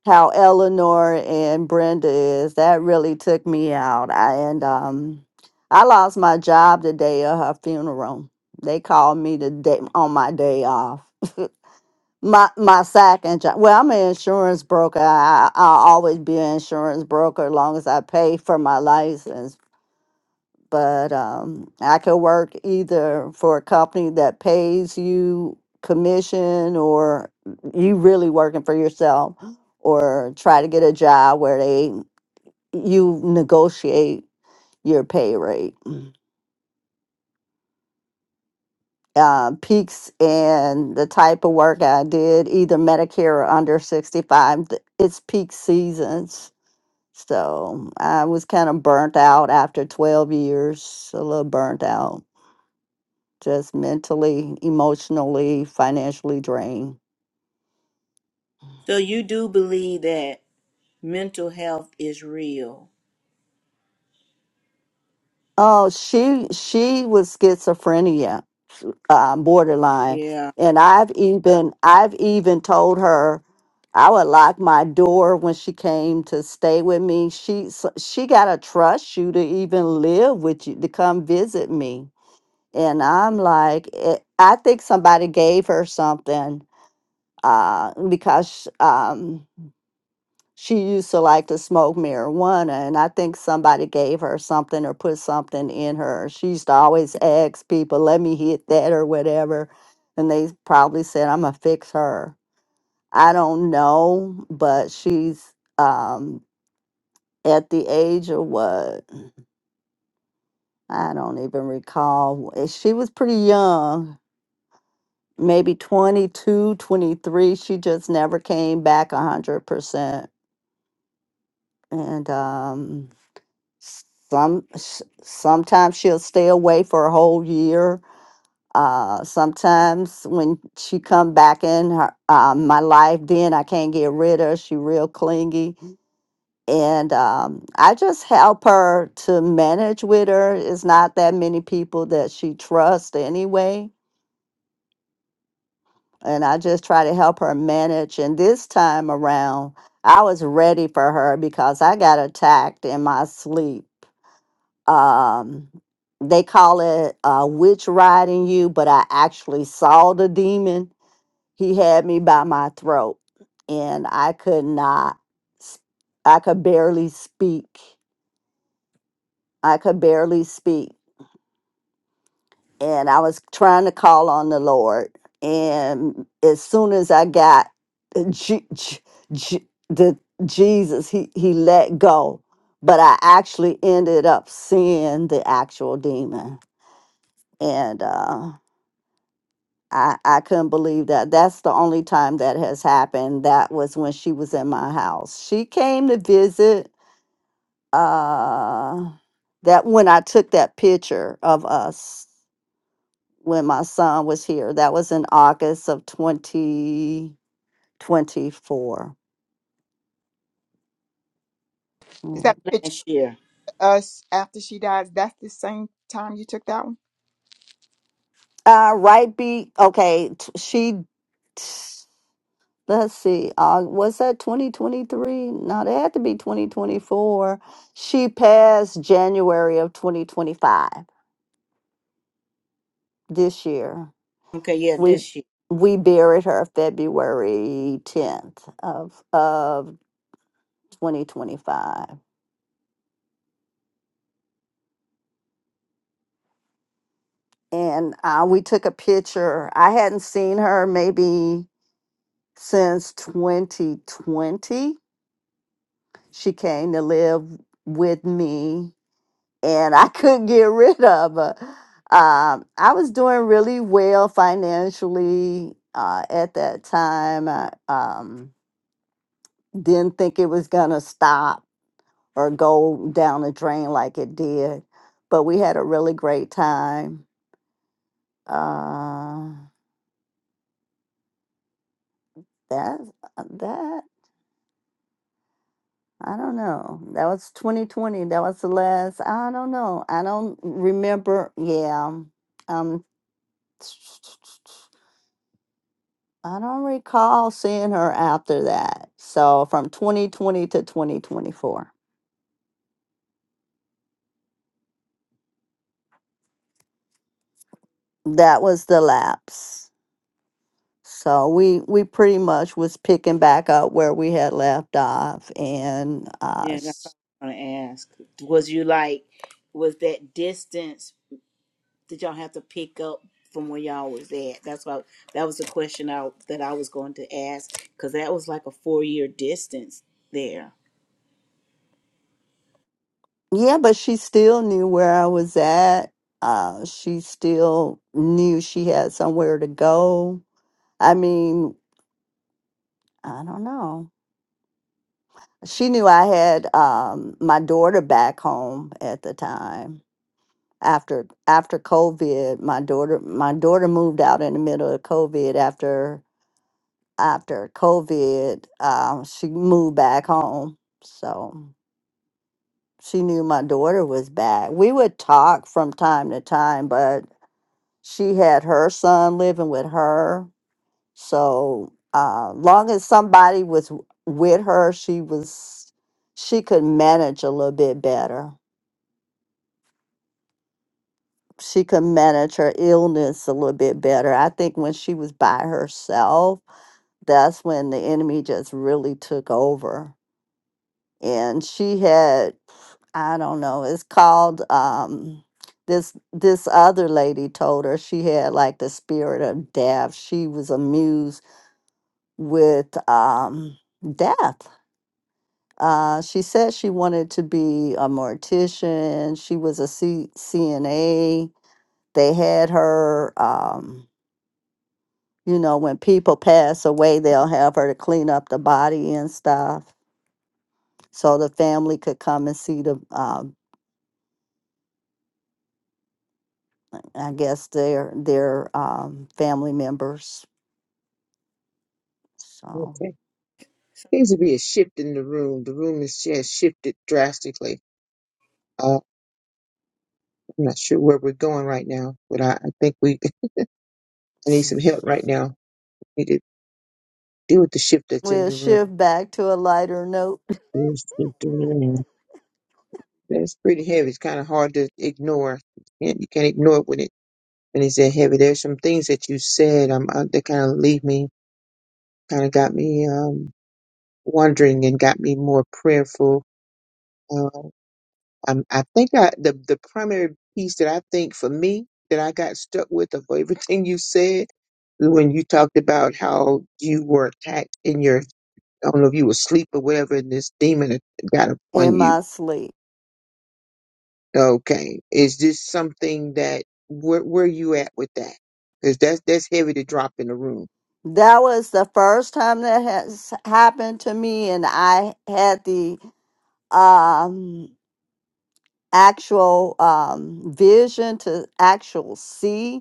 how Eleanor and Brenda is. That really took me out. I and um I lost my job the day of her funeral. They called me the day on my day off. My my second job. Well, I'm an insurance broker. I I- I'll always be an insurance broker as long as I pay for my license. but um, I could work either for a company that pays you commission or you really working for yourself or try to get a job where they you negotiate your pay rate. Uh, peaks and the type of work I did, either Medicare or under 65, th- it's peak seasons. So I was kind of burnt out after 12 years, a little burnt out. just mentally, emotionally, financially drained.
So you do believe that mental health is real?
Oh, she she was schizophrenia, uh, borderline,
Yeah.
and I've even I've even told her I would lock my door when she came to stay with me. She s- she got to trust you to even live with you to come visit me, and I'm like, eh, I think somebody gave her something uh, because um, she used to like to smoke marijuana and i think somebody gave her something or put something in her she used to always ask people let me hit that or whatever and they probably said i'm gonna fix her i don't know but she's um at the age of what i don't even recall Uh, she was pretty young maybe 22, 23. she just never came back 100% and um some s- sometimes she'll stay away for a whole year uh sometimes when she come back in her uh, my life then i can't get rid of her she real clingy and um i just help her to manage with her it's not that many people that she trusts anyway and i just try to help her manage and this time around i was ready for her because i got attacked in my sleep um they call it uh witch riding you but i actually saw the demon he had me by my throat and i could not s- i could barely speak i could barely speak and i was trying to call on the lord and as soon as i got J- J- J- the jesus he he let go but i actually ended up seeing the actual demon and uh I, I couldn't believe that. That's the only time that has happened. That was when she was in my house. She came to visit uh that when I took that picture of us when my son was here. That was in August of 2024. Yeah.
Is that the picture
Last year.
of us after she dies? That's the same time you took that one?
Uh right be okay, t- she let's see, uh, was that 2023? No, that had to be 2024. She passed January of 2025 this year.
Okay, yeah,
We Yeah.
this year.
we buried her February 10th of of 2025. And uh, we took a picture. I hadn't seen her maybe since 2020. She came to live with me and I couldn't get rid of her. Um, I was doing really well financially uh, at that time. I um, didn't think it was going to stop or go down the drain like it did, but we had a really great time. Uh, that, uh, that, I don't know. That was 2020. That was the last, I don't know. I don't remember. Yeah. Um, I don't recall seeing her after that. So from 2020 to 2024, that was the lapse. So we we pretty much was picking back up where we had left off, and uh,
Yeah, that's
s-
what I want to ask. Was you like, was that distance that y'all have to pick up from where y'all was at? That's why that was the question I that I was going to ask because that was like a four year distance there.
yeah, but she still knew where I was at. Uh, she still knew she had somewhere to go. I mean, I don't know. She knew I had um, my daughter back home at the time after after COVID, my daughter my daughter moved out in the middle of COVID. After after COVID, um, she moved back home, so she knew my daughter was back. We would talk from time to time, but she had her son living with her, so uh, long as somebody was w- with her, she was she could manage a little bit better. she could manage her illness a little bit better. I think when she was by herself, that's when the enemy just really took over. And she had, I don't know, it's called um this this other lady told her she had like the spirit of death. She was amused with um death. Uh, she said she wanted to be a mortician. She was a C- CNA. They had her um, you know, when people pass away, they'll have her to clean up the body and stuff. So the family could come and see the, um, I guess their their um, family members. So
Okay. Seems to be a shift in the room. The room is has shifted drastically. Uh, I'm not sure where we're going right now, but I, I think we I need some help right now. We need to deal with the shift that's in
we'll
the room.
shift back to a lighter note
Yes, it is. That's pretty heavy. It's kind of hard to ignore. You can't, you can't ignore it when it's And he said, Heavy, there's some things that you said um, uh, that kind of leave me, kind of got me um, wondering and got me more prayerful. Uh, um, I think I, the, the primary piece that I think for me that I got stuck with of everything you said when you talked about how you were attacked in your, I don't know if you were asleep or whatever, and this demon got upon
in
you.
my sleep.
Okay. Is this something that, where, where you at with that? Because that's, that's heavy to drop in the room.
That was the first time that has happened to me, and I had the um, actual um, vision to actual see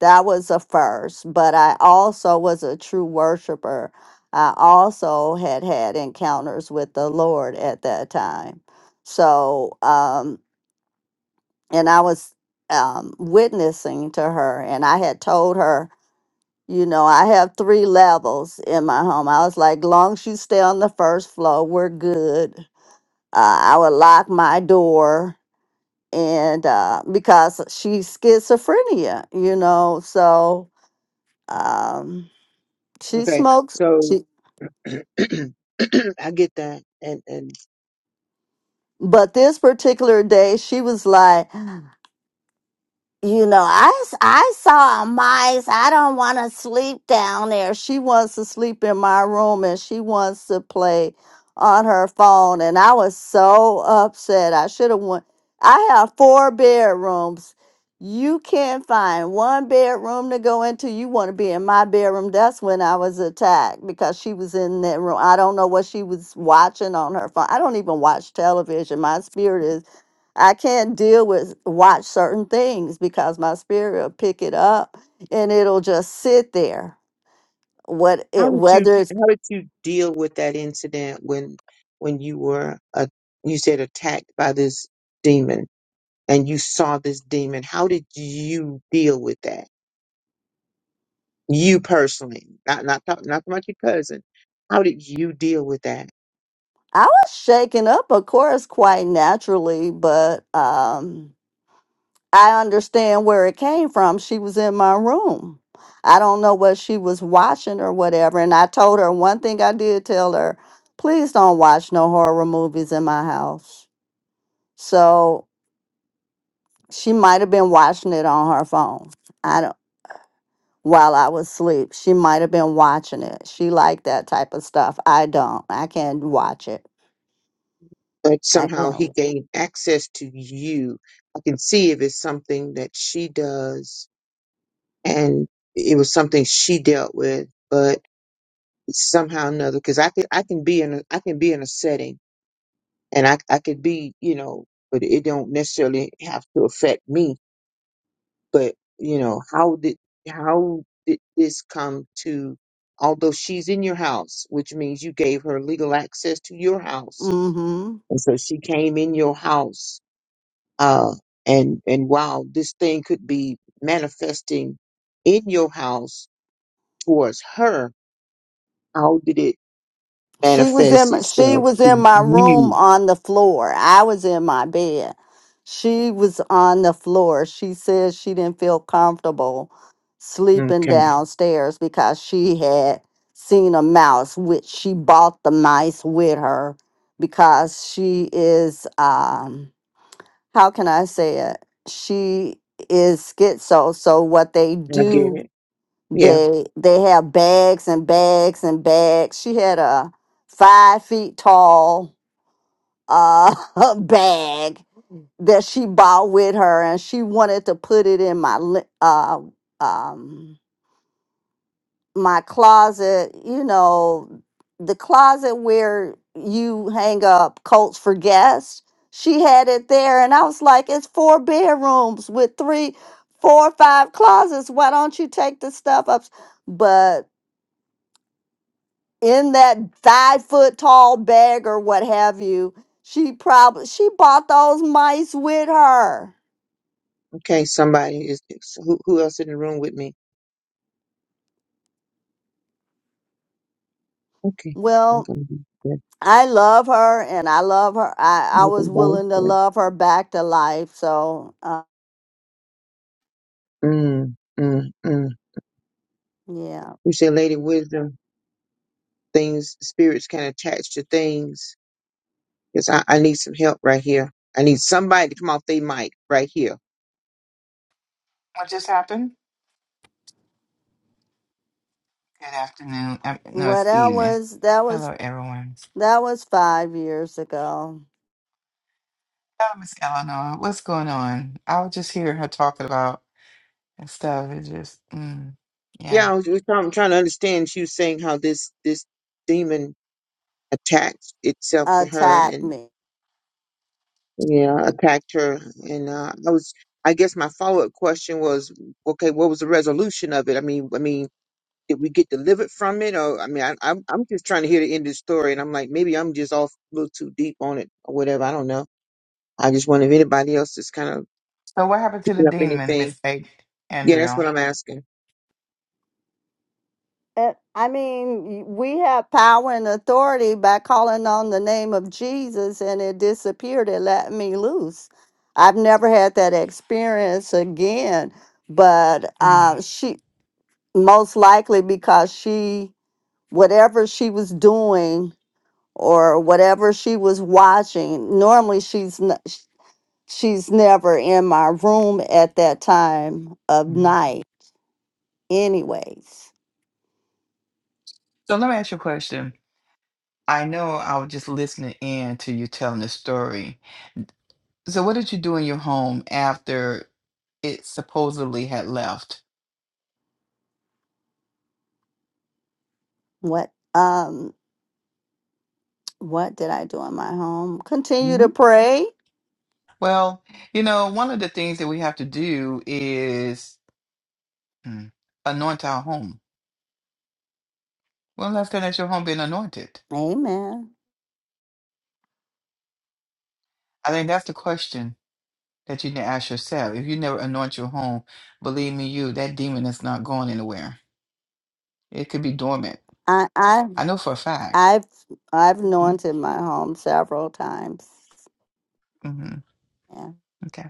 that was a first but i also was a true worshiper i also had had encounters with the lord at that time so um and i was um witnessing to her and i had told her you know i have three levels in my home i was like long as you stay on the first floor we're good uh, i would lock my door and uh because she's schizophrenia you know so um She
Okay.
smokes.
So
She,
I get that. And and
but this particular day, she was like, you know, I I saw a mice. I don't want to sleep down there. She wants to sleep in my room and she wants to play on her phone. And I was so upset. I should have went. I have four bedrooms. You can't find one bedroom to go into. You want to be in my bedroom. That's when I was attacked because she was in that room. I don't know what she was watching on her phone. I don't even watch television. My spirit is I can't deal with watch certain things because my spirit will pick it up and it'll just sit there. What
how
it
did you
whether it's
how did you deal with that incident when when you were uh, you said attacked by this demon and you saw this demon? How did you deal with that? You personally, not not talk, not about your cousin. How did you deal with that?
I was shaken up, of course, quite naturally, but um I understand where it came from. She was in my room. I don't know what she was watching or whatever. And I told her one thing I did tell her, please don't watch no horror movies in my house. So she might have been watching it on her phone. I don't. while I was asleep. She might have been watching it. She liked that type of stuff. I don't. I can't watch it.
But
I
somehow he
can't.
gained access to you. I can see if it's something that she does, and it was something she dealt with. but. somehow or another because I can I can be in a, I can be in a setting and I I could be you know but it don't necessarily have to affect me but you know how did how did this come to although she's in your house which means you gave her legal access to your house
Mm-hmm.
and so she came in your house uh and and while this thing could be manifesting in your house towards her how did it
She was
manifest
in. She
itself
was in
to
my
you
room on the floor. I was in my bed. She was on the floor. She said she didn't feel comfortable sleeping
Okay,
downstairs because she had seen a mouse, which she bought the mice with her because she is. Um, how can I say it? She is schizo. So what they
I get
do,
it. Yeah.
they they have bags and bags and bags. She had a five feet tall uh bag that she bought with her, and she wanted to put it in my li- uh um my closet, you know, the closet where you hang up coats for guests. She had it there, and I was like, it's four bedrooms with three, four, five closets. Why don't you take the stuff up? But in that five foot tall bag or what have you, she probably she bought those mice with her.
Okay. Somebody is who? Who else in the room with me? Okay. We're
Well,
gonna be good.
I love her, and I love her. I I
we
was willing to
good.
love her back to life, so. uh,
Mm, mm, mm.
Yeah.
You said, "Lady Wisdom, things spirits can attach to things." Because I, I need some help right here. I need somebody to come off their mic right here.
What just happened? Good afternoon. Uh, No,
Well,
it's
that
evening.
was that was
Hello, everyone.
that was five years ago.
Hello, Miss Eleanor. What's going on? I was just hearing her talking about and stuff. It's just, mm, yeah.
Yeah, I was, was trying, I'm trying to understand. She was saying how this this demon attached itself to
Attack
her,
me.
Yeah, attacked her, and uh, I was. I guess my follow up question was, okay, what was the resolution of it? I mean, I mean, did we get delivered from it, or I mean, I, I'm I'm just trying to hear the end of the story, and I'm like, maybe I'm just off a little too deep on it or whatever. I don't know. I just wonder if anybody else is kind of
So, what happened to the
picking up
demon,
anything.
Miss A-
Yeah, that's what
Andrea?
I'm asking.
Uh, I mean, we have power and authority by calling on the name of Jesus, and it disappeared. It let me loose. I've never had that experience again, but
Mm,
uh, she most likely because she whatever she was doing or whatever she was watching. Normally, she's not. she's never in my room at that time of
mm.
night anyways
So, let me ask you a question. I know I was just listening in to you telling the story. So, what did you do in your home after it supposedly had left?
what um what did i do in my home continue
hmm
to pray
Well, you know, one of the things that we have to do is. Mm. Anoint our home. When last time has your home been anointed?
amen
I think that's the question that you need to ask yourself. If you never anoint your home, believe me, you that demon is not going anywhere. It could be dormant.
i i
I know for a fact.
i've i've
Mm-hmm.
anointed my home several times
Mm-hmm.
yeah.
Okay.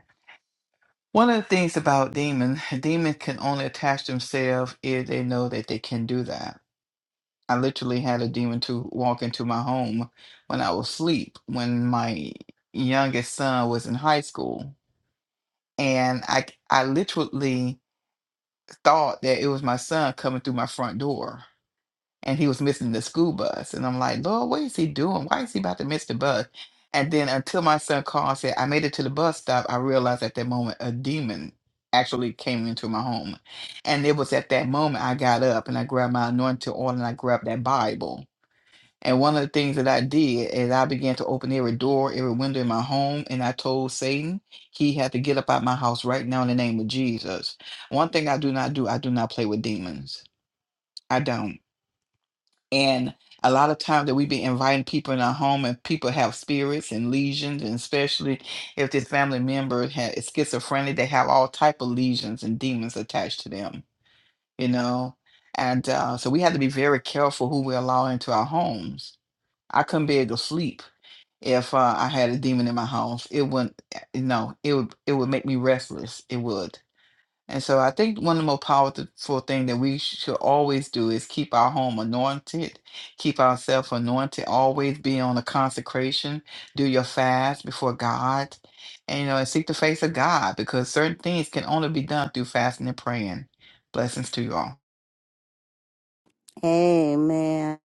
One of the things about demons, demons can only attach themselves if they know that they can do that. I literally had a demon to walk into my home when I was asleep when my youngest son was in high school, and I I literally thought that it was my son coming through my front door and he was missing the school bus. And I'm like, Lord, what is he doing? Why is he about to miss the bus? And then until my son called and said, I made it to the bus stop, I realized at that moment a demon actually came into my home. And it was at that moment I got up and I grabbed my anointing oil and I grabbed that Bible. And one of the things that I did is I began to open every door, every window in my home, and I told Satan he had to get up out my house right now in the name of Jesus. One thing I do not do, I do not play with demons. I don't. And a lot of times that we be inviting people in our home, and people have spirits and lesions, and especially if this family member ha is schizophrenic, they have all type of lesions and demons attached to them. You know, and uh, so we have to be very careful who we allow into our homes. I couldn't be able to sleep if uh, I had a demon in my house, it wouldn't. No, it would it would make me restless. It would. And so I think one of the most powerful thing that we should always do is keep our home anointed, keep ourselves anointed, always be on a consecration, do your fast before God, and you know, and seek the face of God because certain things can only be done through fasting and praying. Blessings to you all.
amen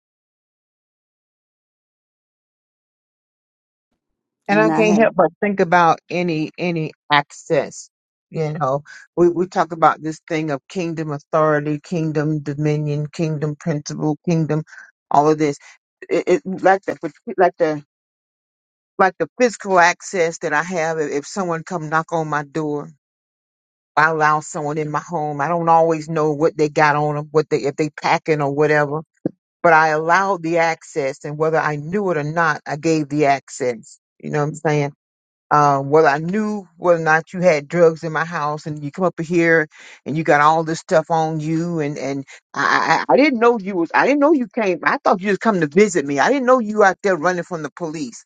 And I
and i
can't
had
help but think about any any access. You know, we, we talk about this thing of kingdom authority, kingdom dominion, kingdom principle, kingdom, all of this. It, it like the like the like the physical access that I have. If, if someone come knock on my door, I allow someone in my home. I don't always know what they got on them, what they if they packing or whatever. But I allowed the access, and whether I knew it or not, I gave the access. You know what I'm saying? uh, whether I knew whether or not you had drugs in my house, and you come up here and you got all this stuff on you, and and I, I I didn't know you was I didn't know you came. I thought you just come to visit me. I didn't know you out there running from the police,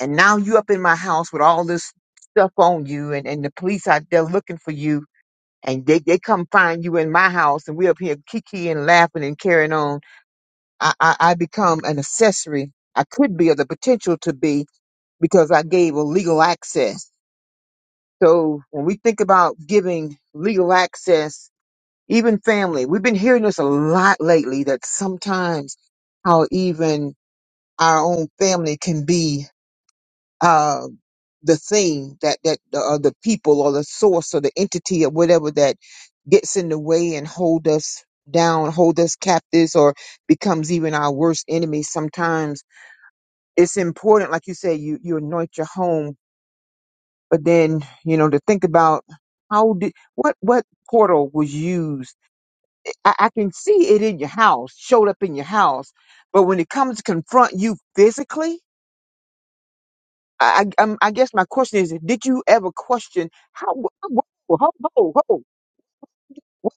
and now you up in my house with all this stuff on you, and and the police out there looking for you, and they they come find you in my house, and we up here kiki and laughing and carrying on. I I, I become an accessory. I could be, or the potential to be, because I gave illegal access so when we think about giving legal access, even family, we've been hearing this a lot lately that sometimes how even our own family can be uh, the thing that that uh, the people or the source or the entity or whatever that gets in the way and hold us down, hold us captives, or becomes even our worst enemy. Sometimes it's important, like you say, you you anoint your home but then you know to think about how did what what portal was used I, I can see it in your house showed up in your house but when it comes to confront you physically i i, um, I guess my question is did you ever question how ho ho ho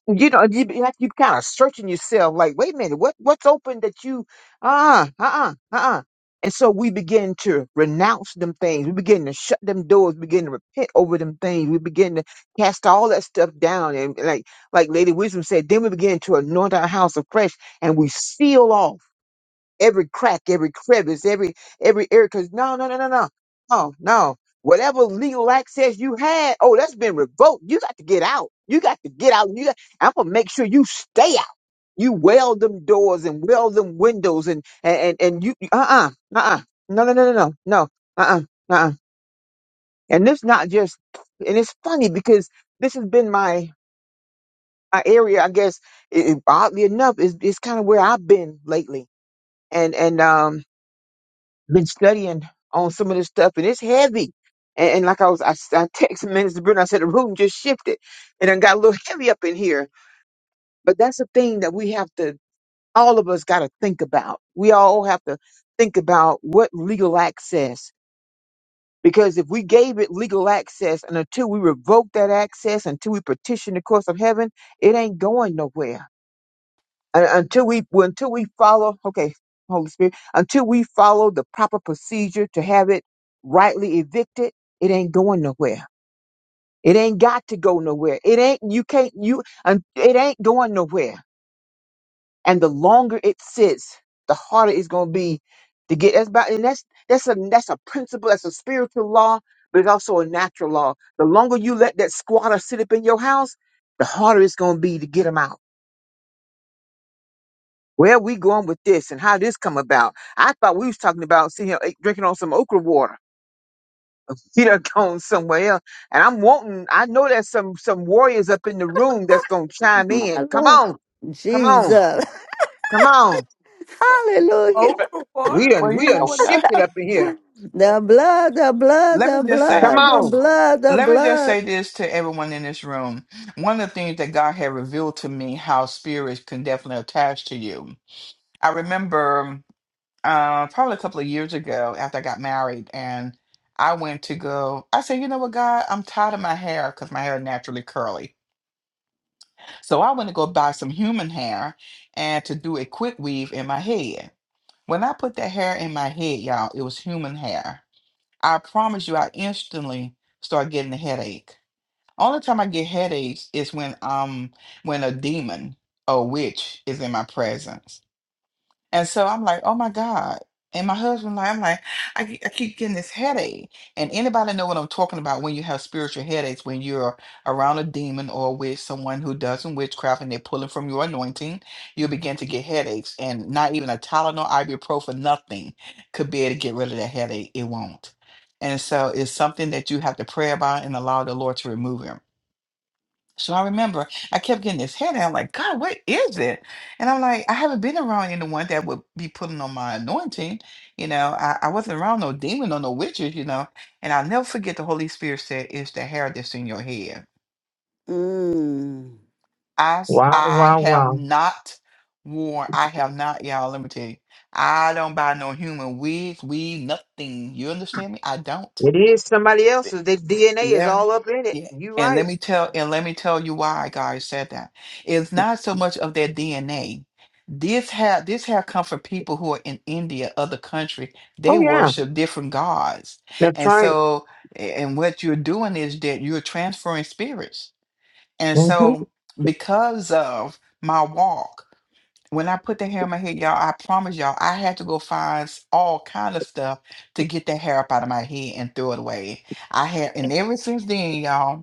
you know, you, you have to keep kind of searching yourself, like, wait a minute, what what's open that you ah uh uh uh uh. And so we begin to renounce them things. We begin to shut them doors. We begin to repent over them things. We begin to cast all that stuff down. And like like Lady Wisdom said, then we begin to anoint our house afresh, and we seal off every crack, every crevice, every every area. Because no, no, no, no, no, no, no. Whatever legal access you had, oh, that's been revoked. You got to get out. You got to get out. You got, I'm gonna make sure you stay out. You weld them doors and weld them windows and and and, and you uh uh uh uh no no no no no no uh uh uh uh. And this not just and it's funny because this has been my my area. I guess it, oddly enough is it's kind of where I've been lately. And and um been studying on some of this stuff, and it's heavy. And, and like I was, I I texted Minister Bruno. I said the room just shifted, and it got a little heavy up in here. But that's the thing that we have to, all of us, got to think about. We all have to think about what legal access, because if we gave it legal access, and until we revoke that access, until we petition the courts of heaven, it ain't going nowhere and until we well, until we follow, okay, Holy Spirit, until we follow the proper procedure to have it rightly evicted, it ain't going nowhere. It ain't got to go nowhere. It ain't you can't you and it ain't going nowhere. And the longer it sits, the harder it's gonna be to get that's about and that's that's a that's a principle, that's a spiritual law, but it's also a natural law. The longer you let that squatter sit up in your house, the harder it's gonna be to get them out where we going with this and how this come about. I thought we was talking about see him eh, drinking on some okra water. He done gone somewhere else. And I'm wanting, I know there's some some warriors up in the room that's gonna chime in.
my
Come
lord
on, come on,
jesus
come on.
hallelujah
We done
Well, you
we done
know what?
shifted up in here.
the blood the blood
Let me
the
just say.
Come
blood the
on.
blood the
let me just
blood
say this to everyone in this room. One of the things that God had revealed to me how spirits can definitely attach to you. I remember uh, probably a couple of years ago after I got married, and I went to go. I said, you know what, God, I'm tired of my hair because my hair is naturally curly. So I went to go buy some human hair and to do a quick weave in my head. When I put that hair in my head, y'all, it was human hair. I promise you, I instantly started getting a headache. Only time I get headaches is when um when a demon or witch is in my presence, and so I'm like, oh my god. And my husband, like, I'm like, I, ke- I keep getting this headache. And anybody know what I'm talking about when you have spiritual headaches, when you're around a demon or with someone who does some witchcraft and they're pulling from your anointing, you begin to get headaches. And not even a Tylenol, ibuprofen, nothing could be able to get rid of that headache. It won't. And so it's something that you have to pray about and allow the Lord to remove it. So I remember I kept getting this headache. I'm like, God, what is it? And I'm like, I haven't been around anyone that would be putting on my anointing. You know, I, I wasn't around no demon or no witches, you know. And I'll never forget the Holy Spirit said, It's the hair that's in your head.
mm.
I, s-
Wow,
I
wow,
have
wow.
not worn, I have not, y'all, let me tell you, I don't buy no human wigs, weave, nothing. You understand me? I don't.
It is somebody else's. Their DNA is
Yeah.
all up in it.
Yeah.
You
And let
right.
me tell and let me tell you why God said that. It's not so much of their DNA. This had this had come from people who are in India, other country. They
Oh yeah.
worship different gods.
That's
And
right.
so a- and what you're doing is that you're transferring spirits. And
Mm-hmm.
so because of my walk when I put the hair in my head, y'all, I promise y'all, I had to go find s- all kind of stuff to get that hair up out of my head and throw it away. I had, and ever since then, y'all.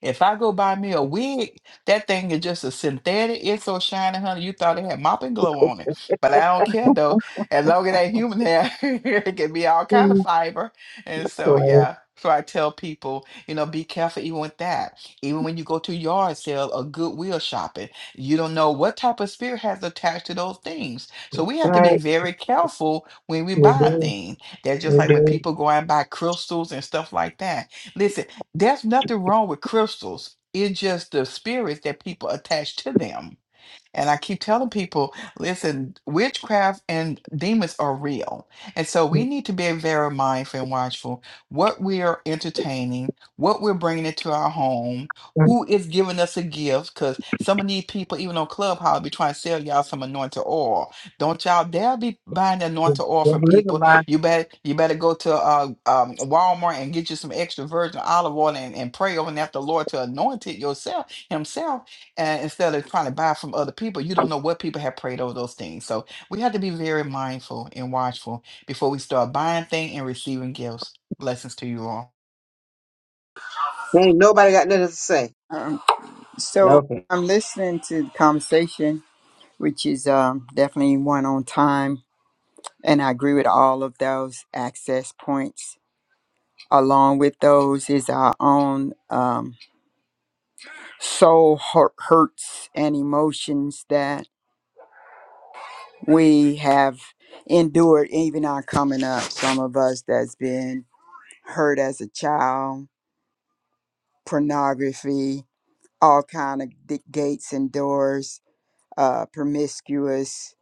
If I go buy me a wig, that thing is just a synthetic. It's so shiny, honey. You thought it had mopping glow on it. But I don't care though. As long as that human hair, it can be all kind of fiber. And so
Right.
yeah. So I tell people, you know, be careful even with that. Even when you go to yard sale or goodwill shopping, you don't know what type of spirit has attached to those things. So we have to be
Right.
very careful when we
We
buy
do.
things. That's just
We
like when
do.
people go out and buy crystals and stuff like that. Listen, there's nothing wrong with crystals. It's just the spirits that people attach to them. And I keep telling people, listen, witchcraft and demons are real. And so we need to be very mindful and watchful what we are entertaining, what we're bringing into our home, who is giving us a gift. Because some of these people, even on Clubhouse, be trying to sell y'all some anointed oil. Don't y'all dare be buying the anointed oil from people.
Mhm.
You better, you better go to uh, um, Walmart and get you some extra virgin olive oil and, and pray over and ask the Lord to anoint it yourself, himself and instead of trying to buy from other people, you
Ain't
don't know what people have prayed over those things. So we have to be very mindful and watchful before we start buying things and receiving gifts. Blessings to you all.
nobody got nothing to say.
Um, so
Okay.
I'm listening to the conversation, which is um, definitely one on time. And I agree with all of those access points. Along with those is our own um, soul hurt, hurts and emotions that. we have endured even our coming up some of us that's been hurt as a child pornography all kind of d- gates and doors uh promiscuous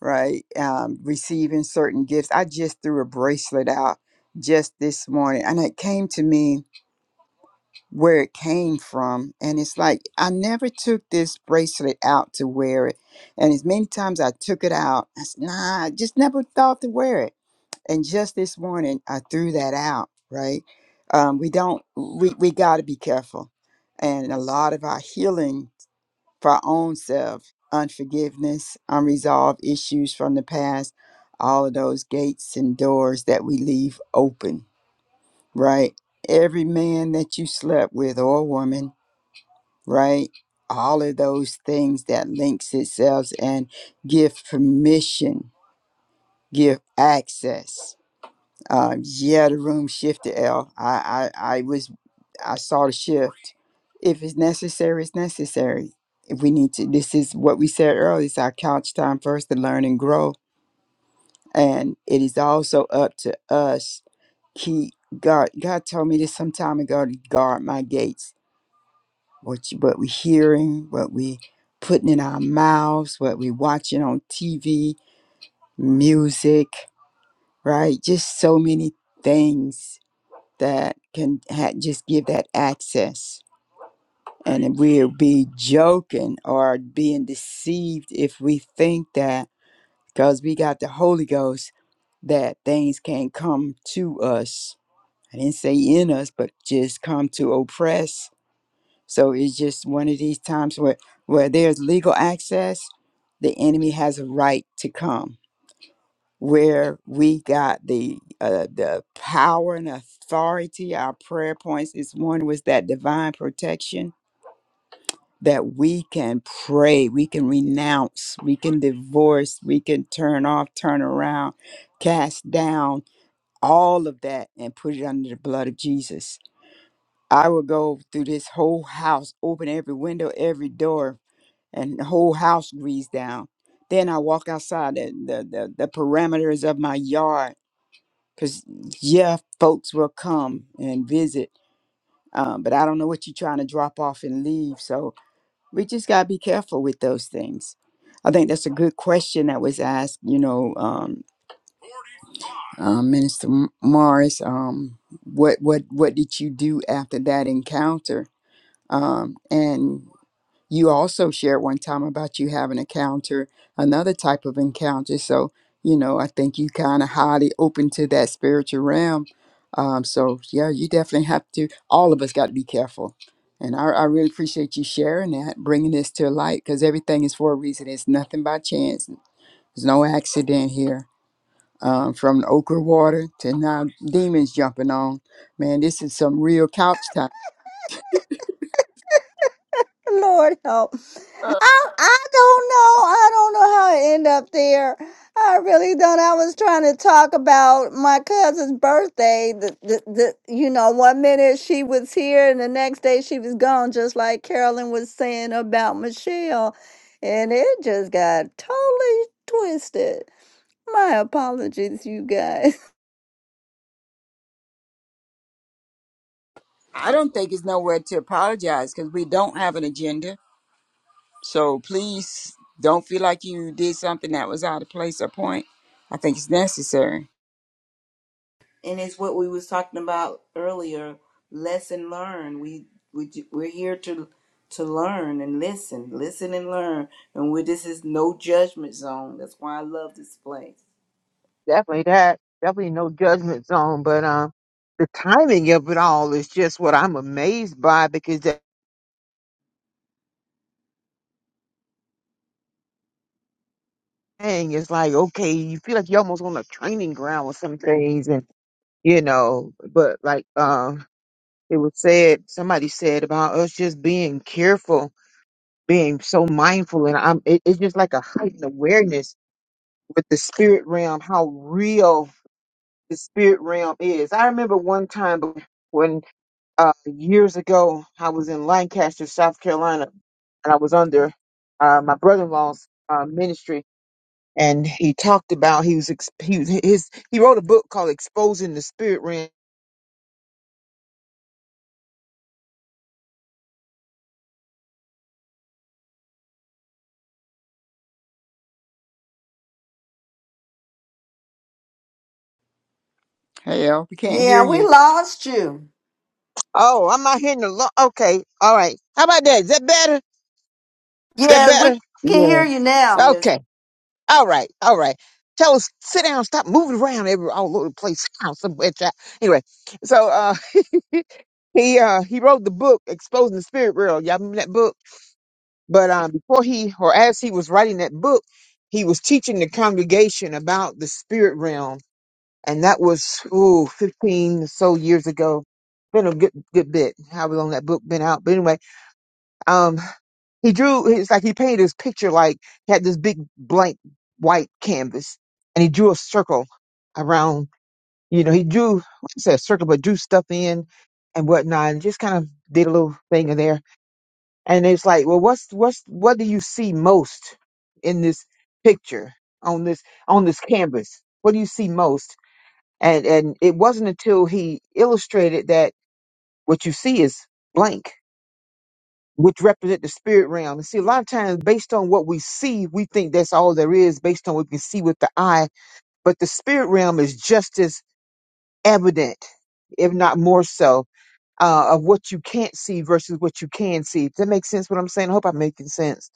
right um receiving certain gifts i just threw a bracelet out just this morning and it came to me where it came from and it's like i never took this bracelet out to wear it and as many times i took it out i said nah i just never thought to wear it And just this morning, I threw that out, right? Um, we don't, we, we got to be careful. And a lot of our healing for our own self, unforgiveness, unresolved issues from the past, all of those gates and doors that we leave open, right? Every man that you slept with or woman, right? All of those things that links itself and give permission, give access Uh, yeah, the room shifted, L. I, I, I was, I saw the shift. If it's necessary, it's necessary. If we need to, this is what we said earlier. It's our couch time first to learn and grow, and it is also up to us. Keep God. God told me this some time ago to guard my gates. What you, what we hearing, what we putting in our mouths, what we watching on TV, music, right? Just so many things that can ha- just give that access. And we'll be joking or being deceived if we think that because we got the Holy Ghost that things can come to us. I didn't say in us, but just come to oppress. So it's just one of these times where where there's legal access, the enemy has a right to come where we got the uh, the power and authority. Our prayer points this morning was that divine protection that we can pray, we can renounce, we can divorce, we can turn off, turn around, cast down all of that and put it under the blood of Jesus. I will go through this whole house, open every window, every door, and the whole house greased down. Then I walk outside the, the, the, the parameters of my yard because, yeah, folks will come and visit, um, but I don't know what you're trying to drop off and leave. So we just got to be careful with those things. I think that's a good question that was asked, you know, um, uh, Minister M- Morris. Um, what, what, what did you do after that encounter? Um, and you also shared one time about you having encounter another type of encounter. So, you know, I think you kind of highly open to that spiritual realm. Um, so yeah, you definitely have to. All of us got to be careful. And I, I really appreciate you sharing that, bringing this to light, because everything is for a reason. It's nothing by chance. There's no accident here. Um, from the okra water to now demons jumping on. Man, this is some real couch time.
lord help I, I don't know. I don't know how I end up there. I really don't. I was trying to talk about my cousin's birthday. The, the, the, you know, one minute she was here and the next day she was gone, just like Carolyn was saying about Michelle. And it just got totally twisted. My apologies, you guys.
I don't think it's nowhere to apologize because we don't have an agenda So please don't feel like you did something that was out of place or point. I think it's necessary.
and it's what we was talking about earlier lesson learned we, we we're here to to learn and listen listen and learn and we this is no judgment zone that's why i love this place
Definitely that. Definitely no judgment zone. But um, the timing of it all is just what I'm amazed by because that thing is like, okay, you feel like you're almost on a training ground with some things, and you know, but like um, it was said, somebody said about us just being careful, being so mindful, and I'm it, it's just like a heightened awareness with the spirit realm, how real the spirit realm is. I remember one time when. uh, years ago, I was in Lancaster, South Carolina, and I was under uh, my brother-in-law's uh, ministry, and he talked about he was ex- he was- his he wrote a book called "Exposing the Spirit Realm."
Hey, El, we can't hear
Yeah, we
you.
lost you.
Oh, I'm not hearing the lo- okay, all right. How about that? Is that better? Is that
Yeah, we
better?
can hear you
Yes.
now.
yes
Okay, all right, all right. Tell us, sit down, stop moving around every all over the place. Sit down somewhere, child. Anyway, so uh, he uh, he wrote the book "Exposing the Spirit Realm." Y'all remember that book? But um, before he, or as he was writing that book, he was teaching the congregation about the spirit realm, and that was ooh, fifteen or so years ago. Been a good good bit. How long that book been out? But anyway, um, he drew. It's like he painted his picture like he had this big blank white canvas, and he drew a circle around. You know, he drew. I said a circle, but drew stuff in and whatnot, and just kind of did a little thing in there and it's like well what's what's what do you see most in this picture on this on this canvas what do you see most and and it wasn't until he illustrated that what you see is blank which represent the spirit realm and see a lot of times based on what we see we think that's all there is based on what we can see with the eye but the spirit realm is just as evident if not more so uh, of what you can't see versus what you can see Does that make sense what i'm saying i hope i'm making sense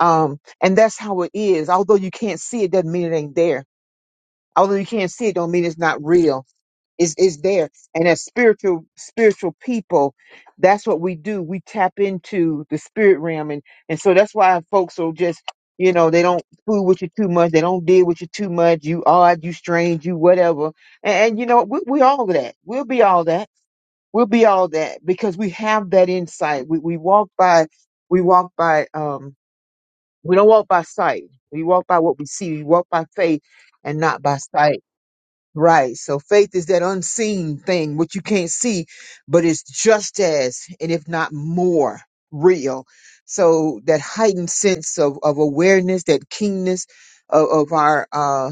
Um, and that's how it is. Although you can't see it, doesn't mean it ain't there. Although you can't see it, don't mean it's not real. It's it's there. And as spiritual spiritual people, that's what we do. We tap into the spirit realm, and and so that's why folks are just you know they don't fool with you too much. They don't deal with you too much. You odd, you strange, you whatever. And, and you know we we all that. We'll be all that. We'll be all that because we have that insight. We we walk by we walk by um we don't walk by sight. We walk by what we see. We walk by faith and not by sight. Right. So faith is that unseen thing, which you can't see, but it's just as, and if not more, real. So that heightened sense of, of awareness, that keenness of, of our, uh,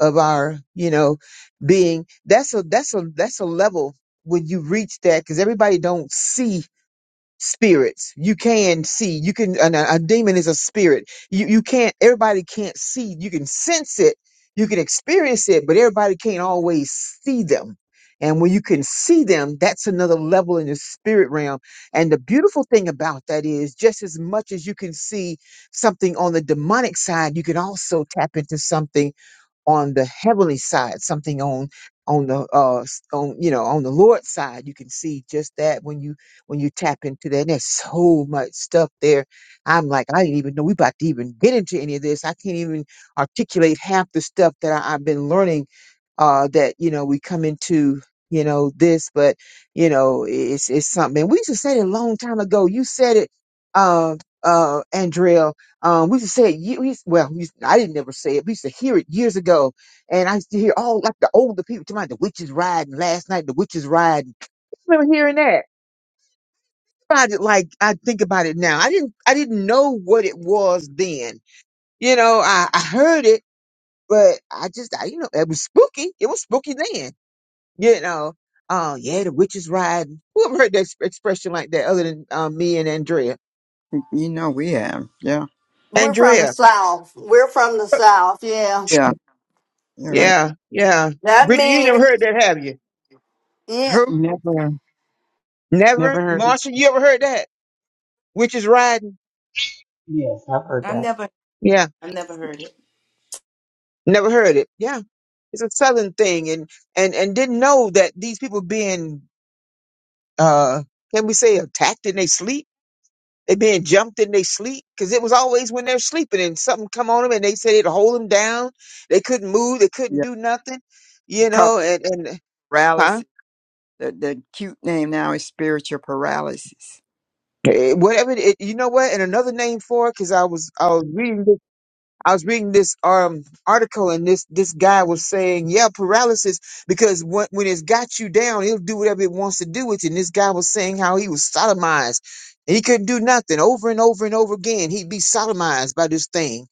of our, you know, being, that's a, that's a, that's a level when you reach that, because everybody don't see spirits. You can see. You can. And a, a demon is a spirit. You you can't. Everybody can't see. You can sense it. You can experience it, but everybody can't always see them. And when you can see them, that's another level in the spirit realm. And the beautiful thing about that is, just as much as you can see something on the demonic side, you can also tap into something on the heavenly side, something on on the uh s- on you know on the Lord's side. You can see just that when you when you tap into that. And there's so much stuff there. I'm like, I didn't even know we about to even get into any of this. I can't even articulate half the stuff that I, I've been learning uh, that you know we come into you know this, but you know it's it's something. we used to say it a long time ago. You said it, uh, uh, Andrea. Um, we used to say it. ye- We used, well, we used, I didn't never say it. We used to hear it years ago, and I used to hear all like the older people talking about the witches riding last night. The witches riding. I remember hearing that. About it, like I think about it now. I didn't. I didn't know what it was then. You know, I, I heard it, but I just, I, you know, it was spooky. It was spooky then you know, oh yeah, the witch is riding. Who ever heard that exp- expression like that other than um, me and Andrea?
You know we have. Yeah.
We're from the
Andrea,
South. We're from the South. Yeah.
Yeah. You heard.
yeah, yeah.
That
Bridget, you ain't never
means
heard that, have you?
Yeah,
Who?
Never,
Never,
never heard.
Marsha, you ever heard that? Witch is riding?
Yes, I've heard
i
that.
never
Yeah,
i never heard it
never heard it. Yeah, it's a southern thing, and and and didn't know that these people being uh, can we say attacked in they sleep? They being jumped in their sleep because it was always when they're sleeping and something come on them and they said it hold them down. They couldn't move. They couldn't
Yeah.
do nothing.
We
You
Call it
know, and and huh?
paralysis. The, the cute name now is spiritual paralysis.
Eh, eh, Whatever it, you know what? And another name for it because I was I was reading this, I was reading this um article and this this guy was saying yeah paralysis because when when it's got you down it'll do whatever it wants to do with you. And this guy was saying how he was sodomized and he couldn't do nothing over and over and over again. He'd be sodomized by this thing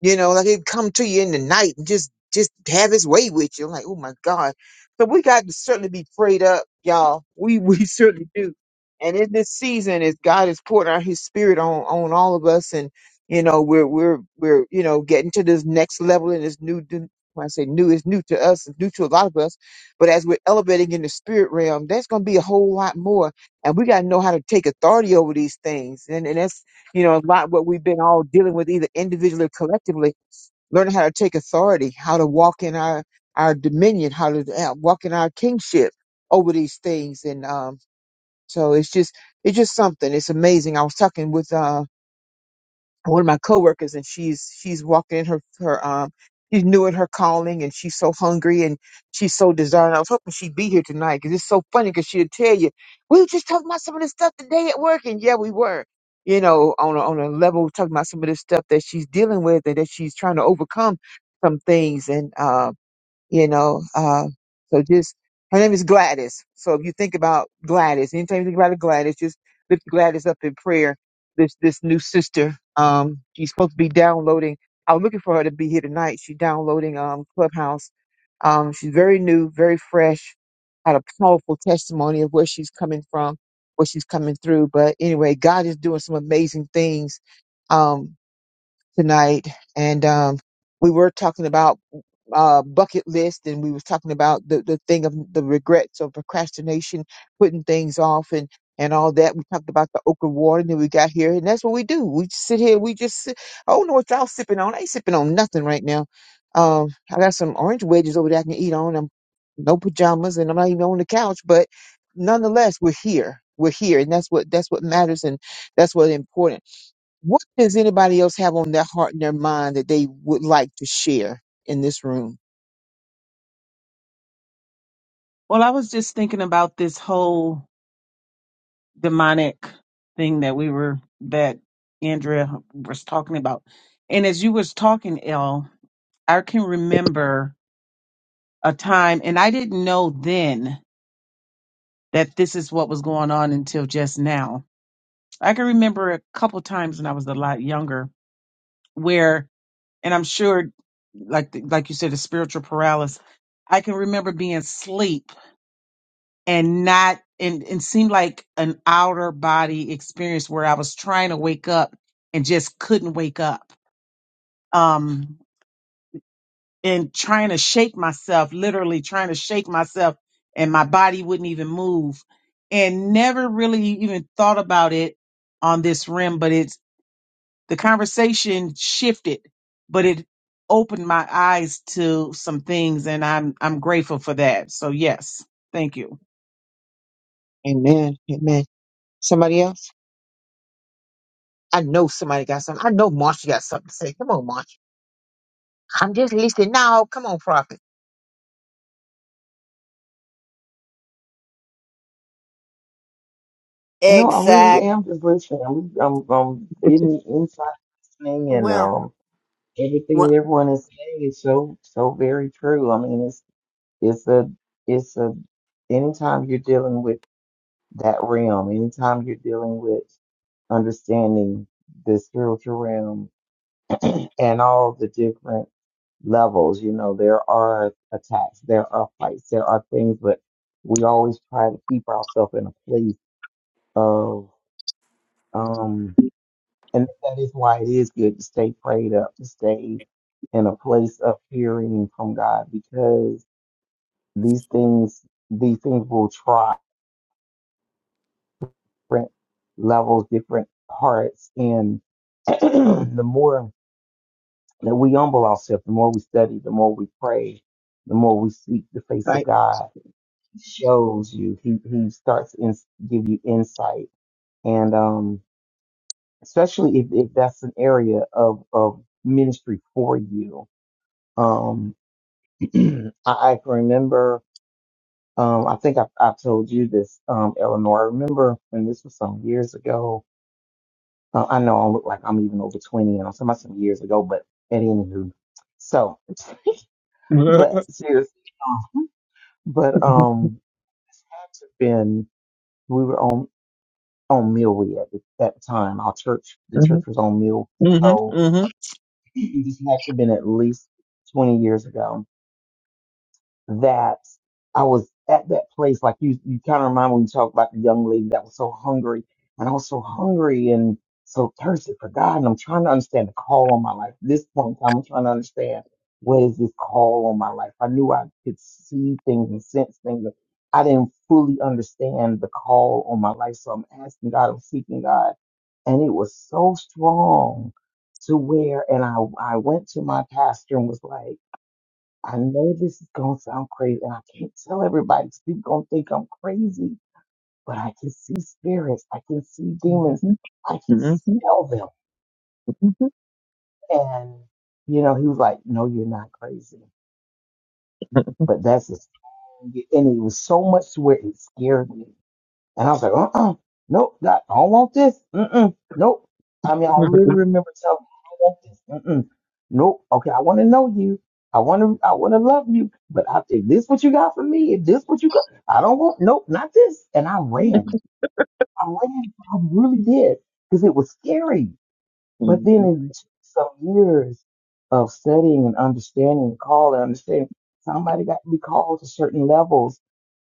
You know, like he'd come to you in the night and just just have his way with you. I'm like, oh my God. So we got to certainly be prayed up, y'all. We we certainly do. And in this season, as God is pouring out his spirit on on all of us and you know, we're we're we're you know getting to this next level and this new d- when I say new, it's new to us, it's new to a lot of us. But as we're elevating in the spirit realm, there's gonna be a whole lot more. And we gotta know how to take authority over these things. And and that's you know, a lot what we've been all dealing with, either individually or collectively, learning how to take authority, how to walk in our our dominion, how to uh, walk in our kingship over these things, and um, so it's just it's just something. It's amazing. I was talking with um one of my coworkers and she's she's walking in her her um she's new in her calling and she's so hungry and she's so desiring. I was hoping she'd be here tonight because it's so funny because she'll tell you we were just talking about some of this stuff today at work and yeah we were you know on a, on a level talking about some of this stuff that she's dealing with and that she's trying to overcome some things and um you know. Uh, so just her name is Gladys. So if you think about Gladys, anytime you think about Gladys, just lift Gladys up in prayer. This this new sister, um, she's supposed to be downloading. I was looking for her to be here tonight. She's downloading um Clubhouse. Um, she's very new, very fresh, had a powerful testimony of where she's coming from, what she's coming through. But anyway, God is doing some amazing things um tonight, and um, we were talking about uh, bucket list, and we was talking about the, the thing of the regrets or procrastination, putting things off, and and all that. We talked about the okra water, and then we got here, and that's what we do. We just sit here, we just sit. I don't know what y'all sipping on. I ain't sipping on nothing right now. Um, I got some orange wedges over there I can eat on. I'm no pajamas, and I'm not even on the couch, but nonetheless, we're here. We're here, and that's what that's what matters, and that's what's important. What does anybody else have on their heart and their mind that they would like to share in this room?
Well, I was just thinking about this whole demonic thing that we were, that Andrea was talking about. And as you was talking, Elle. I can remember a time, and I didn't know then that this is what was going on until just now. I can remember a couple times when I was a lot younger, where, and I'm sure, like like you said, the spiritual paralysis. I can remember being asleep and not, and it seemed like an outer body experience where I was trying to wake up and just couldn't wake up. Um, and trying to shake myself, literally trying to shake myself, and my body wouldn't even move. And never really even thought about it on this rim, but it's the conversation shifted, but it opened my eyes to some things, and I'm I'm grateful for that. So yes, thank you.
Amen. Amen. Somebody else? I know somebody got something. I know Marsha got something to say. Come on, Marsha. I'm just listening now. Come on, prophet.
You know, I really
exact.
am just listening. I'm, I'm, I'm getting inside listening, and
Well,
um. everything
well,
that everyone is saying is so so very true. I mean, it's it's a it's a anytime you're dealing with that realm, anytime you're dealing with understanding the spiritual realm and all the different levels, you know, there are attacks, there are fights, there are things, but we always try to keep ourselves in a place of um. And that is why it is good to stay prayed up, to stay in a place of hearing from God, because these things, these things will try different levels, different hearts. And the more that we humble ourselves, the more we study, the more we pray, the more we seek the face of
Right.
God, He shows you, he, he starts to ins give you insight. And, um, especially if, if that's an area of, of ministry for you. Um, I, I can remember, um, I think I, I told you this, um, Eleanor. I remember when this was some years ago. Uh, I know I look like I'm even over 20 and I'm talking about some years ago, but at any rate. So, but seriously, but, um, this had to been, we were on, on Millway at the, at the time. Our church, the church
Mhm,
was on Mill.
mhm,
So
mhm,
this had to been at least 20 years ago that I was at that place. Like you, you kind of remind me when you talk about the young lady that was so hungry, and I was so hungry and so thirsty for God, and I'm trying to understand the call on my life. At this point in time, I'm trying to understand what is this call on my life. I knew I could see things and sense things. But I didn't fully understand the call on my life, so I'm asking God, I'm seeking God, and it was so strong to where, and I, I went to my pastor and was like I know this is gonna sound crazy, and I can't tell everybody 'cause people gonna think I'm crazy, but I can see spirits, I can see demons,
mhm,
I can
mhm,
smell them. And you know, he was like, No, you're not crazy. But that's a and it was so much to where it scared me. And I was like, uh-uh, nope, that, I don't want this. Mm-mm, nope. I mean, I literally remember telling her, I don't want this. Mm-mm, nope. Okay, I want to know you. I want to, I want to love you. But I, if this what you got for me, if this what you got, I don't want, nope, not this. And I ran. I ran. I really did because it was scary. But
mhm,
then
mhm.
in some years of studying and understanding, call and understanding, somebody got to be called to certain levels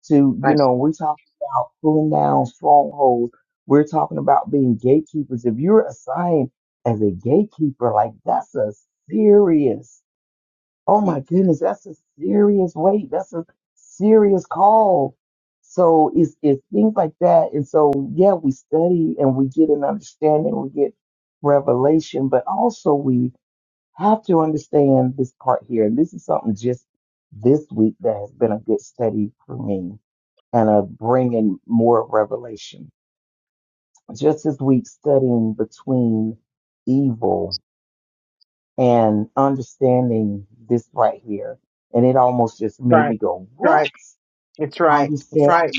to, you
That's
know, we're talking about pulling down strongholds. We're talking about being gatekeepers. If you're assigned as a gatekeeper, like that's a serious Oh my goodness, that's a serious weight. That's a serious call. So it's it's things like that. And so yeah, we study and we get an understanding, we get revelation, but also we have to understand this part here. And this is something just this week that has been a good study for me and a bringing more revelation. Just this week studying between evil and understanding this right here. And it almost just made me
right.
go,
That's
what?
Right. It's right. It's
Understand
right.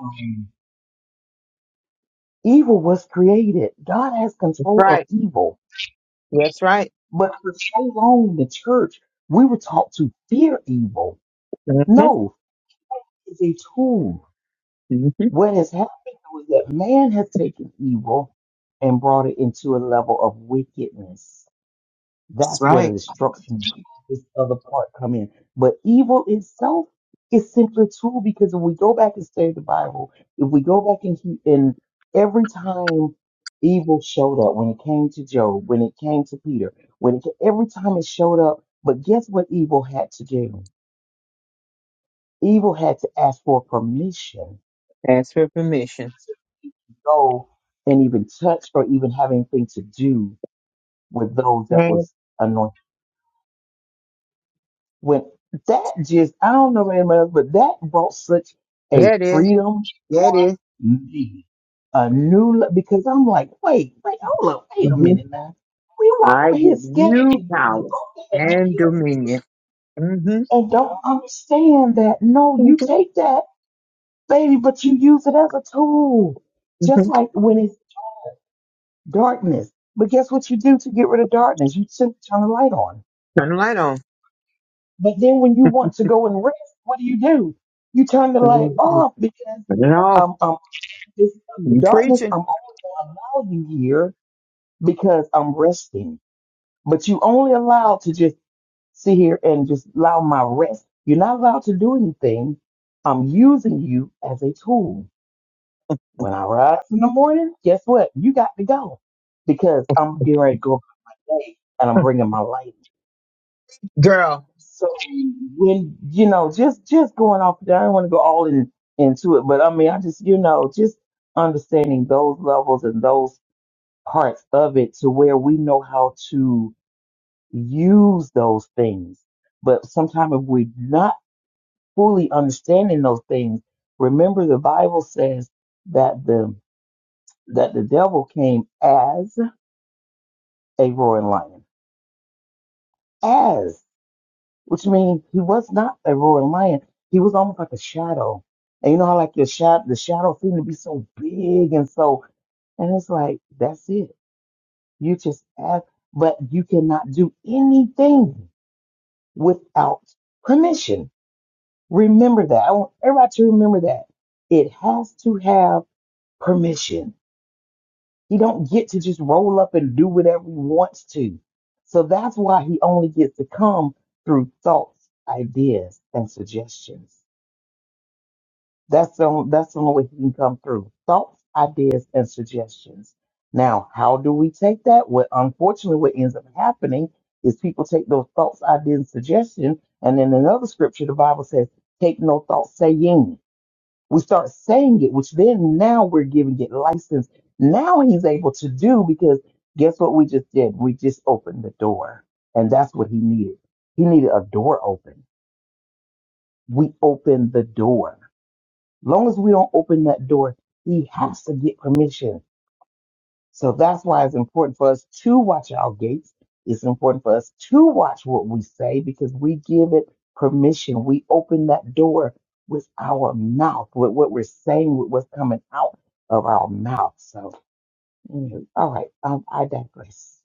um, evil was created. God has
It's
control of
right.
evil.
That's right.
But for so long in the church, we were taught to fear evil.
Mhm,
No, it's a tool.
mhm.
What has happened was that man has taken evil and brought it into a level of wickedness
That's
That's where the
right.
destruction this other part come in. But evil itself is simply true because if we go back and study the Bible, if we go back and keep and every time evil showed up, when it came to Job, when it came to Peter, when it ca- every time it showed up, but guess what evil had to do? Evil had to ask for permission
Ask for permission.
to go and even touch or even have anything to do with those that
Yeah,
was anointed. When that just, I don't know anybody else, but that brought such a
yeah, it is.
freedom
Yeah, it
me a new look because I'm like, wait, wait, hold up, wait a
Mm-hmm.
minute now. We walk
I
right here
give
scared to
you
do the
power
wrong thing
and dominion. Mm-hmm.
and don't understand that. No, you
Mhm.
take that, baby, but you use it as a tool. Just like when it's darkness. But guess what you do to get rid of darkness? You turn turn the light on.
Turn the light on.
But then when you want to go and rest, what do you do? You turn the light
Turn
off because
it off.
I'm, I'm this
You
darkness.
preaching,
I'm only going to allow you here because I'm resting. But you only allowed to just sit here and just allow my rest. You're not allowed to do anything. I'm using you as a tool. When I rise in the morning, guess what? You got to go because I'm getting ready to go about my day and I'm bringing my light.
girl?
So when you know, just just going off there, I don't want to go all in into it, but I mean, I just you know, just understanding those levels and those parts of it to where we know how to use those things. But sometimes if we're not fully understanding those things, remember the Bible says that the that the devil came as a roaring lion. which means he was not a roaring lion. He was almost like a shadow. And you know how like your shadow, the shadow seemed to be so big and so, and it's like that's it. You just ask, but you cannot do anything without permission. Remember that. I want everybody to remember that. It has to have permission. You don't get to just roll up and do whatever he wants to. So that's why he only gets to come through thoughts, ideas, and suggestions. That's the only, that's the only way he can come through. Thoughts, ideas, and suggestions. Now, how do we take that? What unfortunately what ends up happening is people take those thoughts, ideas, and suggestions, and in another scripture, the Bible says, "Take no thought saying." We start saying it, which then now we're giving it license. Now he's able to do because guess what we just did? We just opened the door, and that's what he needed. He needed a door open. We opened the door long as we don't open that door, he has to get permission. So that's why it's important for us to watch our gates. It's important for us to watch what we say because we give it permission. We open that door with our mouth, with what we're saying, with what's coming out of our mouth. So, anyway, all right, um, I digress.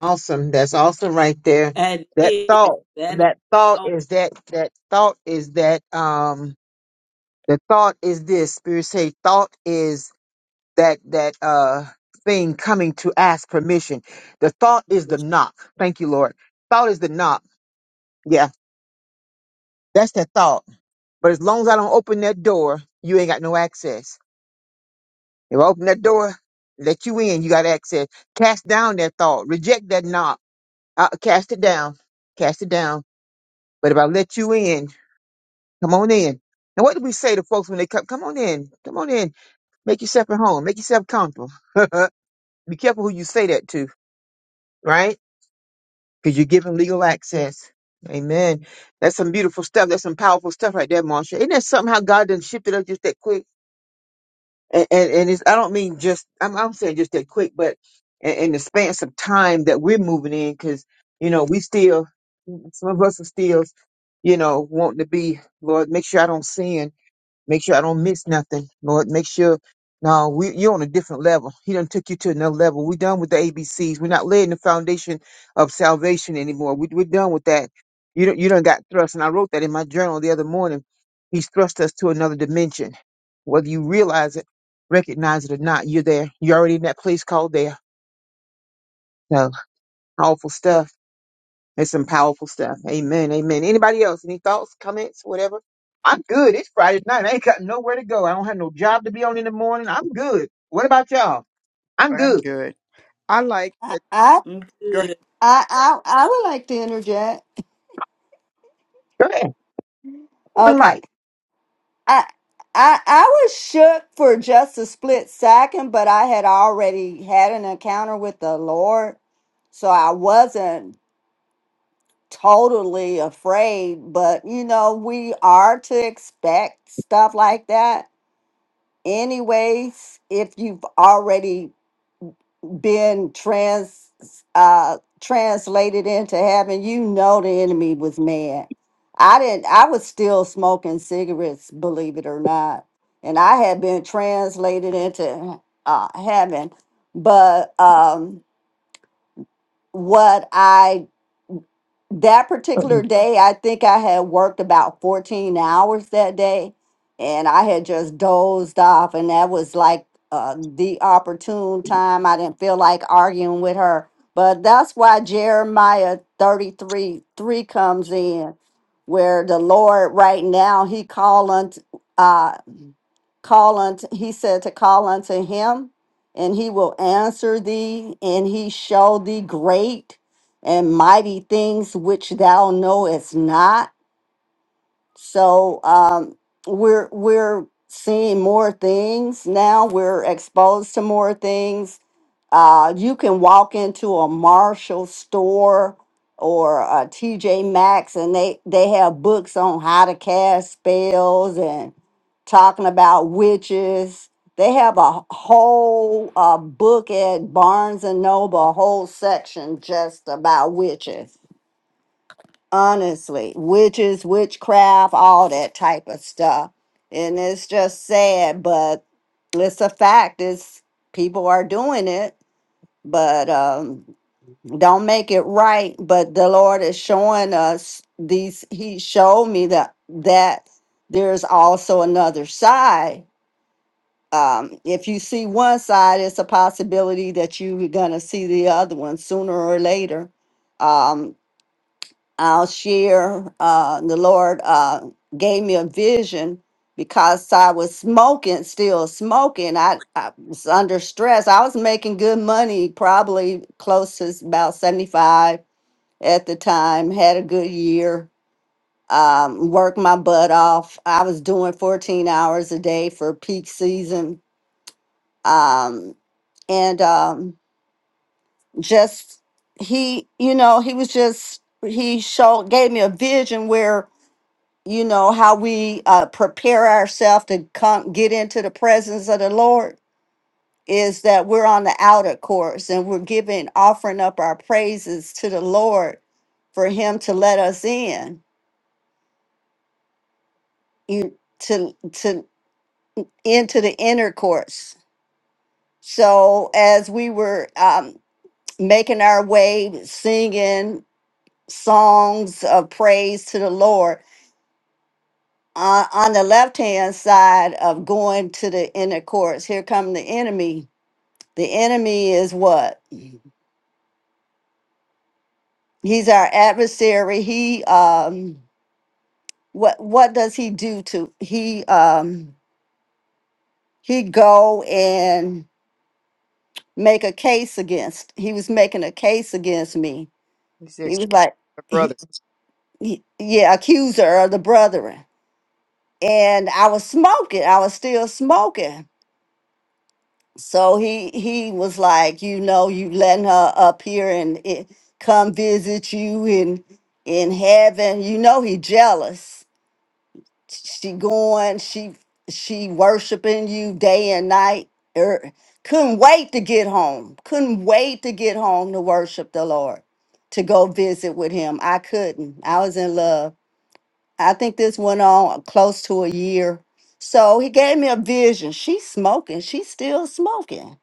Awesome. That's awesome right there.
That
That
is,
thought.
that is,
That thought
oh,
is that. That thought is that. Um. The thought is this. Spirit say thought is that. That. Uh. Thing coming to ask permission. The thought is the knock. Thank you, Lord. Thought is the knock. Yeah. That's that thought. But as long as I don't open that door, you ain't got no access. If I open that door, let you in, you got access. Cast down that thought, reject that knock, uh, cast it down, cast it down. But if I let you in, come on in. And what do we say to folks when they come? Come on in, come on in, make yourself at home, make yourself comfortable. Be careful who you say that to, right? Because you're giving legal access. Amen. That's some beautiful stuff. That's some powerful stuff right there, Marsha. Isn't that something how God done shifted up just that quick? and and, and it's, I don't mean just I'm I'm saying just that quick, but in, in the span of time that we're moving in, because you know we still some of us are still you know wanting to be Lord, make sure I don't sin Make sure I don't miss nothing, Lord. Make sure no, we you're on a different level. He done took you to another level. we done with the A B C's. We're not laying the foundation of salvation anymore. We, we're done with that. You don't you done got thrust, and I wrote that in my journal the other morning. He's thrust us to another dimension. Whether you realize it, recognize it or not, you're there. You're already in that place called there. So powerful stuff. It's some powerful stuff. Amen. Amen. Anybody else? Any thoughts, comments, whatever? I'm good. It's Friday night. I ain't got nowhere to go. I don't have no job to be on in the morning. I'm good. What about y'all? I'm
I'm
good.
good. I like
I,
it.
I,
Mm,
Go ahead.
good
I, I I would like to interject.
Go ahead. Open
Okay,
mic.
I, I, I was shook for just a split second, but I had already had an encounter with the Lord, so I wasn't totally afraid. But you know, we are to expect stuff like that, anyways. If you've already being trans uh translated into heaven you know the enemy was mad i didn't i was still smoking cigarettes believe it or not and i had been translated into uh heaven but um what i that particular day, I think I had worked about 14 hours that day and I had just dozed off. And that was like uh, the opportune time. I didn't feel like arguing with her. But that's why Jeremiah 33 3 comes in, where the Lord right now, he calling. Call unto, he said to call unto him, and he will answer thee, and he show thee great and mighty things which thou knowest not so um, we're we're seeing more things now. We're exposed to more things. Uh, you can walk into a Marshall store or a TJ Maxx, and they they have books on how to cast spells and talking about witches. They have a whole uh, book at Barnes and Noble, a whole section just about witches honestly witches witchcraft all that type of stuff and it's just sad but it's a fact it's people are doing it but um don't make it right but the lord is showing us these he showed me that that there's also another side um if you see one side it's a possibility that you're gonna see the other one sooner or later Um, I'll share. Uh, the Lord uh, gave me a vision because I was smoking, still smoking. I, I was under stress. I was making good money, probably close to about 75 at the time, had a good year. Um, worked my butt off. I was doing 14 hours a day for peak season. Um, and um, just he, you know, he was just, he showed, gave me a vision where you know how we uh, prepare ourselves to come get into the presence of the lord is that we're on the outer courts and we're giving offering up our praises to the lord for him to let us in you to to into the inner courts so as we were um, making our way singing songs of praise to the lord uh, on the left hand side of going to the inner courts here come the enemy the enemy is what he's our adversary he um what what does he do to he um he go and make a case against he was making a case against me
He's a
he was
cute
like he,
brother.
he, yeah accuser of the brethren and i was smoking i was still smoking so he he was like you know you letting her up here and it, come visit you in in heaven you know he jealous she going she she worshiping you day and night er, couldn't wait to get home couldn't wait to get home to worship the lord to go visit with him i couldn't i was in love i think this went on close to a year so he gave me a vision she's smoking she's still smoking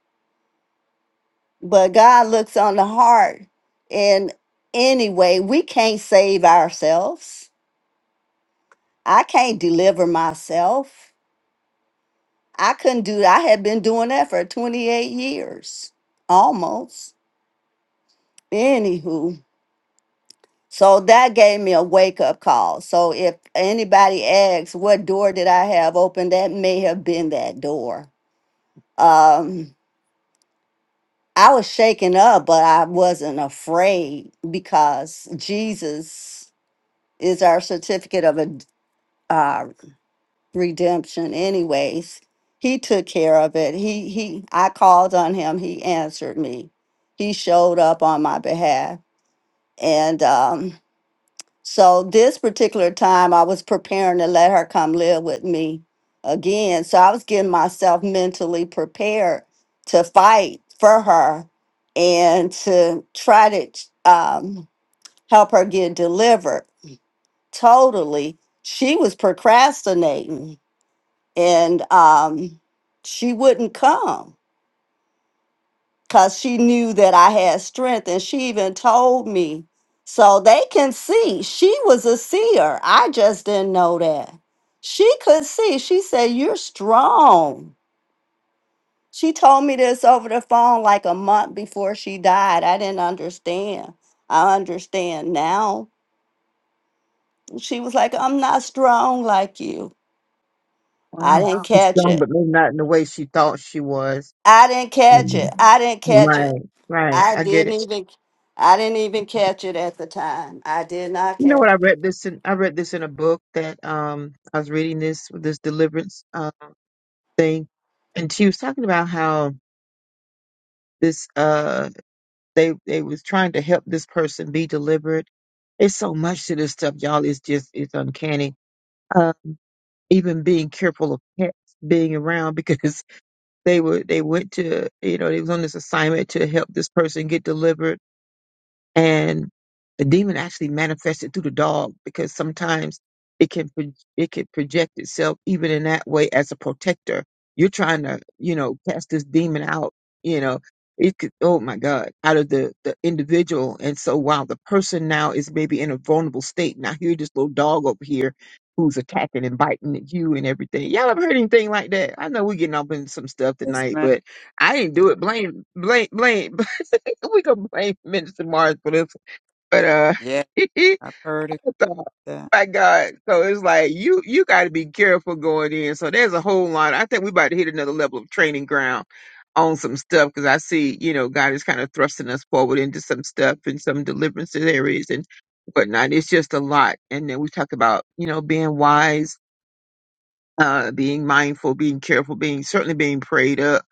but god looks on the heart and anyway we can't save ourselves i can't deliver myself I couldn't do that. I had been doing that for 28 years almost. Anywho, so that gave me a wake up call. So if anybody asks what door did I have open, that may have been that door. Um, I was shaken up, but I wasn't afraid because Jesus is our certificate of a redemption anyways he took care of it he he i called on him he answered me he showed up on my behalf and um so this particular time i was preparing to let her come live with me again so i was getting myself mentally prepared to fight for her and to try to um help her get delivered totally she was procrastinating and um, she wouldn't come because she knew that I had strength, and she even told me. So they can see she was a seer. I just didn't know that. She could see. She said, You're strong. She told me this over the phone like a month before she died. I didn't understand. I understand now. She was like, I'm not strong like you. I
Wow.
didn't Wow.
She's
catch
strong,
it.
but maybe not in the way she thought she was.
I didn't catch it.
Mhm.
I didn't catch it.
Right. Right.
I
I get
didn't
it.
even I didn't even catch it at the time. I did not
You know what?
catch.
I read this in I read this in a book that um I was reading this this deliverance uh thing, and she was talking about how this uh they they was trying to help this person be delivered. It's so much to this stuff, y'all. It's just it's uncanny. Uh, even being careful of pets being around because they were they went to you know they was on this assignment to help this person get delivered and the demon actually manifested through the dog because sometimes it can pro- it can project itself even in that way as a protector. You're trying to you know cast this demon out. You know it could oh my god out of the the individual and so while the person now is maybe in a vulnerable state now here this little dog over here who's attacking and biting at you and everything y'all ever heard anything like that i know we're getting up in some stuff
Yes,
tonight
man.
but i didn't do it blame blame blame we can blame Minister Mars for this, but uh,
Yeah. I've heard
so,
it.
my God, so it's like you you got to be careful going in. So there's a whole lot. I think we about to hit another level of training ground on some stuff because I see you know God is kind of thrusting us forward into some stuff and some deliverance areas and whatnot. It's just a lot. And then we talk about you know being wise, uh, being mindful, being careful, being certainly being prayed up,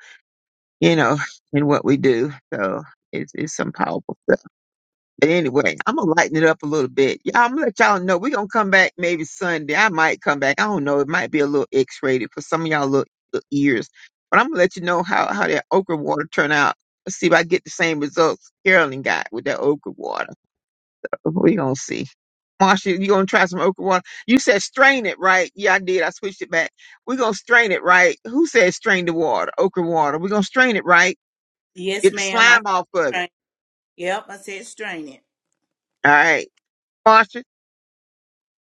you know, in what we do. So it's it's some powerful. But anyway, I'm gonna lighten it up a little bit. Yeah, I'm gonna let y'all know. We're gonna come back maybe Sunday. I might come back. I don't know. It might be a little X rated for some of y'all little, little ears. But I'm gonna let you know how, how that okra water turned out. Let's see if I get the same results Carolyn got with that okra water. we gonna see. Marsha, you gonna try some okra water? You said strain it, right? Yeah, I did. I switched it back. we gonna strain it, right? Who said strain the water? Okra water. we gonna strain it, right?
yes
Get the
ma'am i
slime off of it.
strain. yep i said strain it
All right. Marsha.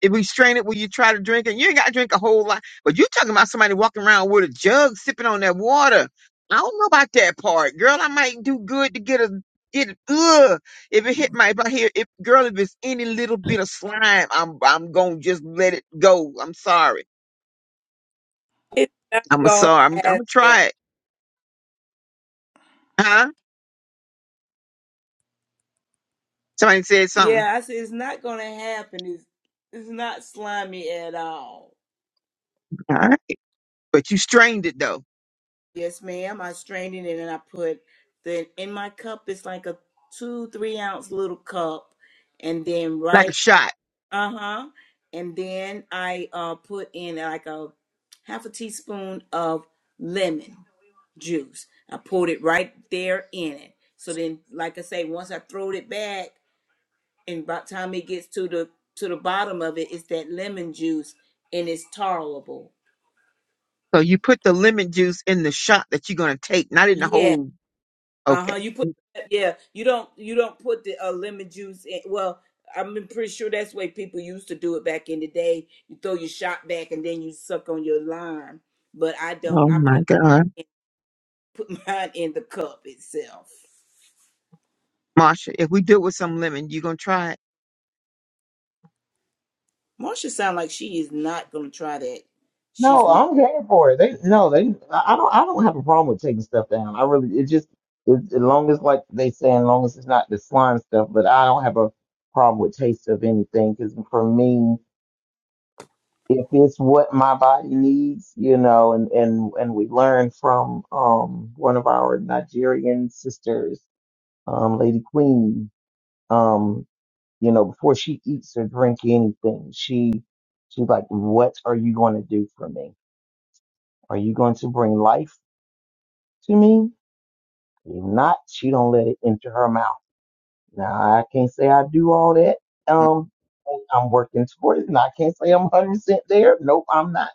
It restrain it when you try to drink it. You ain't got to drink a whole lot. But you talking about somebody walking around with a jug sipping on that water. I don't know about that part, girl. I might do good to get a get it. Ugh, if it hit my if I hear if girl, if it's any little bit of slime, I'm I'm gonna just let it go. I'm sorry.
it's not
I'm a
going
sorry. I'm, I'm
to
gonna
happen.
try it. Huh? Somebody said something.
Yeah, I said it's not going to happen. It's, it's not slimy at all.
All right, but you strained it though,
Yes, ma'am. I strained it and I put the in my cup. It's like a two, three ounce little cup, and then
like a
right,
shot.
uh huh, and then I uh put in like a half a teaspoon of lemon juice. I poured it right there in it. So then, like I say, once I throwed it back, and by the time it gets to the to the bottom of it, it's that lemon juice and it's tolerable.
So you put the lemon juice in the shot that you're gonna take, not in the
Yeah,
whole.
Uh-huh.
Okay.
You put yeah, you don't you don't put the uh, lemon juice in well, I'm pretty sure that's the way people used to do it back in the day. You throw your shot back and then you suck on your lime. But I don't.
Oh
I
my
put
God.
put mine in the cup itself.
Marsha, if we do it with some lemon, you gonna try it?
Marsha sound like she is not gonna try that. She's
No,
n-
I'm here for it. They no, they. I I don't. I don't have a problem with taking stuff down. I really. It just it, as long as like they say, as long as it's not the slime stuff. But I don't have a problem with taste of anything because for me, if it's what my body needs, you know, and and and we learned from um one of our Nigerian sisters, um Lady Queen, um you know, before she eats or drink anything, she she's like, what are you going to do for me? Are you going to bring life? to me. If not, she don't let it enter her mouth. Now I can't say I do all that.
Mhm.
Um, I'm working towards it. And I can't say I'm 100 percent there. Nope, I'm not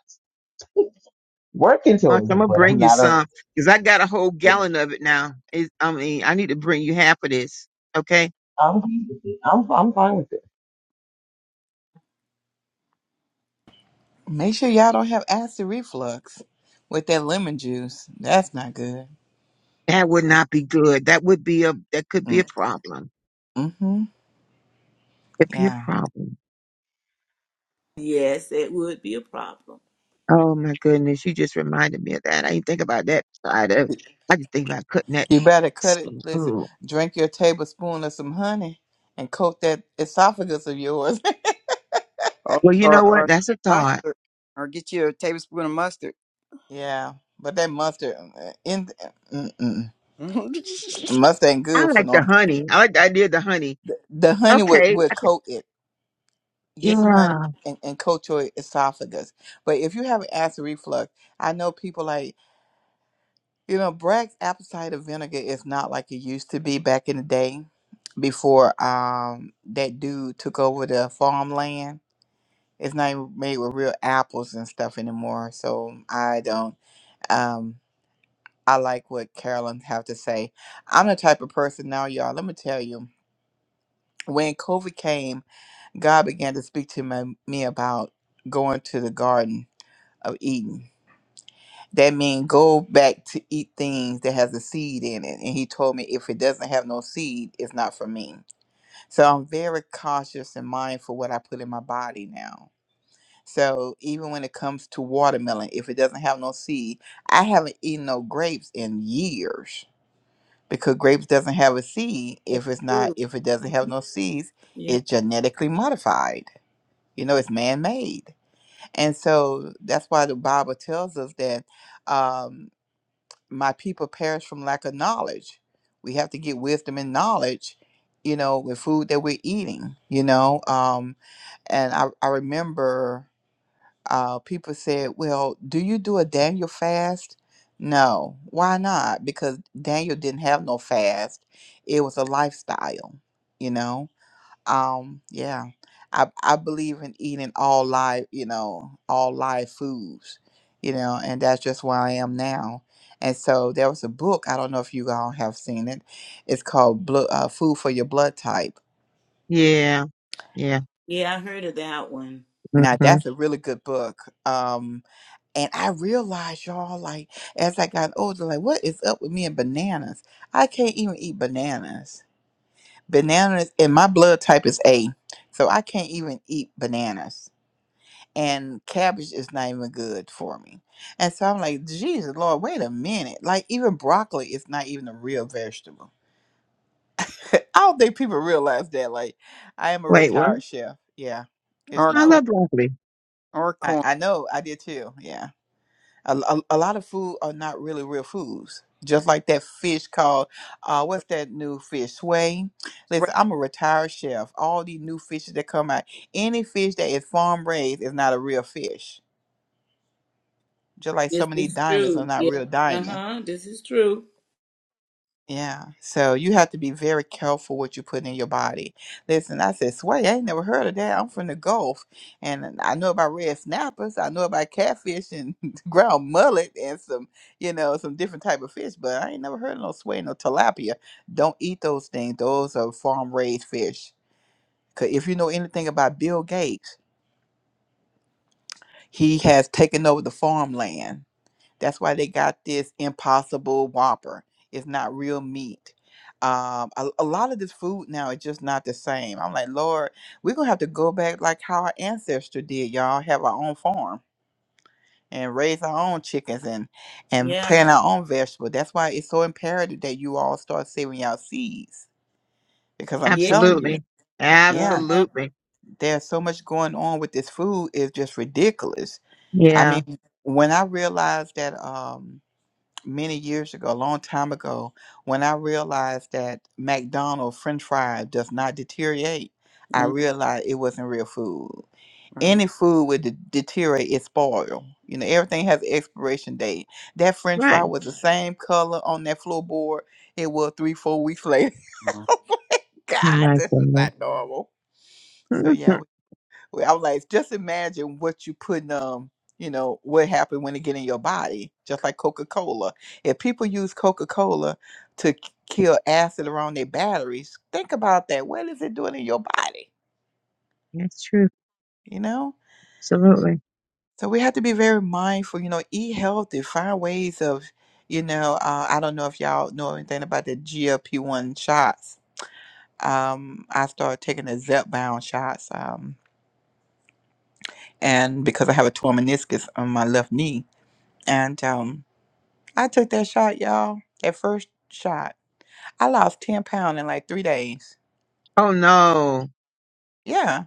working
Marsha,
towards
I'm
it,
gonna
but
bring
I'm
you
not.
some
ai
because I got a whole gallon of it now. It, I mean, I need to bring you half of this. Okay,
am fine with it. I'm I'm fine with it.
Make sure y'all don't have acid reflux with that lemon juice. That's not good.
that would
Like,
not be good. That would be a that could be a
mm,
problem.
Mm-hmm.
It'd be a
Yeah.
problem.
yes, that would be a problem.
Oh my goodness, you just reminded me of that. I didn't think about that side of. I just think about cutting that.
You better cut it.
skin.
Listen,
Ooh.
drink your tablespoon of some honey and coat that esophagus of yours.
Or,
Well, you know
or,
what?
or
That's a thought.
mustard, or get you a tablespoon of mustard,
yeah, but that mustard, uh, in, mm-mm. mustard ain't good
I
for
like
no.
the honey. I like the idea of the honey.
the, the honey would,
Okay.
would coat it. Get some honey
Yeah.
and, and coat your esophagus. But if you have acid reflux, I know people like, you know, Bragg's apple cider vinegar is not like it used to be back in the day before um that dude took over the farmland. It's not even made with real apples and stuff anymore. So I don't um I like what Carolyn have to say. I'm the type of person now, y'all, let me tell you, when COVID came God began to speak to my, me about going to the Garden of Eden. That means go back to eat things that has a seed in it. And he told me if it doesn't have no seed, it's not for me. So I'm very cautious and mindful what I put in my body now. So even when it comes to watermelon, if it doesn't have no seed, I haven't eaten no grapes in years because grapes doesn't have a seed.
That's
If it's not,
true.
if it doesn't have
Mhm.
no seeds,
Yeah.
it's genetically modified. You know, it's man-made. And so that's why the Bible tells us that um, my people perish from lack of knowledge. We have to get wisdom and knowledge, you know, with food that we're eating, you know. Um, and I, I remember uh, people said, Well, do you do a Daniel fast? No. Why not? Because Daniel didn't have no fast, it was a lifestyle, you know um yeah i i believe in eating all live you know all live foods you know and that's just where i am now and so there was a book i don't know if you all have seen it it's called Blo- uh, food for your blood type
Yeah. Yeah.
Yeah, I heard of that one.
now
hmm
that's a really good book um and i realized y'all like as i got older like what is up with me and bananas i can't even eat bananas bananas and my blood type is a so i can't even eat bananas and cabbage is not even good for me. And so I'm like, Jesus, Lord, wait a minute. Like, even broccoli is not even a real vegetable. I don't think people realize that. Like, I am a
Wait, what?
retired chef. Yeah, it's
or
I
not.
corn,
love broccoli.
or
I,
corn.
I know, I did too. Yeah. A, a, a lot of food are not really real foods. Just like that fish called, uh, what's that new fish? Sway.
Right.
Listen, I'm a retired chef. All these new fishes that come out, any fish that is farm raised is not a real fish Just like so
This
many
is
diamonds are
true.
not
Yeah.
real diamonds.
Uh-huh. This is true.
Yeah. So you have to be very careful what you put in your body. Listen, I said, Sway, I ain't never heard of that. I'm from the Gulf. And I know about red snappers. I know about catfish and ground mullet and some, you know, some different type of fish, but I ain't never heard of no sway, no tilapia. Don't eat those things. Those are farm raised fish. Cause if you know anything about Bill Gates, he has taken over the farmland That's why they got this impossible whopper. It's not real meat. Um, a, a lot of this food now is just not the same. I'm like, Lord, we're gonna have to go back like how our ancestor did, y'all. Have our own farm and raise our own chickens and and
Yeah.
plant our own vegetables. That's why it's so imperative that you all start saving y'all seeds. Because I'm
Yeah.
telling you,
Absolutely.
yeah,
Uh-huh.
Absolutely.
there's so much going on with this food. It's just ridiculous. I
Yeah.
mean, when I realized that, um many years ago, a long time ago, when I realized that McDonald's French fry does not deteriorate, I realized it wasn't real food.
Right.
Any food would de- deteriorate, it spoil. You know, everything has an expiration date. That French
Right.
fry was the same color on that floorboard it was three, four weeks later.
Mhm.
Oh
God,
my
this is
goodness.
not normal. So yeah,
Mhm.
well, I'm like, just imagine what you putting um, you know, what happened when it get in your body, just like Coca Cola. If people use Coca Cola to k- kill acid around their batteries, think about that. What is it doing in your body?
That's true.
You know.
Absolutely.
So we have to be very mindful. You know, eat healthy, find ways of, you know, uh, I don't know if y'all know anything about the GLP one shots. Um, I started taking the Zepbound shots, um, and because I have a torn meniscus on my left knee, and um, I took that shot, y'all. That first shot. I lost 10 pounds in like three days.
Oh no.
Yeah.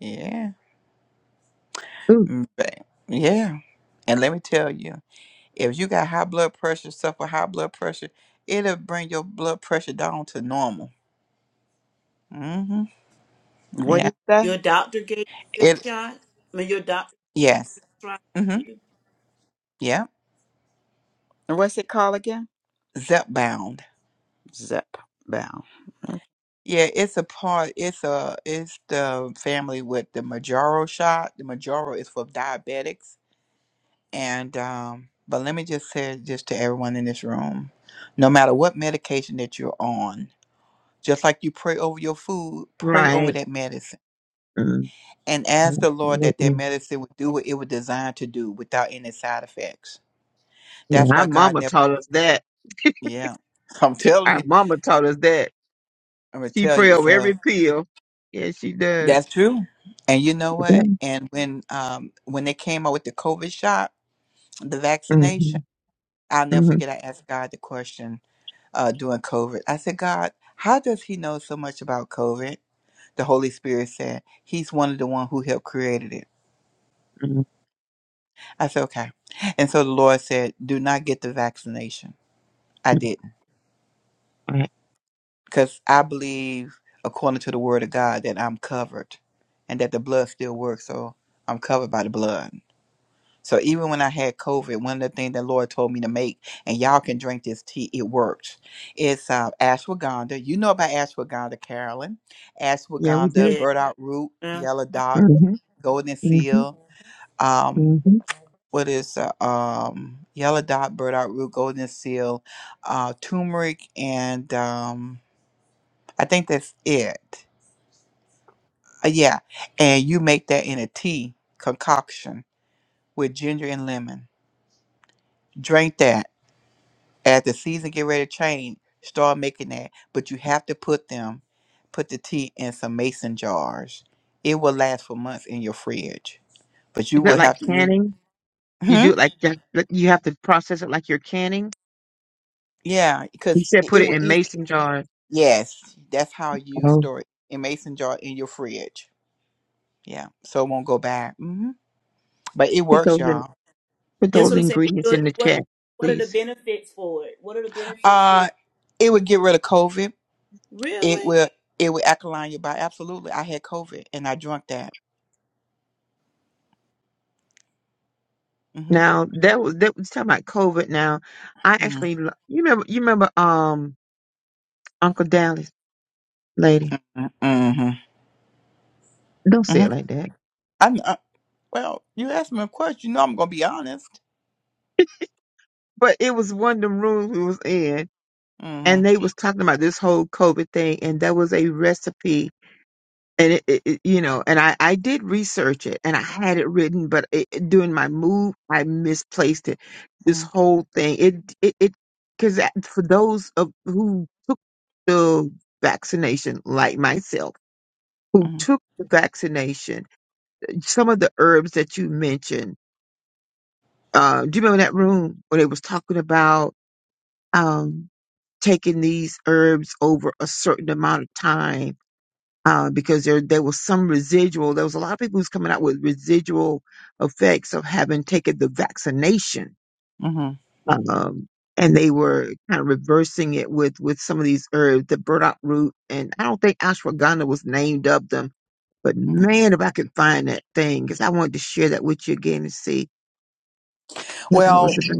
Yeah.
Ooh,
Mm, ba- Yeah. And let me tell you, if you got high blood pressure, suffer high blood pressure, it'll bring your blood pressure down to normal. hmm
What
Yeah.
is that?
Your doctor gave you this
It
shot? I mean, your doctor
yes.
tried
hmm
you?
Yeah.
And what's it called again?
Zepbound.
Zep bow.
Yeah, it's a part it's a it's the family with the Majoro shot. The Majoro is for diabetics And um, but let me just say just to everyone in this room, no matter what medication that you're on, just like you pray over your food, pray over
right.
that medicine
Mm,
and ask the Lord that that
Absolutely.
medicine would do what it was designed to do without any side effects.
Yeah,
That's
our
why God
mama
never.
taught us that.
Yeah, I'm telling
Our
you.
mama taught us that.
I'm gonna
She
tell
pray
you.
over every
So
pill. Yeah, she does.
that's true. And you know
Yeah.
what? And when um when they came out with the COVID shot, the
Mm-hmm.
vaccination, I'll never
Mm-hmm.
forget. I asked God the question uh, during COVID. I said, God, how does he know so much about COVID? The Holy Spirit said, He's one of the one who helped created it.
Mm-hmm.
I said, okay. And so the Lord said, do not get the vaccination. I didn't
Right.
because I believe, according to the word of God, that I'm covered and that the blood still works. So I'm covered by the blood. So even when I had COVID, one of the things the Lord told me to make, and y'all can drink this tea, it works. It's uh, ashwagandha. You know about ashwagandha, Carolyn.
Yeah, we
Ashwagandha,
do.
Yeah.
burdock root,
Uh,
yellow dot,
Mm-hmm.
golden
Mm-hmm.
seal. Um,
Mm-hmm.
what is uh, um, yellow dot, burdock root, golden seal, uh, turmeric, and um, I think that's it. Uh, yeah, and you make that in a tea concoction with ginger and lemon. Drink that as the season get ready to change, start making that. But you have to put them, put the tea in some mason jars. It will last for months in your fridge. But you
Is that
will
like
have to.
canning? You
Hmm?
do it like that- that you have to process it like you're canning.
Yeah,
You
because
said
it,
put
it
it
will
in
easily.
mason jars.
Yes, that's how you
Oh,
store it in mason jar in your fridge. Yeah, so it won't go bad. hmm But it
put
works,
those in,
y'all.
put
Hmm?
that's
those
what I'm saying. What,
ingredients
what
in the
what
chat,
what are the
please.
benefits for it? What are the benefits for
Uh,
your
it would get rid of COVID. It
Really?
will. It will alkaline your body. Absolutely, I had COVID and I drank that. Mm-hmm.
Now that was that was talking about COVID. Now I actually,
Mm-hmm.
lo- you remember, you remember, um, Uncle Dallas lady. Don't
Mm-hmm.
say it like that.
I'm uh, well. You asked me a question. You know I'm gonna be honest.
But it was one of them rooms we was in,
Mm-hmm.
and they was talking about this whole COVID thing, and there was a recipe and it, it, it- you know and I, I did research it and i had it written but it, it- during my move i misplaced it this
Mm-hmm.
whole thing it it it because for those of who took the vaccination like myself who
Mm-hmm.
took the vaccination some of the herbs that you mentioned uh, do you remember that room where they was talking about um, taking these herbs over a certain amount of time uh, because there there was some residual. There was a lot of people who's coming out with residual effects of having taken the vaccination,
mm-hmm,
um, and they were kind of reversing it with with some of these herbs, the burdock root, and I don't think ashwagandha was named of them. But
mm-hmm.
man, if I could find that thing, because I wanted to share that with you again and see what that
Well,
was about.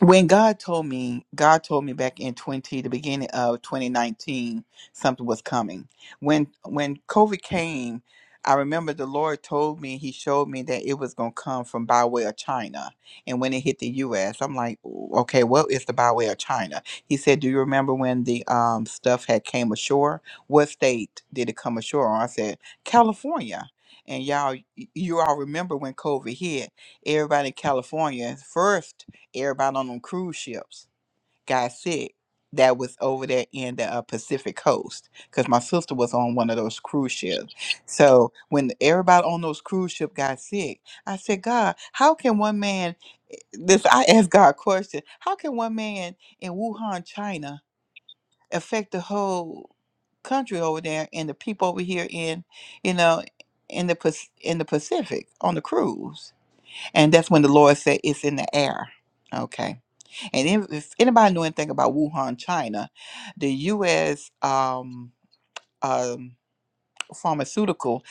when God told me, God told me back in 20, the beginning of 2019, something was coming. When when COVID came, I remember the Lord told me, He showed me that it was going to come from by way of China. And when it hit the U.S., I'm like, "Ooh, okay, what is the by way of China? He said, do you remember when the um, stuff had came ashore? What state did it come ashore on? I said, California. And y'all, y- you all remember when COVID hit, everybody in California first everybody on them cruise ships got sick that was over there in the uh, Pacific coast because my sister was on one of those cruise ships. So when everybody on those cruise ship got sick, I said, God, how can one man, this, I asked God a question, how can one man in Wuhan, China affect the whole country over there and the people over here in, you know, in the, Pac- in the Pacific on the cruise? And that's when the Lord said it's in the air. Okay and if, if anybody knew anything about Wuhan, China, the U.S. Um, um, pharmaceutical,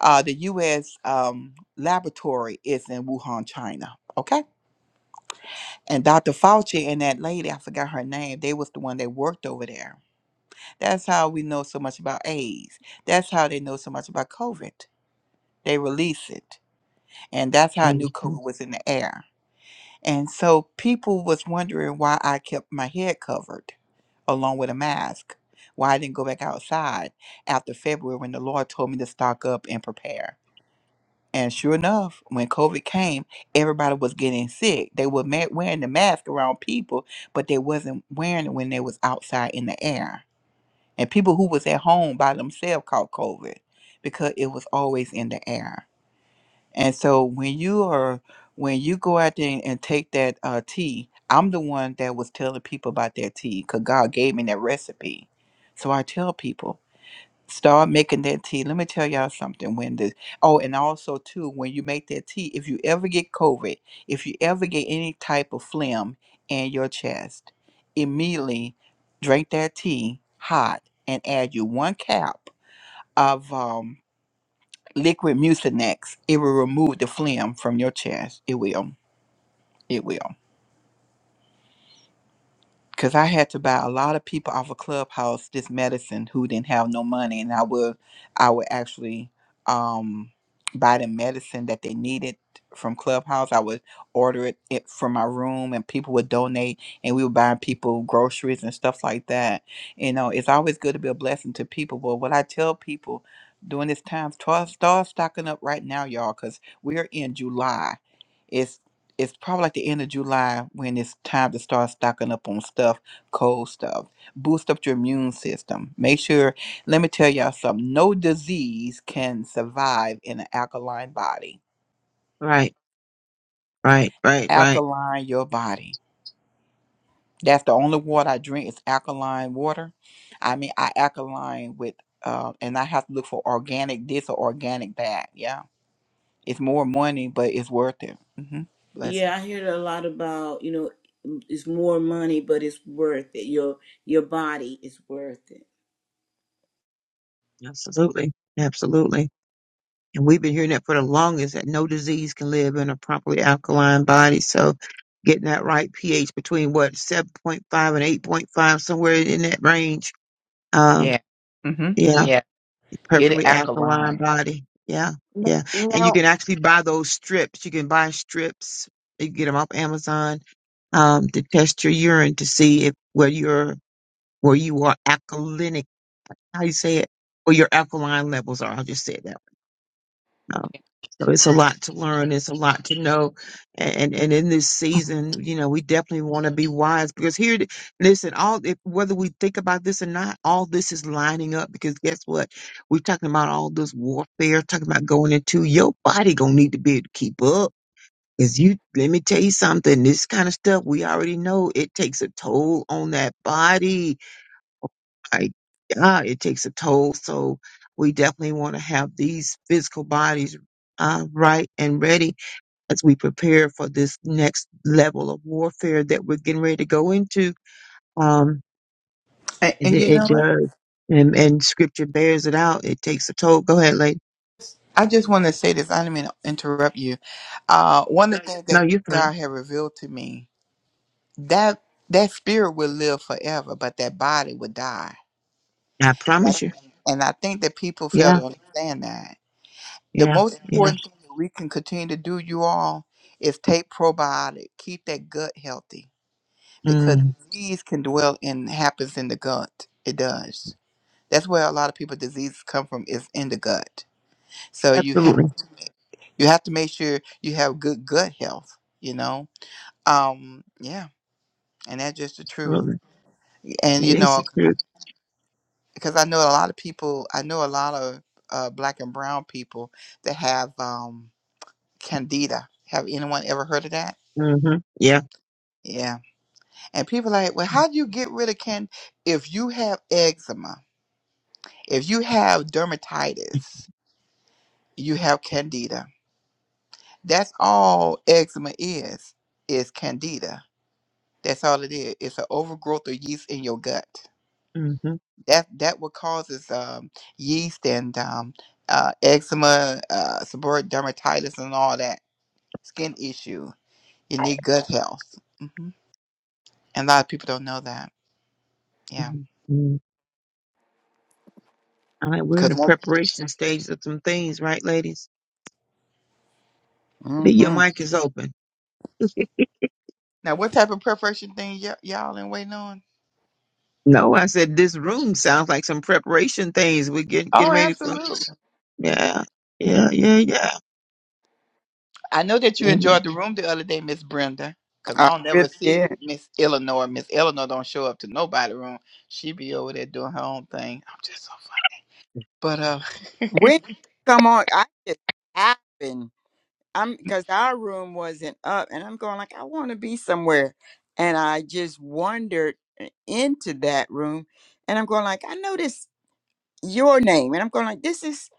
uh, the U.S. Um, laboratory is in Wuhan, China. Okay, and Dr. Fauci and that lady, I forgot her name, they was the one that worked over there. That's how we know so much about AIDS. That's how they know so much about COVID. They release it, and that's how I knew
Mhm.
COVID was in the air. And so people was wondering why I kept my head covered along with a mask. Why I didn't go back outside after February when the Lord told me to stock up and prepare. And sure enough, when COVID came, everybody was getting sick. They were ma- wearing the mask around people, but they wasn't wearing it when they was outside in the air. And people who was at home by themselves caught COVID because it was always in the air. And so when you are when you go out there and, and take that uh, tea, I'm the one that was telling people about that tea because God gave me that recipe. So I tell people, start making that tea. Let me tell y'all something. When the oh, and also too, when you make that tea, if you ever get COVID, if you ever get any type of phlegm in your chest, immediately drink that tea hot and add you one cap of um liquid mucinex. It will remove the phlegm from your chest. It will. It will. because I had to buy a lot of people off of Clubhouse this medicine who didn't have no money, and I would I would actually um, buy them medicine that they needed from Clubhouse. I would order it, it from my room, and people would donate, and we would buy people groceries and stuff like that. You know, it's always good to be a blessing to people. But what I tell people during this time, start start stocking up right now, y'all, because we're in July it's it's probably like the end of July when it's time to start stocking up on stuff, cold stuff. Boost up your immune system. Make sure, let me tell y'all something. No disease can survive in an alkaline body.
Right, right, right, right.
Alkaline your body. That's the only water I drink is alkaline water. I mean, I alkaline with, uh, and I have to look for organic this or organic that. Yeah. It's more money, but it's worth it. Mm-hmm. Blessing.
Yeah, I hear a lot about, you know, it's more money, but it's worth it. Your your body is worth it.
Absolutely, absolutely. And we've been hearing that for the longest that no disease can live in a properly alkaline body. So getting that right pH between what 7.5 and 8.5, somewhere in that range. Um,
Yeah. Mm-hmm.
yeah,
Yeah. Get it
perfectly alkaline
alkaline.
body. Yeah, yeah. And you
No.
can actually buy those strips. You can buy strips. You can get them off Amazon um, to test your urine to see if where you're where you are alkalinic. How you say it? Or your alkaline levels are. I'll just say it that Um, so it's a lot to learn. It's a lot to know. And and in this
Mm-hmm.
season, you know, we definitely want to be wise because here, listen, all if, whether we think about this or not, all this is lining up because guess what? We're talking about all this warfare, talking about going into your body gonna need to be able to keep up. Cause you, let me tell you something. This kind of stuff we already know it takes a toll on that body I yeah, it takes a toll. So we definitely want to have these physical bodies uh, right and ready as we prepare for this next level of warfare that we're getting ready to go into. Um,
And,
is
and
it,
you
it
know what?
does, and and Scripture bears it out. It takes a toll. Go ahead, lady.
I just want to say this. I didn't mean to interrupt you. Uh, one of the things
No,
that
you're fine.
God had revealed to me that that spirit would live forever, but that body would die.
I
And
promise
I
you.
and I think that people fail
Yeah,
to understand that. The
yeah,
most
yeah.
important thing that we can continue to do, you all, is take probiotic, keep that gut healthy, because
Mm,
disease can dwell in happens in the gut. It does. That's where a lot of people diseases come from is in the gut. So you
absolutely,
have to, you have to make sure you have good gut health. You know, um, yeah, and that's just the truth.
absolutely.
And you
It is the
know,
truth.
because I know a lot of people, I know a lot of uh, black and brown people that have um, candida. Have anyone ever heard of that?
hmm Yeah.
Yeah, and people like, well, how do you get rid of can if you have eczema, if you have dermatitis, you have candida. That's all eczema is is candida That's all it is. It's an overgrowth of yeast in your gut.
hmm
That that what causes um, yeast and um, uh, eczema, uh, seborrheic dermatitis, and all that skin issue. You need gut health, hmm and a lot of people don't know that. Yeah,
hmm All right, we're in the
because
preparation stage of some things, right, ladies? Lee, Your
Mm-hmm.
mic is open.
now what type of preparation thing y- y'all in waiting on?
No, I said this room sounds like some preparation things. We're getting getting
Oh,
ready for.
absolutely.
Yeah, yeah, yeah, yeah.
I know that you
Mhm.
enjoyed the room the other day, Miss Brenda. Cause I
I
don't never
really
see
did.
Miss Eleanor. Miss Eleanor don't show up to nobody room. She be over there doing her own thing. I'm just so funny. But uh,
When did you come on? I just happened. I'm because our room wasn't up, and I'm going like I want to be somewhere, and I just wandered eh, into that room, and I'm going like I noticed your name, and I'm going like this is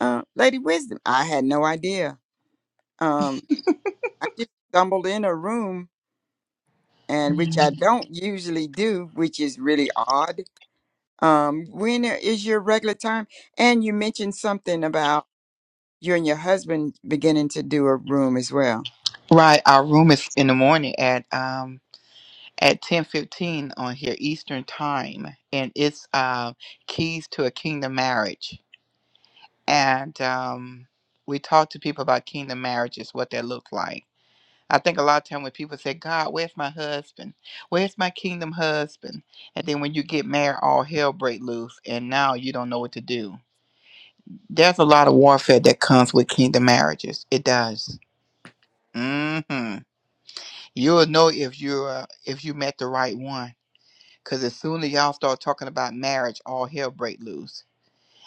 uh, Lady Wisdom. I had no idea. Um, I just stumbled in a room, and which I don't usually do, which is really odd. Um, when is your regular time? And you mentioned something about you and your husband beginning to do a room as well.
right, our room is in the morning at um at ten fifteen on here Eastern time, and it's uh keys to a kingdom marriage, and um we talk to people about kingdom marriages, what that look like. I think a lot of time when people say, "God, where's my husband? Where's my kingdom husband?" and then when you get married, all hell break loose, and now you don't know what to do. There's a lot of warfare that comes with kingdom marriages. It does. hmm You'll know if you're if you met the right one, because as soon as y'all start talking about marriage, all hell break loose.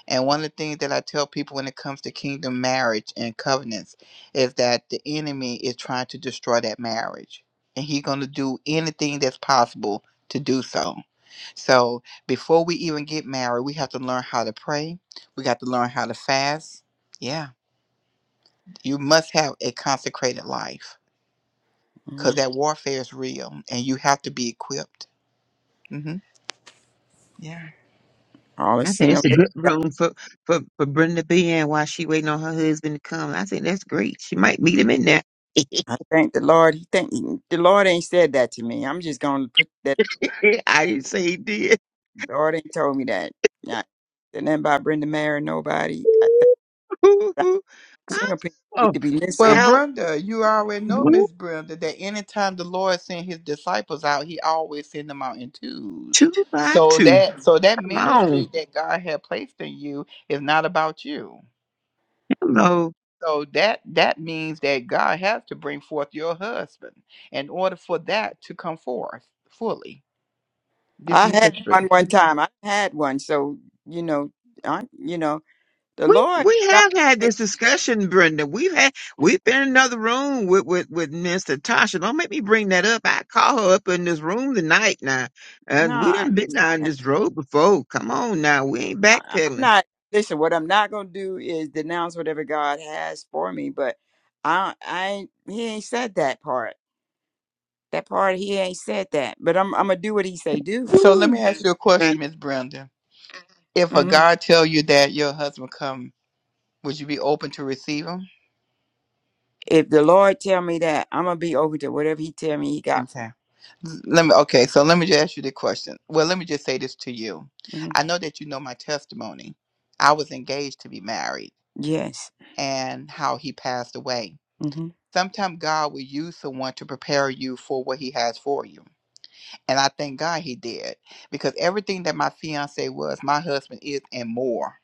And one of the things that I tell people when it comes to kingdom marriage and covenants is that the enemy is trying to destroy that marriage, and he's going to do anything that's possible to do so. So before we even get married, we have to learn how to pray. We got to learn how to fast. Yeah, you must have a consecrated life because
Mm,
that warfare is real, and you have to be equipped. hmm Yeah.
All a
I think it's
single.
a good room for for for Brenda B. And while she waiting on her husband to come, I think that's great. She might meet him in there.
I thank the Lord. He thank the Lord ain't said that to me. I'm just gonna put that.
I didn't say he did.
The Lord ain't told me that. Not said nothing about Brenda Mayer. Nobody. I think that single people need
oh
to be
Well,
listening.
well,
Brenda, you already know,
one,
Miss Brenda, that anytime the Lord sent his disciples out, he always send them out in twos.
two by
So
two.
that so that
Come on,
ministry that God had placed in you is not about you.
hello.
So that that means that God has to bring forth your husband in order for that to come forth fully. This
I had one
ministry.
one time. I had one. So you know, I you know the
We
Lord.
we
God.
have had this discussion, Brenda. We've had we've been in another room with with with Miss Tasha. Don't make me bring that up. I call her up in this room tonight now,
No,
and we
I
done been
just,
down
uh,
this road before. Come on now, we ain't
I- I'm
backpedaling.
not. Listen, what I'm not gonna do is denounce whatever God has for me. But I, I, ain't- he ain't said that part. That part he ain't said that. But I'm, I'm gonna do what he say do.
So let me
Woo.
ask you a
Okay.
question, Miss Brenda. If a
hmm
God tell you that your husband come, would you be open to receive him?
If the Lord tell me that, I'm gonna be over to whatever he tell me he got for
Okay.
me.
Let me okay, so let me just ask you the question. Well, let me just say this to you.
hmm
I know that you know my testimony. I was engaged to be married
Yes.
and how he passed away.
hmm
Sometimes God will use someone to prepare you for what he has for you. And I thank God he did because everything that my fiance was, my husband is and more.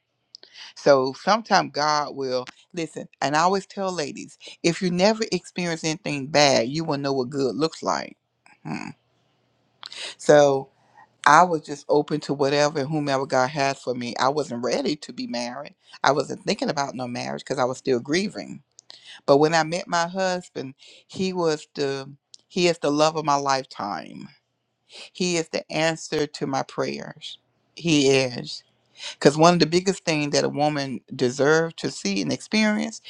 So sometimes God will listen. And I always tell ladies, if you never experience anything bad, you will know what good looks like. Hmm. So I was just open to whatever and whomever God had for me. I wasn't ready to be married. I wasn't thinking about no marriage because I was still grieving. But when I met my husband, he was the he is the love of my lifetime. He is the answer to my prayers. He is. Because one of the biggest things that a woman deserves to see and experience,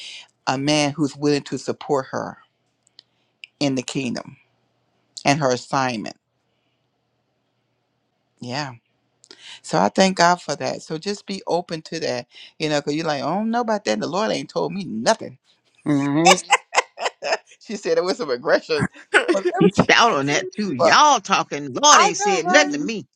a man who's willing to support her in the kingdom and her assignment. Yeah. So I thank God for that. So just be open to that, you know, because you're like, I don't know about that. The Lord ain't told me nothing. she said it was some aggression, but let
You
me tell
stout on
you-
that too.
but
Y'all talking. Lord
I
ain't
know,
said nothing
right?
to me.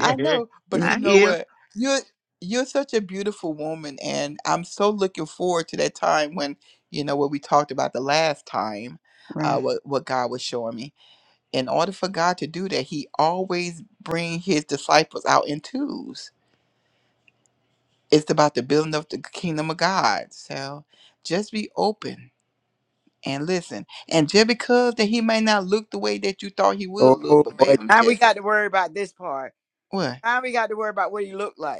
I know, but you
I
know
hear.
what? You're you're such a beautiful woman, and I'm so looking forward to that time when you know what we talked about the last time.
Right.
Uh, what what God was showing me. In order for God to do that, He always bring His disciples out in twos it's about the building of the kingdom of God. So just be open and listen. And just because that he may not look the way that you thought he will
Oh
look, but
boy,
babe, I'm
now we got
testing.
to worry about this part.
what.
Now we got to worry about what he looked like.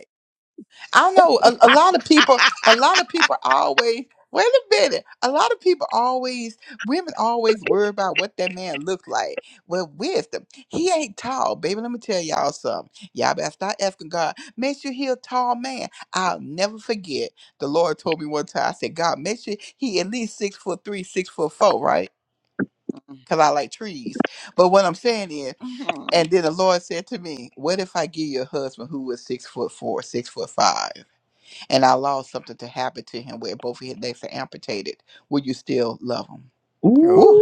I don't know. A, a lot of people, a lot of people always, wait a minute. A lot of people always, women always worry about what that man look like. Well, wisdom. He ain't tall, baby. Let me tell y'all something. Y'all better start asking God, make sure he a tall man. I'll never forget. The Lord told me one time, I said, God, make sure he at least six foot three, six foot four, right? Cause I like trees. But what I'm saying is,
Mhm.
and then the Lord said to me, What if I give you a husband who was six foot four, six foot five? and allow something to happen to him where both of his legs are amputated, will you still love him?
Ooh,
Whew.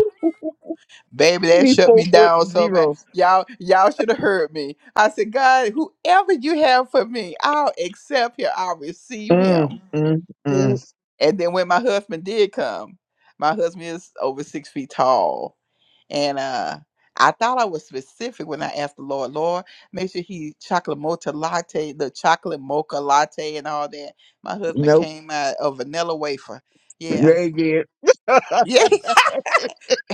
Baby, that shut me
what
down so man.
bro?
Y'all, y'all should have heard me. I said, God, whoever you have for me, I'll accept him. I'll receive him.
Mm, mm,
no.
mm.
And then when my husband did come, my husband is over six feet tall. And uh I thought I was specific when I asked the Lord, Lord, make sure he chocolate mocha latte, the chocolate mocha latte and all that. My husband
Nope.
came out a vanilla wafer. Yeah.
Very good.
Yeah,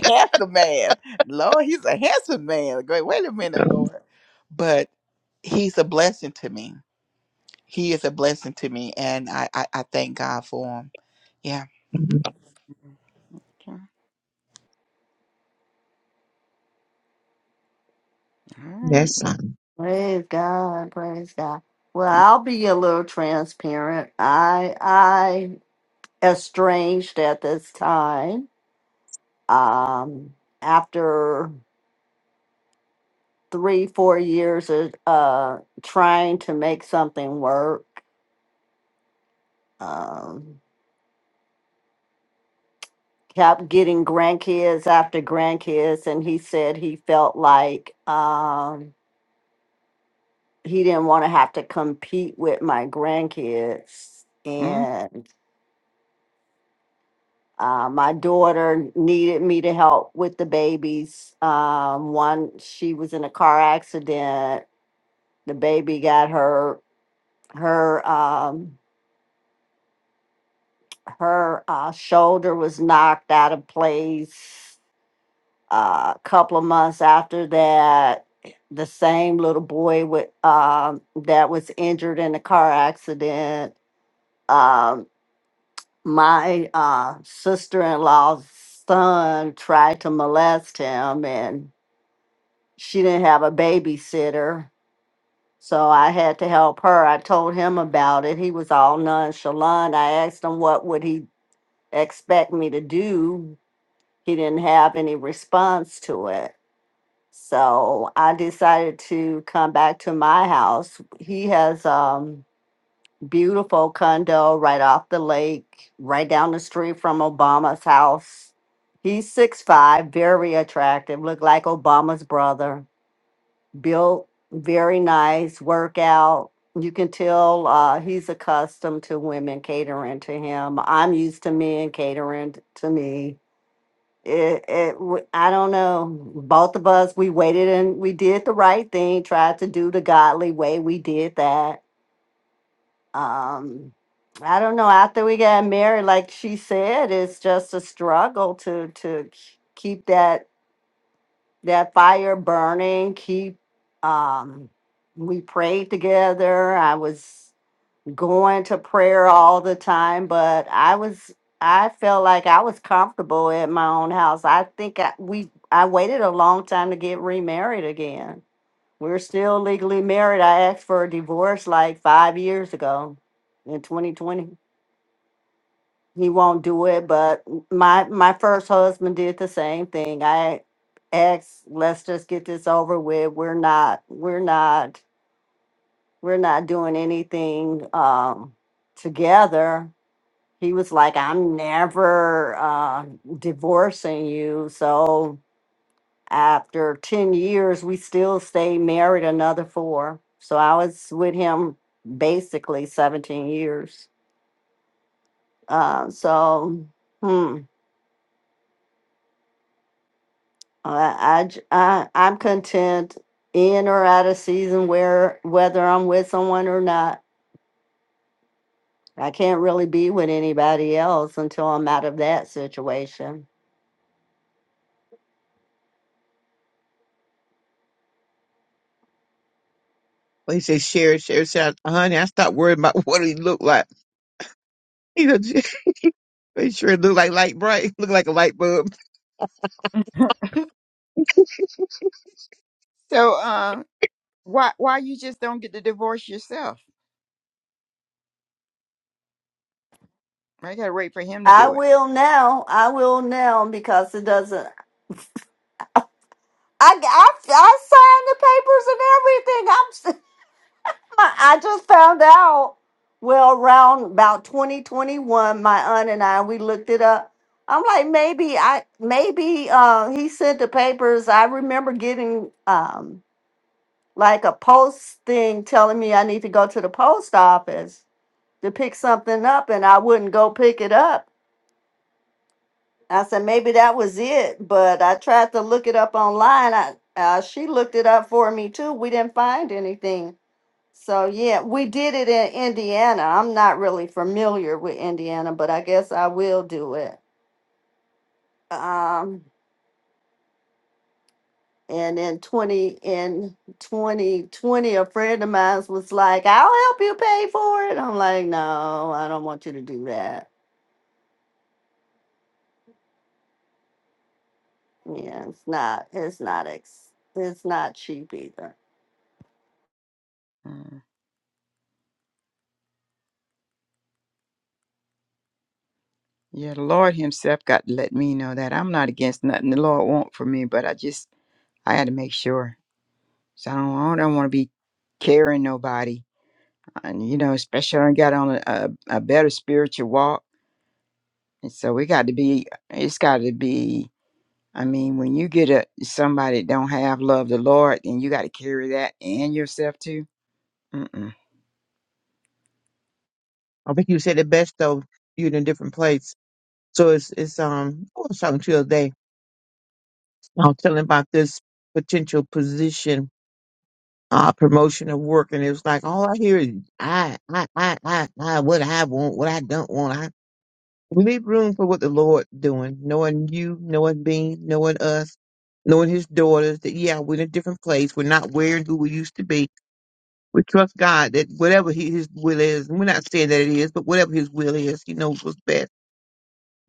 handsome man. Lord, he's a handsome man. Great. Wait a minute,
Um,
Lord. But he's a blessing to me. He is a blessing to me. And I I, I thank God for him. Yeah. Mm-hmm.
Okay. All right.
Yes,
Wait.
sir.
Praise God. Praise God. Well, I'll be a little transparent. I I estranged at this time. Um after 3 4 years of uh trying to make something work. Um kept getting grandkids after grandkids and he said he felt like um he didn't want to have to compete with my grandkids
Mhm.
and uh, my daughter needed me to help with the babies um, one she was in a car accident the baby got her her um, her uh, shoulder was knocked out of place uh, a couple of months after that the same little boy with um, that was injured in the car accident um. my uh, sister-in-law's son tried to molest him and she didn't have a babysitter so i had to help her i told him about it he was all nonchalant i asked him what would he expect me to do he didn't have any response to it so i decided to come back to my house he has um. beautiful condo right off the lake, right down the street from Obama's house. He's six five, very attractive, look like Obama's brother. Built very nice, workout. You can tell uh, he's accustomed to women catering to him. I'm used to men catering t- to me. It, it, w- I don't know. Both of us, we waited and we did the right thing, tried to do the godly way. We did that um i don't know after we got married like she said it's just a struggle to to k- keep that that fire burning keep um we prayed together i was going to prayer all the time but i was i felt like i was comfortable at my own house i think I, we i waited a long time to get remarried again we're still legally married. I asked for a divorce like five years ago in 2020. He won't do it, but my my first husband did the same thing. I asked, let's just get this over with. We're not, we're not, we're not doing anything um together. He was like, I'm never uh divorcing you. So After 10 years, we still stayed married another four. So I was with him basically 17 years. Uh, so, hmm, I, I, j- I, am content in or out of season where whether I'm with someone or not. I can't really be with anybody else until I'm out of that situation.
Well, he said, "Share, share, share." honey, I stopped worrying about what he looked like. He goes, he sure looked like light bright, looked like a light bulb.
So, um, why why you just don't get the divorce yourself? I gotta wait for him to
I
do it.
will now. I will now because it doesn't. I I, I signed the papers and everything. I just found out. Well, around about 2021, my aunt and I we looked it up. I'm like, maybe I maybe uh, he sent the papers. I remember getting um, like a post thing telling me I need to go to the post office to pick something up, and I wouldn't go pick it up. I said maybe that was it, but I tried to look it up online. I uh, she looked it up for me too. We didn't find anything. So yeah, we did it in Indiana. I'm not really familiar with Indiana, but I guess I will do it. Um, and in twenty in twenty twenty, a friend of mine was like, "I'll help you pay for it." I'm like, "No, I don't want you to do that. Yeah, it's not. It's not. Ex- it's not cheap either."
Mm. Yeah, the Lord Himself got to let me know that I'm not against nothing the Lord want for me, but I just I had to make sure. So I don't I don't want to be carrying nobody. and you know, especially when I got on a, a, a better spiritual walk. And so we got to be, it's got to be. I mean, when you get a somebody that don't have love the Lord, then you got to carry that and yourself too. Mm-mm.
I think you said it best though, you in a different place. So it's, it's, um, I was talking to you the other day. I was telling about this potential position, uh, promotion of work. And it was like, all I hear is, I, I, I, I, I, what I want, what I don't want. leave room for what the Lord doing, knowing you, knowing me, knowing us, knowing his daughters, that yeah, we're in a different place. We're not where and who we used to be. We trust God that whatever he, his will is, and we're not saying that it is, but whatever his will is, he knows what's best.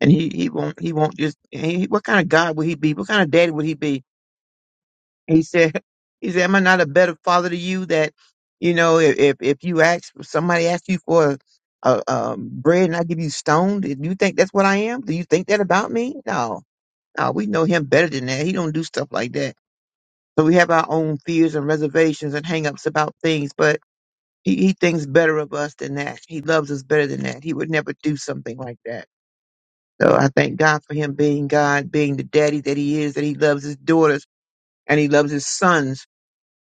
And he, he won't, he won't just, he- what kind of God would he be? What kind of daddy would he be he said, he said, am I not a better father to you that, you know, if, if, if you ask, if somebody asks you for a, a, um, bread and I give you stone, do you think that's what I am? Do you think that about me? No, no, we know him better than that. He don't do stuff like that. So we have our own fears and reservations and hangups about things, but he, he thinks better of us than that. He loves us better than that. He would never do something like that. So I thank God for him being God, being the daddy that he is, that he loves his daughters and he loves his sons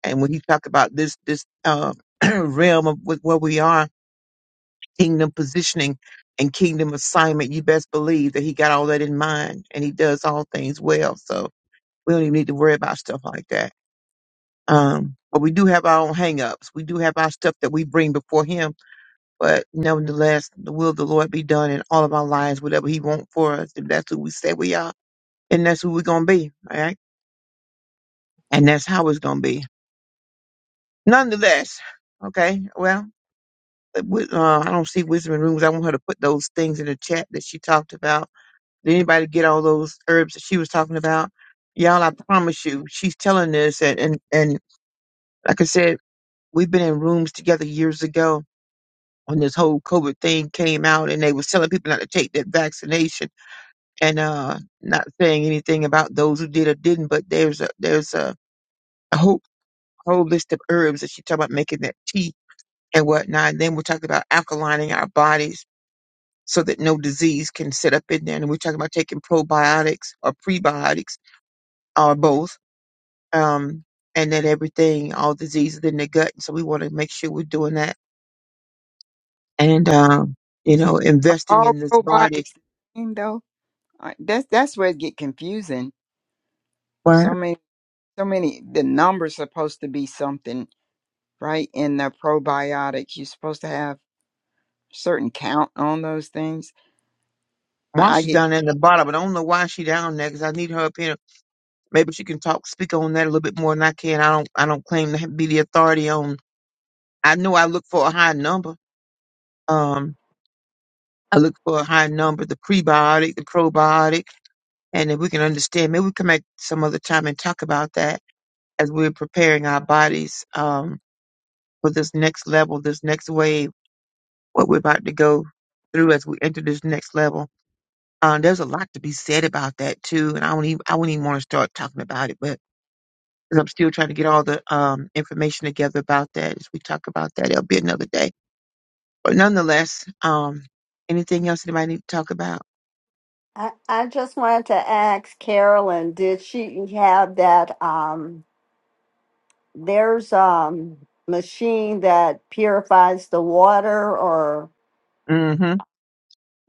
and when you talk about this this uh, realm of with where we are, kingdom positioning and kingdom assignment, you best believe that he got all that in mind, and he does all things well. So we don't even need to worry about stuff like that. Um, but we do have our own hangups. We do have our stuff that we bring before him. But nevertheless, the will of the Lord be done in all of our lives, whatever he wants for us. If that's who we say we are, and that's who we're gonna be, all right? And that's how it's gonna be. Nonetheless, okay. Well, with, uh, I don't see wisdom in rooms. I want her to put those things in the chat that she talked about. Did anybody get all those herbs that she was talking about? Y'all, I promise you, she's telling this, and and, and like I said, we've been in rooms together years ago when this whole COVID thing came out, and they was telling people not to take that vaccination, and uh, not saying anything about those who did or didn't. But there's a there's a, a whole whole list of herbs that she talked about making that tea and whatnot. And then we talked about alkalining our bodies so that no disease can sit up in there. And we're talking about taking probiotics or prebiotics or both, um, and that everything, all diseases in the gut. So we want to make sure we're doing that and, um, you know, investing
Are All
in this body.
probiotics the same though. Uh, That's that's where it get confusing.
Well,
So many, so many. The numbers supposed to be something, right? In the probiotics, you're supposed to have certain count on those things. I I
Marsha's
get
down there in the bottom, but I don't know why she down there because I need her up here. Maybe she can talk, speak on that a little bit more than I can. I don't, I don't claim to be the authority on. I know I look for a high number. Um, I look for a high number, the prebiotic, the probiotic And if we can understand, maybe we come back some other time and talk about that as we're preparing our bodies um, for this next level, this next wave, what we're about to go through as we enter this next level. Um, there's a lot to be said about that too, and I don't even I wouldn't even want to start talking about it, but 'cause I'm still trying to get all the um, information together about that. As we talk about that, it'll be another day. But nonetheless, um, anything else anybody need to talk about?
I I just wanted to ask Carolyn, did she have that um? there's um machine that purifies the water or
Mm-hmm.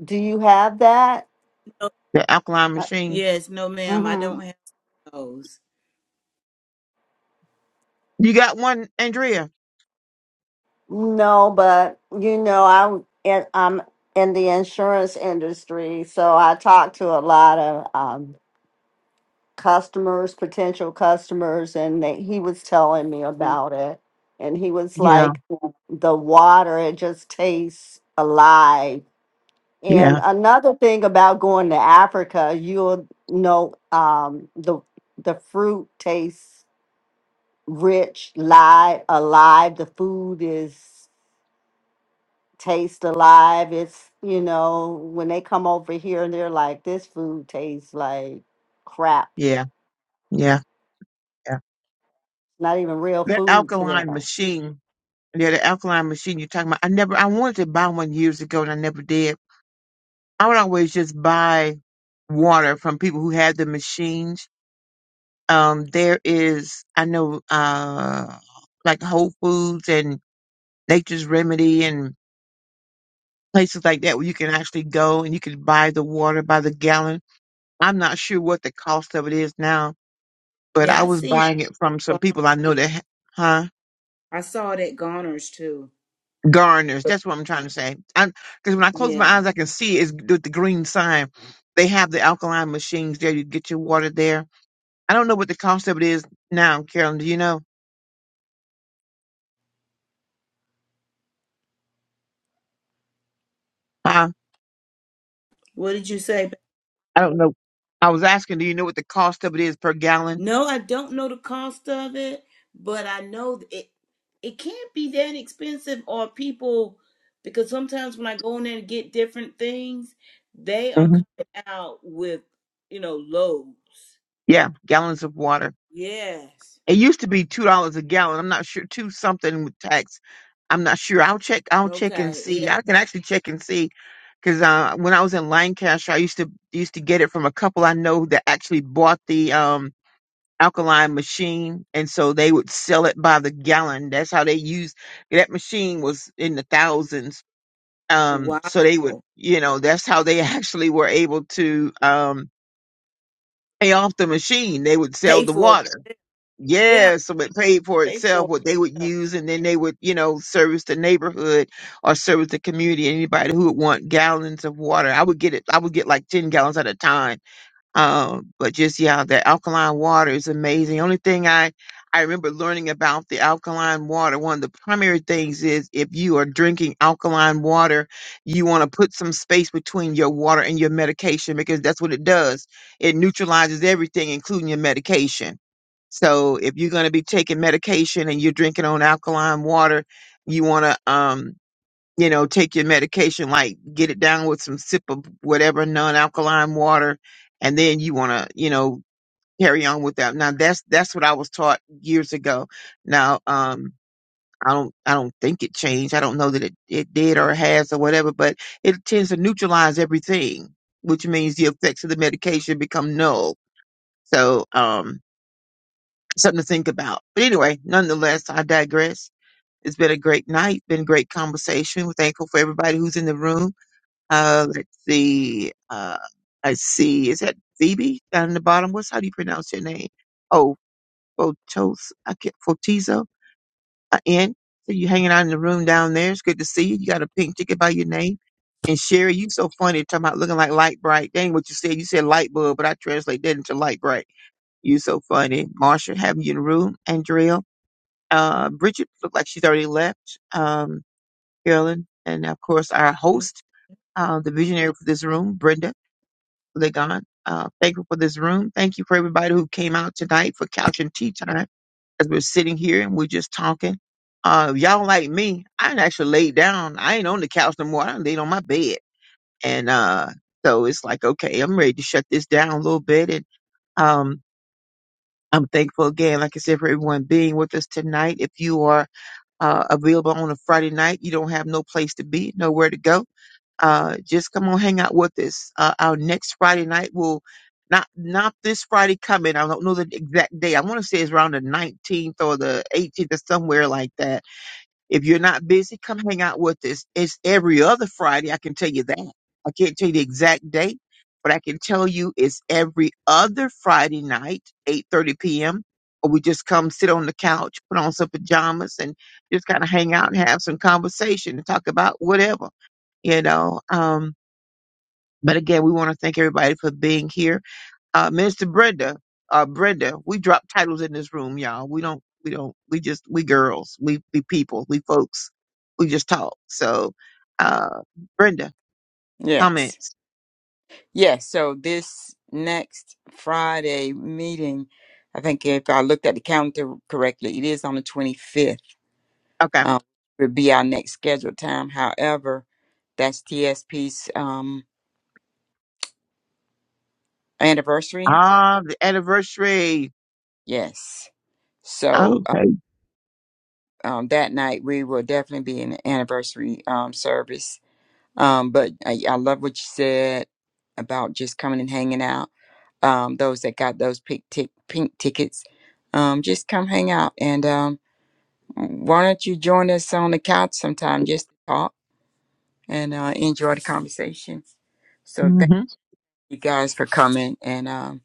do you have that
No,
The alkaline
Uh,
machine.
yes, no, ma'am, I
mm-hmm.
don't have those.
You got one, Andrea?
no but you know i'm in, i'm in the insurance industry so i talk to a lot of um, customers potential customers and they, he was telling me
Uh,
about it and he was
Yeah,
like the water it just tastes alive
yeah.
And another thing about going to Africa, you'll know um, the the fruit tastes rich, live, alive. The food is tastes alive. It's you know when they come over here and they're like, this food tastes like crap.
Yeah, yeah, yeah.
Not even real
That
food to them.
alkaline machine, yeah, the alkaline machine you're talking about. I never, I wanted to buy one years ago and I never did. I would always just buy water from people who had the machines. Um, there is, I know, uh, like Whole Foods and Nature's Remedy and places like that where you can actually go and you can buy the water by the gallon. I'm not sure what the cost of it is now, but
yeah,
I
I
was
seen.
buying it from some people I know that, huh?
I saw it at Goner's too.
Gardeners, That's what I'm trying to say. Because when I close my
Yeah.
eyes, I can see it's with the green sign. They have the alkaline machines there. You get your water there. I don't know what the cost of it is now, Carolyn. Do you know? Huh?
What did you say?
I don't know. I was asking, do you know what the cost of it is per gallon?
No, I don't know the cost of it, but I know th- it it can't be that expensive or people because sometimes when I go in there and get different things, they are
hmm
coming out with, you know, loads.
Yeah, gallons of water.
Yes.
It used to be two dollars a gallon. I'm not sure two something with tax. I'm not sure. I'll check. I'll check and
Okay.
see.
Yeah.
I can actually check and see because uh, when I was in Lancaster, I used to used to get it from a couple I know that actually bought the um, alkaline machine, and so they would sell it by the gallon. That's how they used that machine was in the thousands. Um,
Wow.
so they would, you know, that's how they actually were able to um, pay off the machine. They would sell
Pay
the
for
water
it. Yeah.
yeah, so it paid for
Pay
itself
for
what they would
it. Yeah.
use, and then they would, you know, service the neighborhood or service the community. Anybody who would want gallons of water, I would get it. I would get like ten gallons at a time um, but just yeah, the alkaline water is amazing. Only thing I I remember learning about the alkaline water, one of the primary things is if you are drinking alkaline water, you want to put some space between your water and your medication because that's what it does. It neutralizes everything, including your medication. So if you're going to be taking medication and you're drinking on alkaline water, you want to um you know, take your medication, like get it down with some sip of whatever non-alkaline water, and then you want to, you know, carry on with that. Now that's that's what I was taught years ago. Now, um, I don't I don't think it changed. I don't know that it it did or has or whatever, but it tends to neutralize everything, which means the effects of the medication become null. So, um, something to think about. But anyway, nonetheless, I digress. It's been a great night, been a great conversation. We're thankful for everybody who's in the room. Uh, let's see. Uh, I see. Is that Phoebe down in the bottom? What's how do you pronounce your name? Oh, Fotos. I can't. Fotizo. Uh, N. So you hanging out in the room down there. It's good to see you. You got a pink ticket by your name. And Sherry, you so funny talking about looking like light bright. Dang what you said. You said light bulb, but I translate that into light bright. You so funny. Marsha having you in the room. Andrea. Uh, Bridget looked like she's already left. Um, Carolyn. And of course our
Mm.
host, uh, the visionary for this room, Brenda. Lord God. Uh, thank you for this room. Thank you for everybody who came out tonight for couch and tea time as we're sitting here and we're just talking. Uh, if y'all like me, I done actually laid down. I ain't on the couch no more. I done laid on my bed. And uh, so it's like, okay, I'm ready to shut this down a little bit. And um, I'm thankful again, like I said, for everyone being with us tonight. If you are uh, available on a Friday night, you don't have no place to be, nowhere to go uh, just come on, hang out with us. Uh, our next Friday night will not not this Friday coming. I don't know the exact day. I want to say it's around the 19th or the 18th or somewhere like that if you're not busy, come hang out with us. It's every other Friday. I can tell you that. I can't tell you the exact date, but I can tell you it's every other Friday night, 8:30 p.m. Or we just come sit on the couch, put on some pajamas, and just kind of hang out and have some conversation and talk about whatever, you know. Um, but again, we want to thank everybody for being here. Uh, Minister Brenda, uh, Brenda, we drop titles in this room, y'all. We don't, we don't, we just, we girls, we, we people, we folks. We just talk. So, uh, Brenda,
yes.
comments.
Yes, so this next Friday meeting, I think if I looked at the calendar correctly, it is on the 25th.
Okay.
Um, would be our next scheduled time. However, that's TSP's um, anniversary.
Ah, the anniversary.
Yes. So uh,
Okay.
um, that night we will definitely be in the anniversary um, service. Um, but I, I love what you said about just coming and hanging out. Um, those that got those pink, tick pink tickets, um, just come hang out and. um, Why don't you join us on the couch sometime just to talk and uh, enjoy the conversation? So thank
Mm-hmm.
you guys for coming, and um,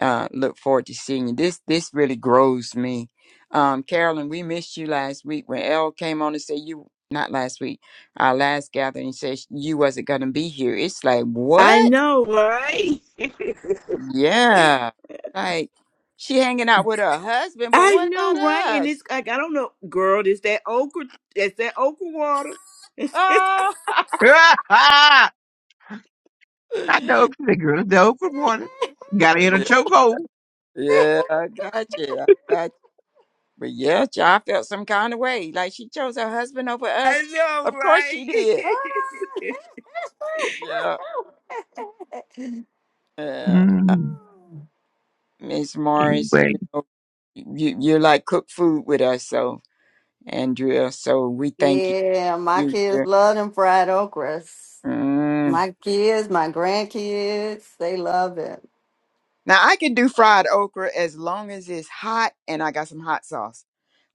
uh, look forward to seeing you. This this really grows me. Um, Carolyn, we missed you last week when Elle came on and said you not last week, our last gathering said you wasn't gonna be here. It's like
I
what?
know, right?
Yeah, like she hanging out with her husband, but
I
what about
know, right? And
us?
it's like I don't know, girl. It's that okra. It's that okra water.
Oh,
I know the girl, the open water. Got it in a chokehold.
Yeah, I got you. I got you. But yeah, I felt some kind of way. Like she chose her husband over
I
us.
know,
Of course she did.
right?
Yeah. Yeah. Uh,
Mm,
Miss Morris,
anyway.
you know, you, you're like cook food with us, so, Andrea, so we thank you.
yeah, my
You're
kids
here.
love them fried okras.
Mm.
My kids, my grandkids, they love it.
Now, I can do fried okra as long as it's hot and I got some hot sauce.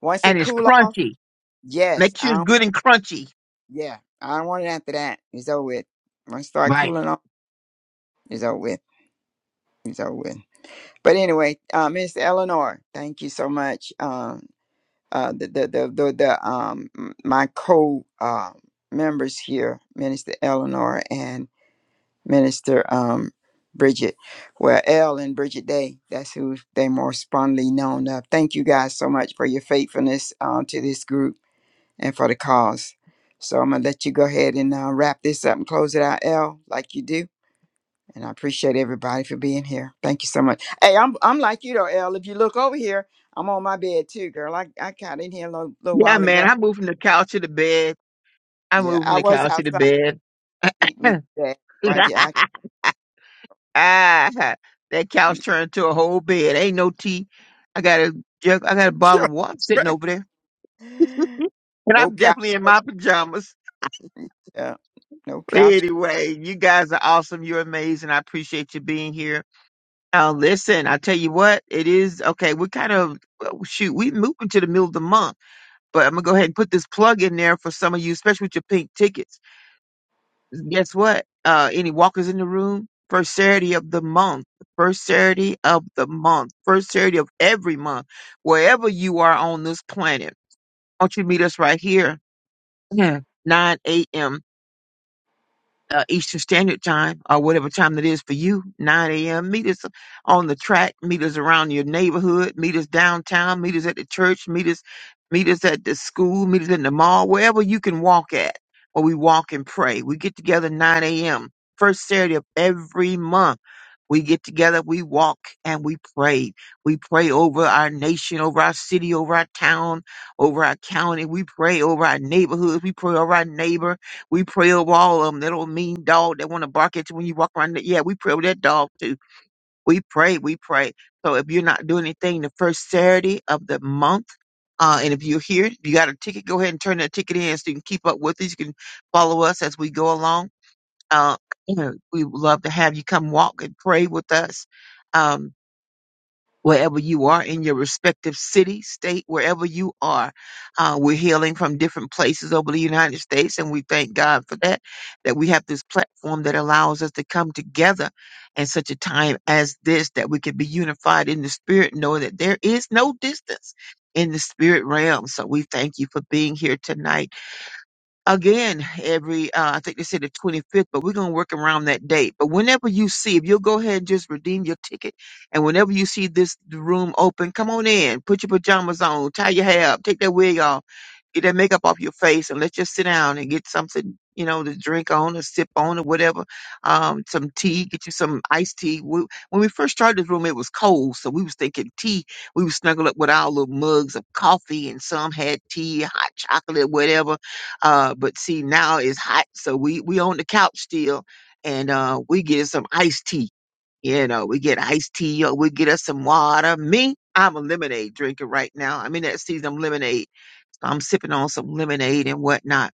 Once
And
it
it's
cool off,
crunchy.
yes,
Make sure
I
it's
don't,
good and crunchy.
yeah, I don't want it after that. It's over with. Once it start
Right.
cooling off, it's over with. It's over with. But anyway, uh, Miss Eleanor, thank you so much. Um, uh, the, the the the the um my co uh, members here, Minister Eleanor and Minister um Bridget, well Elle and Bridget Day. That's who they more fondly known of. Thank you guys so much for your faithfulness uh, to this group and for the cause. So I'm gonna let you go ahead and uh, wrap this up and close it out, Elle, like you do. And I appreciate everybody for being here. Thank you so much. Hey, I'm I'm like you though, Elle. If you look over here, I'm on my bed too, girl. I, I got in here a little, little
Yeah,
while ago.
man. I moved from the couch to the bed. I
Yeah,
moved from
I
the
was
couch to the
outside.
bed.
Beat me today. Roger, I
Ah, that
we
couch turned into a whole bed. Ain't no tea. I got a jug. I got a bottle of water sitting
right.
over there, and
No
I'm
couch.
definitely in my pajamas.
Yeah, no
But
couch.
Anyway, you guys are awesome. You're amazing. I appreciate you being here. Uh, listen, I tell you what, it is okay. We're kind of well, shoot. We moving to the middle of the month, but I'm gonna go ahead and put this plug in there for some of you, especially with your pink tickets. guess what? Uh, any walkers in the room? First Saturday of the month. First Saturday of the month. First Saturday of every month. Wherever you are on this planet, won't you meet us right here? 9 a.m uh, Eastern Standard Time or whatever time it is for you, 9 a.m. Meet us on the track, meet us around your neighborhood, meet us downtown, meet us at the church, meet us, meet us at the school, meet us in the mall, wherever you can walk at, or we walk and pray. We get together 9 a.m. First Saturday of every month. We get together, we walk and we pray. We pray over our nation, over our city, over our town, over our county. We pray over our neighborhoods. We pray over our neighbor. We pray over all of them. That old mean dog that want to bark at you when you walk around. The, yeah, we pray over that dog too. We pray, we pray. So if you're not doing anything the first Saturday of the month, uh, and if you're here, if you got a ticket, go ahead and turn that ticket in so you can keep up with us. You can follow us as we go along. Uh, you know, we would love to have you come walk and pray with us. Um, wherever you are in your respective city, state, wherever you are. Uh, we're healing from different places over the United States, and we thank God for that, that we have this platform that allows us to come together in such a time as this, that we can be unified in the spirit, knowing that there is no distance in the spirit realm. So we thank you for being here tonight again every uh, i think they said the 25th but we're going to work around that date but whenever you see if you'll go ahead and just redeem your ticket and whenever you see this room open come on in put your pajamas on tie your hair up take that wig off get that makeup off your face and let's just sit down and get something you know to drink on or sip on or whatever um some tea get you some iced tea we, when we first started this room it was cold so we was thinking tea we was snuggle up with our little mugs of coffee and some had tea hot chocolate whatever uh, but see, now it's hot, so we we on the couch still, and uh, we get some iced tea. You know, we get iced tea, or we get us some water. Me, I'm a lemonade drinker right now. I'm in that season of lemonade. So I'm sipping on some lemonade and whatnot,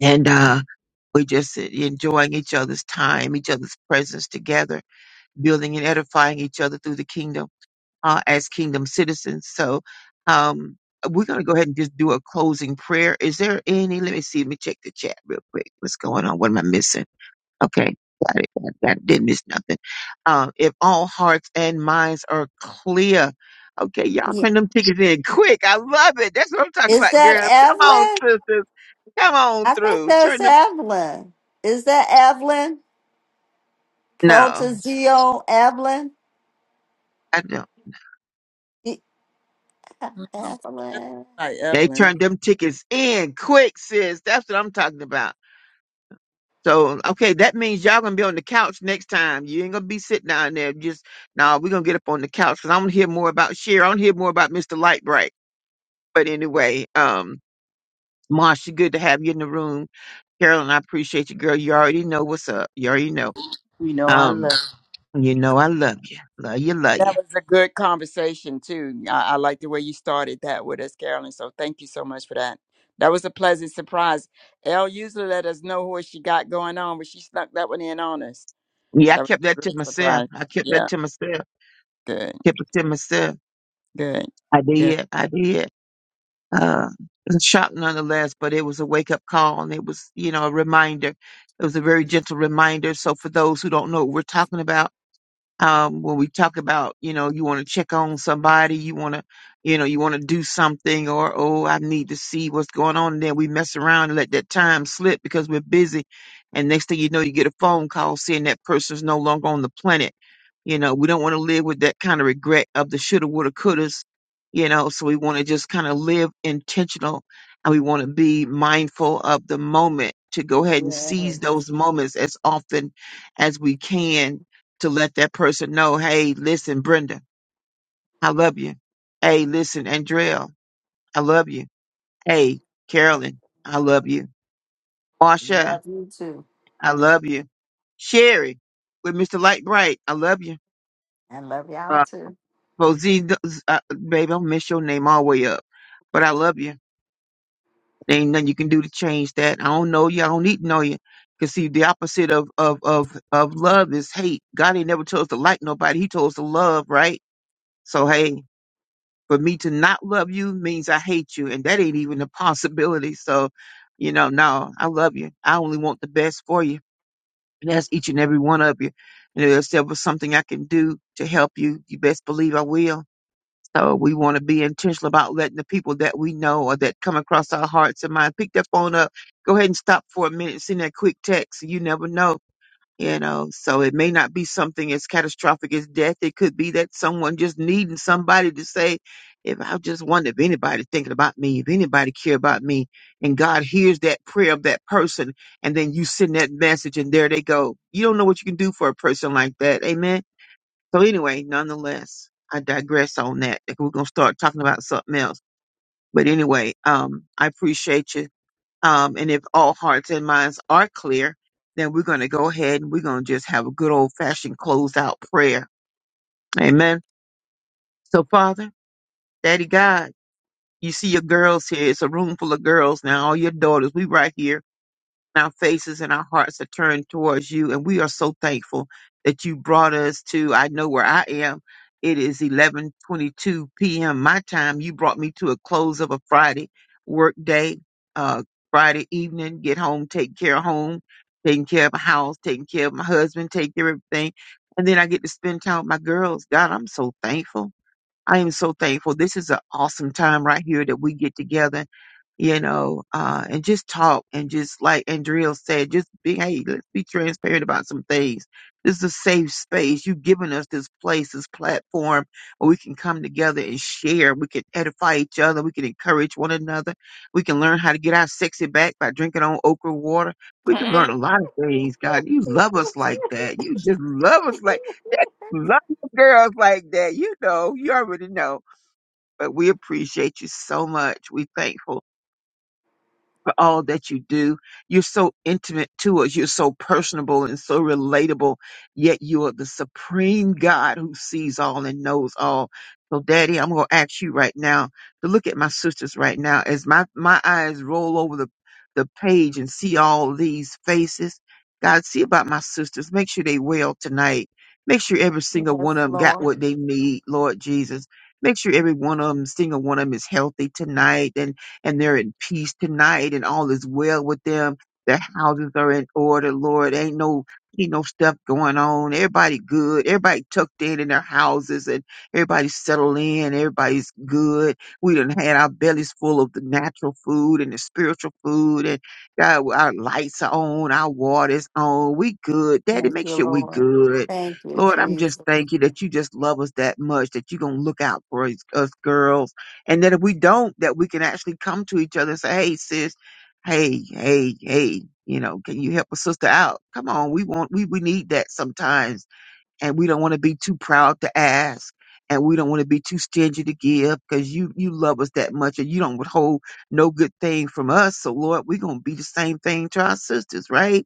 and uh, we just sit enjoying each other's time, each other's presence together, building and edifying each other through the kingdom uh, as kingdom citizens. So um, we're going to go ahead and just do a closing prayer. Is there any? Let me see. Let me check the chat real quick. What's going on? What am I missing? Okay. Got it. Got it. got it. Didn't miss nothing. Uh, if all hearts and minds are clear, okay, y'all
Ye-
send them tickets in quick. I love it. That's what I'm talking
Is
about,
that
girls. Come on,
Evelyn?
sisters. Come on
I think
through.
that's
Turn them.
Evelyn. Is that Evelyn?
No,
Protozeo Evelyn?
I don't.
E- Evelyn.
Hi,
They
Evelyn.
turned them tickets in quick, sis. That's what I'm talking about. So okay, that means y'all gonna be on the couch next time. You ain't gonna be sitting down there just no. we're gonna get up on the couch because I want to hear more about Cher. I want to hear more about Mr. Lightbright. But anyway, um, Marsha, good to have you in the room. Carolyn, I appreciate you, girl. You already know what's up. You already know.
You know I
Um,
love you.
you know I love you, love you, love
That
you.
was a good conversation too. I, I like the way you started that with us, Carolyn. So thank you so much for that. That was a pleasant surprise. Elle usually let us know what she got going on, but she snuck that one in on us.
Yeah, I
That was
kept
a
that to
great
myself.
surprise.
I kept that
Yeah.
to myself.
Good.
Kept it to myself.
Good.
I
Good.
did. I did. uh, it was a shock nonetheless, but it was a wake up call and it was, you know, a reminder. It was a very gentle reminder. So for those who don't know what we're talking about, um, when we talk about, you know, you want to check on somebody, you want to, you know, you want to do something, or oh, I need to see what's going on. And then we mess around and let that time slip because we're busy. And next thing you know, you get a phone call saying that person's no longer on the planet. You know, we don't want to live with that kind of regret of the shoulda, woulda, couldas. You know, so we want to just kind of live intentional and we want to be mindful of the moment to go ahead and
Yes.
seize those moments as often as we can to let that person know, hey, listen, Brenda, I love you. Hey, listen, Andrell, I love you. Hey, Carolyn, I love you. Marsha,
Love you too.
I love you. Sherry, with Mr. Light Bright, I love you.
And love y'all
Uh,
too.
Posey, uh, baby, I'll mess your name all the way up, but I love you. There ain't nothing you can do to change that. I don't know you. I don't need to know you. Cause see, the opposite of of of of love is hate. God ain't never told us to like nobody. He told us to love, right? So hey, for me to not love you means I hate you, and that ain't even a possibility. So, you know, no, I love you. I only want the best for you, and that's each and every one of you. And if there was something I can do to help you, you best believe I will. So we want to be intentional about letting the people that we know or that come across our hearts and mind pick their phone up. Go ahead and stop for a minute, send that quick text. You never know you know so it may not be something as catastrophic as death it could be that someone just needing somebody to say if i just wonder if anybody thinking about me if anybody care about me and god hears that prayer of that person and then you send that message and there they go you don't know what you can do for a person like that amen so anyway nonetheless i digress on that we're going to start talking about something else but anyway um i appreciate you um, and if all hearts and minds are clear, then we're going to go ahead and we're going to just have a good old fashioned close out prayer. Amen. So, Father, Daddy God, you see your girls here. It's a room full of girls now, all your daughters. We right here our faces and our hearts are turned towards you. And we are so thankful that you brought us to, I know where I am. It is 11:22 p.m. my time. You brought me to a close of a Friday work day, uh, Friday evening, get home, take care of home, taking care of my house, taking care of my husband, take care of everything. And then I get to spend time with my girls. God, I'm so thankful. I am so thankful. This is an awesome time right here that we get together, you know, uh, and just talk and just like Andrea said, just be, hey, let's be transparent about some things. This is a safe space. You've given us this place, this platform where we can come together and share. We can edify each other. We can encourage one another. We can learn how to get our sexy back by drinking on okra water. We can
yes,
learn a lot of things, God. You love us like that. You just love us like that girls like that. You know, you already know. But we appreciate you so much. We thankful for all that you do. You're so intimate to us. You're so personable and so relatable. Yet you are the supreme God who sees all and knows all. So, Daddy, I'm going to ask you right now to look at my sisters right now as my, my eyes roll over the, the page and see all these faces. God, see about my sisters. Make sure they well tonight. Make sure every single one of them got
Lord.
what they need, Lord Jesus. Make sure every one of them, single one of them is healthy tonight and they're in peace tonight and all is well with them. Their houses are in order, Lord. Ain't no ain't no stuff going on. Everybody good. Everybody tucked in in their houses and everybody's settled in. Everybody's good. We done had our bellies full of the natural food and the spiritual food and God, our lights are on, our water's on. We good. Daddy,
Thank
make
you,
sure we
Lord.
good.
Thank you,
Lord, I'm just
Jesus.
thank you that you just love us that much, that you're going to look out for us us girls and that if we don't, that we can actually come to each other and say, Hey, sis, hey, hey, hey, you know, can you help a sister out? Come on. We want, we, we need that sometimes. And we don't want to be too proud to ask. And we don't want to be too stingy to give because you, you love us that much and you don't withhold no good thing from us. So Lord, we're going to be the same thing to our sisters, right?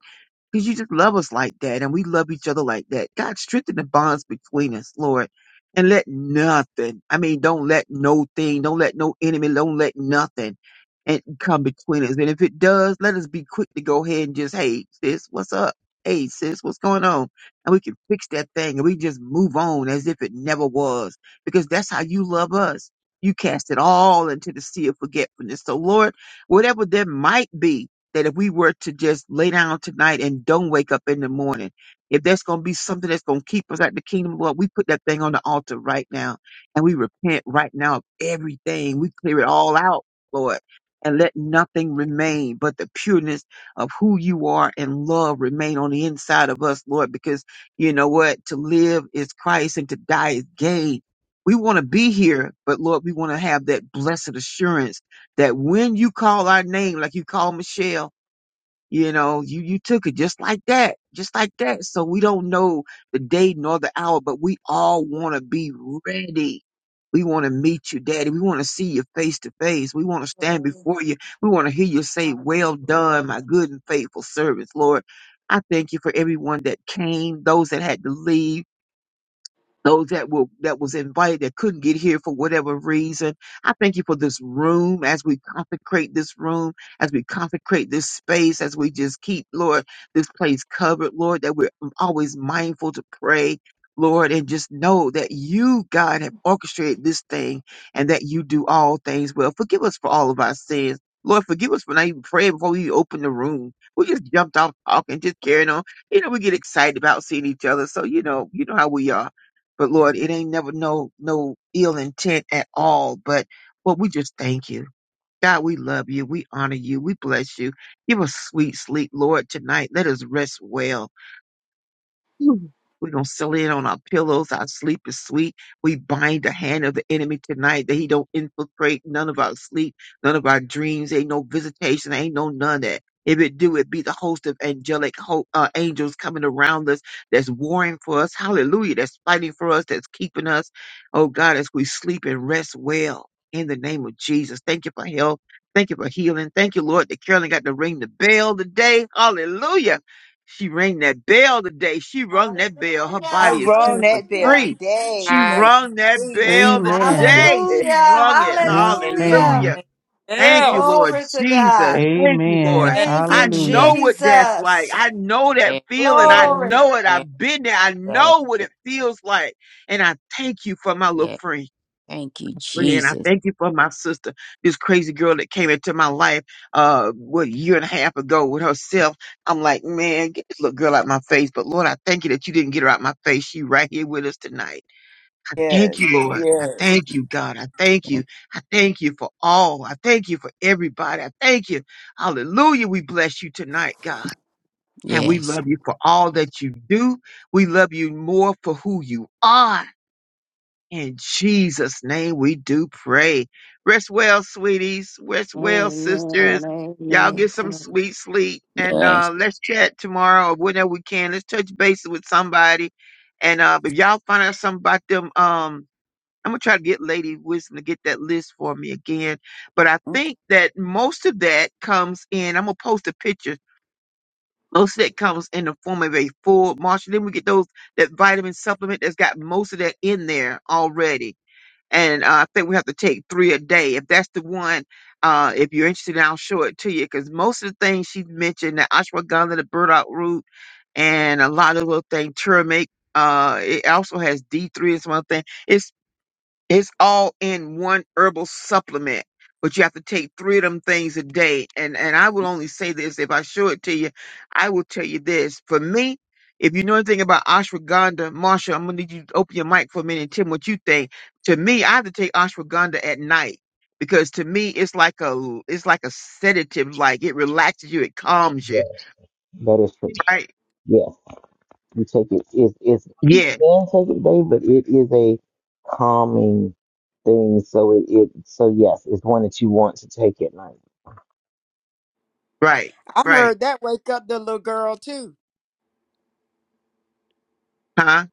Because you just love us like that and we love each other like that. God, strengthen the bonds between us, Lord. And let nothing, I mean, don't let no thing, don't let no enemy, don't let nothing and come between us. And if it does, let us be quick to go ahead and just, hey, sis, what's up? Hey, sis, what's going on? And we can fix that thing and we just move on as if it never was. Because that's how you love us. You cast it all into the sea of forgetfulness. So, Lord, whatever there might be, that if we were to just lay down tonight and don't wake up in the morning, if there's going to be something that's going to keep us at the kingdom, Lord, we put that thing on the altar right now and we repent right now of everything. We clear it all out, Lord, and let nothing remain but the pureness of who you are and love remain on the inside of us, Lord, because you know what? To live is Christ and to die is gain. We want to be here, but Lord, we want to have that blessed assurance that when you call our name, like you call Michelle, you know, you, you took it just like that, just like that. So we don't know the day nor the hour, but we all want to be ready. We want to meet you, daddy. We want to see you face to face. We want to stand before you. We want to hear you say, well
Hallelujah.
done, my good and faithful servants, Lord. I thank you for everyone that came, those that had to leave those that were that was invited that couldn't get here for whatever reason. I thank you for this room as we consecrate this room, as we consecrate this space, as we just keep, Lord, this place covered, Lord, that we're always mindful to pray. Lord, and just know that you, God, have orchestrated this thing and that you do all things well. Forgive us for all of our sins. Lord, forgive us for not even praying before we opened the room. We just jumped off talking, just carrying on. You know, we get excited about seeing each other. So, you know, you know how we are. But Lord, it ain't never no no ill intent at all. But well, we just thank you. God, we love you. We honor you. We bless you. Give us sweet sleep, Lord, tonight. Let us rest well. Mm. We don't settle in on our pillows. Our sleep is sweet. We bind the hand of the enemy tonight that he don't infiltrate none of our sleep, none of our dreams. Ain't no visitation. Ain't no none that. If it do, it be the host of angelic ho- uh, angels coming around us that's warring for us. Hallelujah. That's fighting for us. That's keeping us. Oh God, as we sleep and rest well in the name of Jesus. Thank you for health. Thank you for healing. Thank you, Lord, that Carolyn got to ring the bell today. Hallelujah she rang that bell today. She rung that bell. Her
I
Hallelujah.
body is
rung
cancer
that bell
Hallelujah.
free. She
today.
God
Thank
rung that
you, Jesus.
bell
Amen.
today. She
Hallelujah.
yes,
rung it.
is
Hallelujah.
Amen.
Hallelujah.
strength.
Thank you,
Yeah.
Lord
Glory to
Jesus.
God.
Thank you, Lord.
Amen.
Yeah.
Thank
I
you,
Hallelujah.
know what that's like.
Jesus.
I know that
Yeah.
feeling. I
Glory.
know it.
Yeah.
I've been there. I
Yeah.
know what
Yeah.
it feels like. And I thank you for my little
yeah.
friend
Thank you,
friend. I
Jesus.
thank you for my sister, this crazy girl that came into my life uh what a year and a half ago with herself. I'm like, man, get this little girl out my face. But Lord, I thank you that you didn't get her out my face. She right here with us tonight. Thank you,
yes,
Lord. I
yes.
thank you, God. I thank you.
Thank
I thank you for all. I thank you for everybody. I thank you. Hallelujah. We bless you tonight, God.
you.
And we
Yes.
love you for all that you do. We love you more for who you are. In Jesus' name, we do pray. Rest well, sweeties. Rest well, sisters.
Amen.
Y'all get
Amen.
some
Amen.
sweet sleep and
Yes.
uh, let's chat tomorrow or whenever we can. Let's touch base with somebody. And uh, if y'all find out something about them, um, I'm gonna try to get Lady Wisdom to get that list for me again. But I
Mm.
think that most of that comes in. I'm gonna post a picture. Most of that comes in the form of a full Marshall. Then we get those that vitamin supplement that's got most of that in there already and uh, I think we have to take three a day. If that's the one, uh, if you're interested, I'll show it to you because most of the things she mentioned, the ashwagandha, the burdock root, and a lot of little things, turmeric. Uh, it also has D three and some other thing. It's it's all in one herbal supplement, but you have to take three of them things a day. And and I will only say this if I show it to you, I will tell you this. For me, if you know anything about ashwagandha, Marsha, I'm gonna need you to open your mic for a minute and tell me what you think. To me, I have to take ashwagandha at night because to me it's like a it's like a sedative, like it relaxes you, it calms you.
Yeah, that is true.
Right?
Yes, you take it. It's it's you
Yeah,
can take it, babe, but it is a calming thing. So it, it so yes, it's one that you want to take at night.
right,
I
right.
heard that wake up the little girl too.
Huh?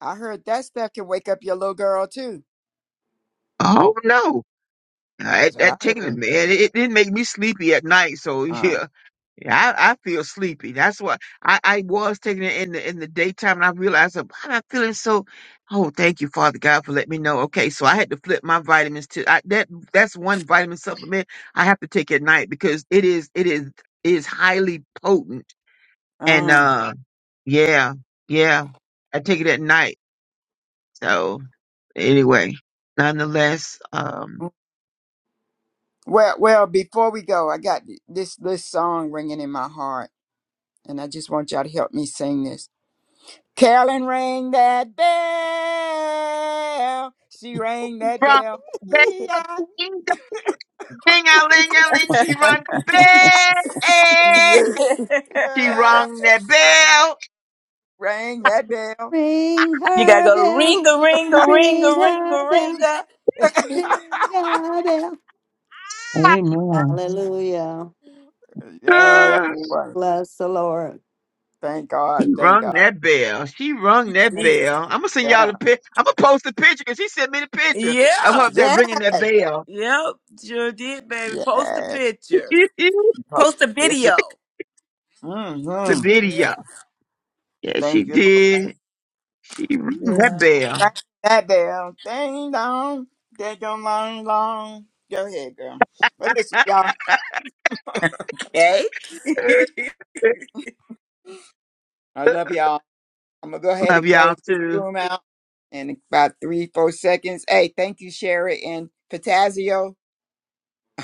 I heard that stuff can wake up your little girl too.
Oh no. I,
That's what I
that
heard.
chicken, man, it, it make me sleepy at night. So
Uh,
yeah, yeah, I, I feel sleepy. That's why I, I was taking it in the in the daytime, and I realized uh, why am I feeling so. Oh, thank you, Father God, for letting me know. Okay, so I had to flip my vitamins to I, that. That's one vitamin supplement I have to take at night because it is it is it is highly potent and
um.
uh yeah yeah I take it at night. So anyway, nonetheless, um.
mm. Well, well, before we go, I got this this song ringing in my heart, and I just want y'all to help me sing this. Carolyn rang that bell. She rang that bell. Yeah.
From Ding a ling a ling, she rung the bell. She rung that bell.
Rang that bell.
ring
You gotta
her
go
bell.
Ringa, ringa,
Ring
ringa, ringa, ringa.
her
a
bell. Ring her bell.
Amen.
Hallelujah.
Yeah, that's funny.
Bless the Lord.
Thank God.
She
Thank
rung
God.
that bell. She rung that bell. I'm gonna send y'all
Yeah.
the pic. I'm gonna post the picture because she sent me the picture of her
Yeah,
up there ringing that
Yes.
bell.
yep, sure did, baby. Post a
Yes.
picture.
the
Post
Post a
Picture.
video.
Mm-hmm.
Yep.
video. Yeah, she
Thank you, Lord.
did. She rung that
Yeah.
bell.
Rang that bell. Ding dong. Ding dong, long, long. Go ahead, girl. Well, listen, y'all.
Okay.
I love y'all. I'm gonna go ahead
Love
and close
y'all
this
too.
room out in about three, four seconds. Hey, thank you, Sherry and Patazio.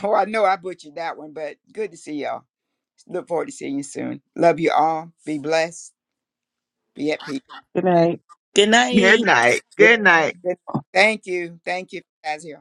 Oh, I know I butchered that one, but good to see y'all. Look forward to seeing you soon. Love you all. Be blessed. Be at peace.
Good night.
Good
Good
night.
night. Good night.
Thank you. Thank you, Patazio.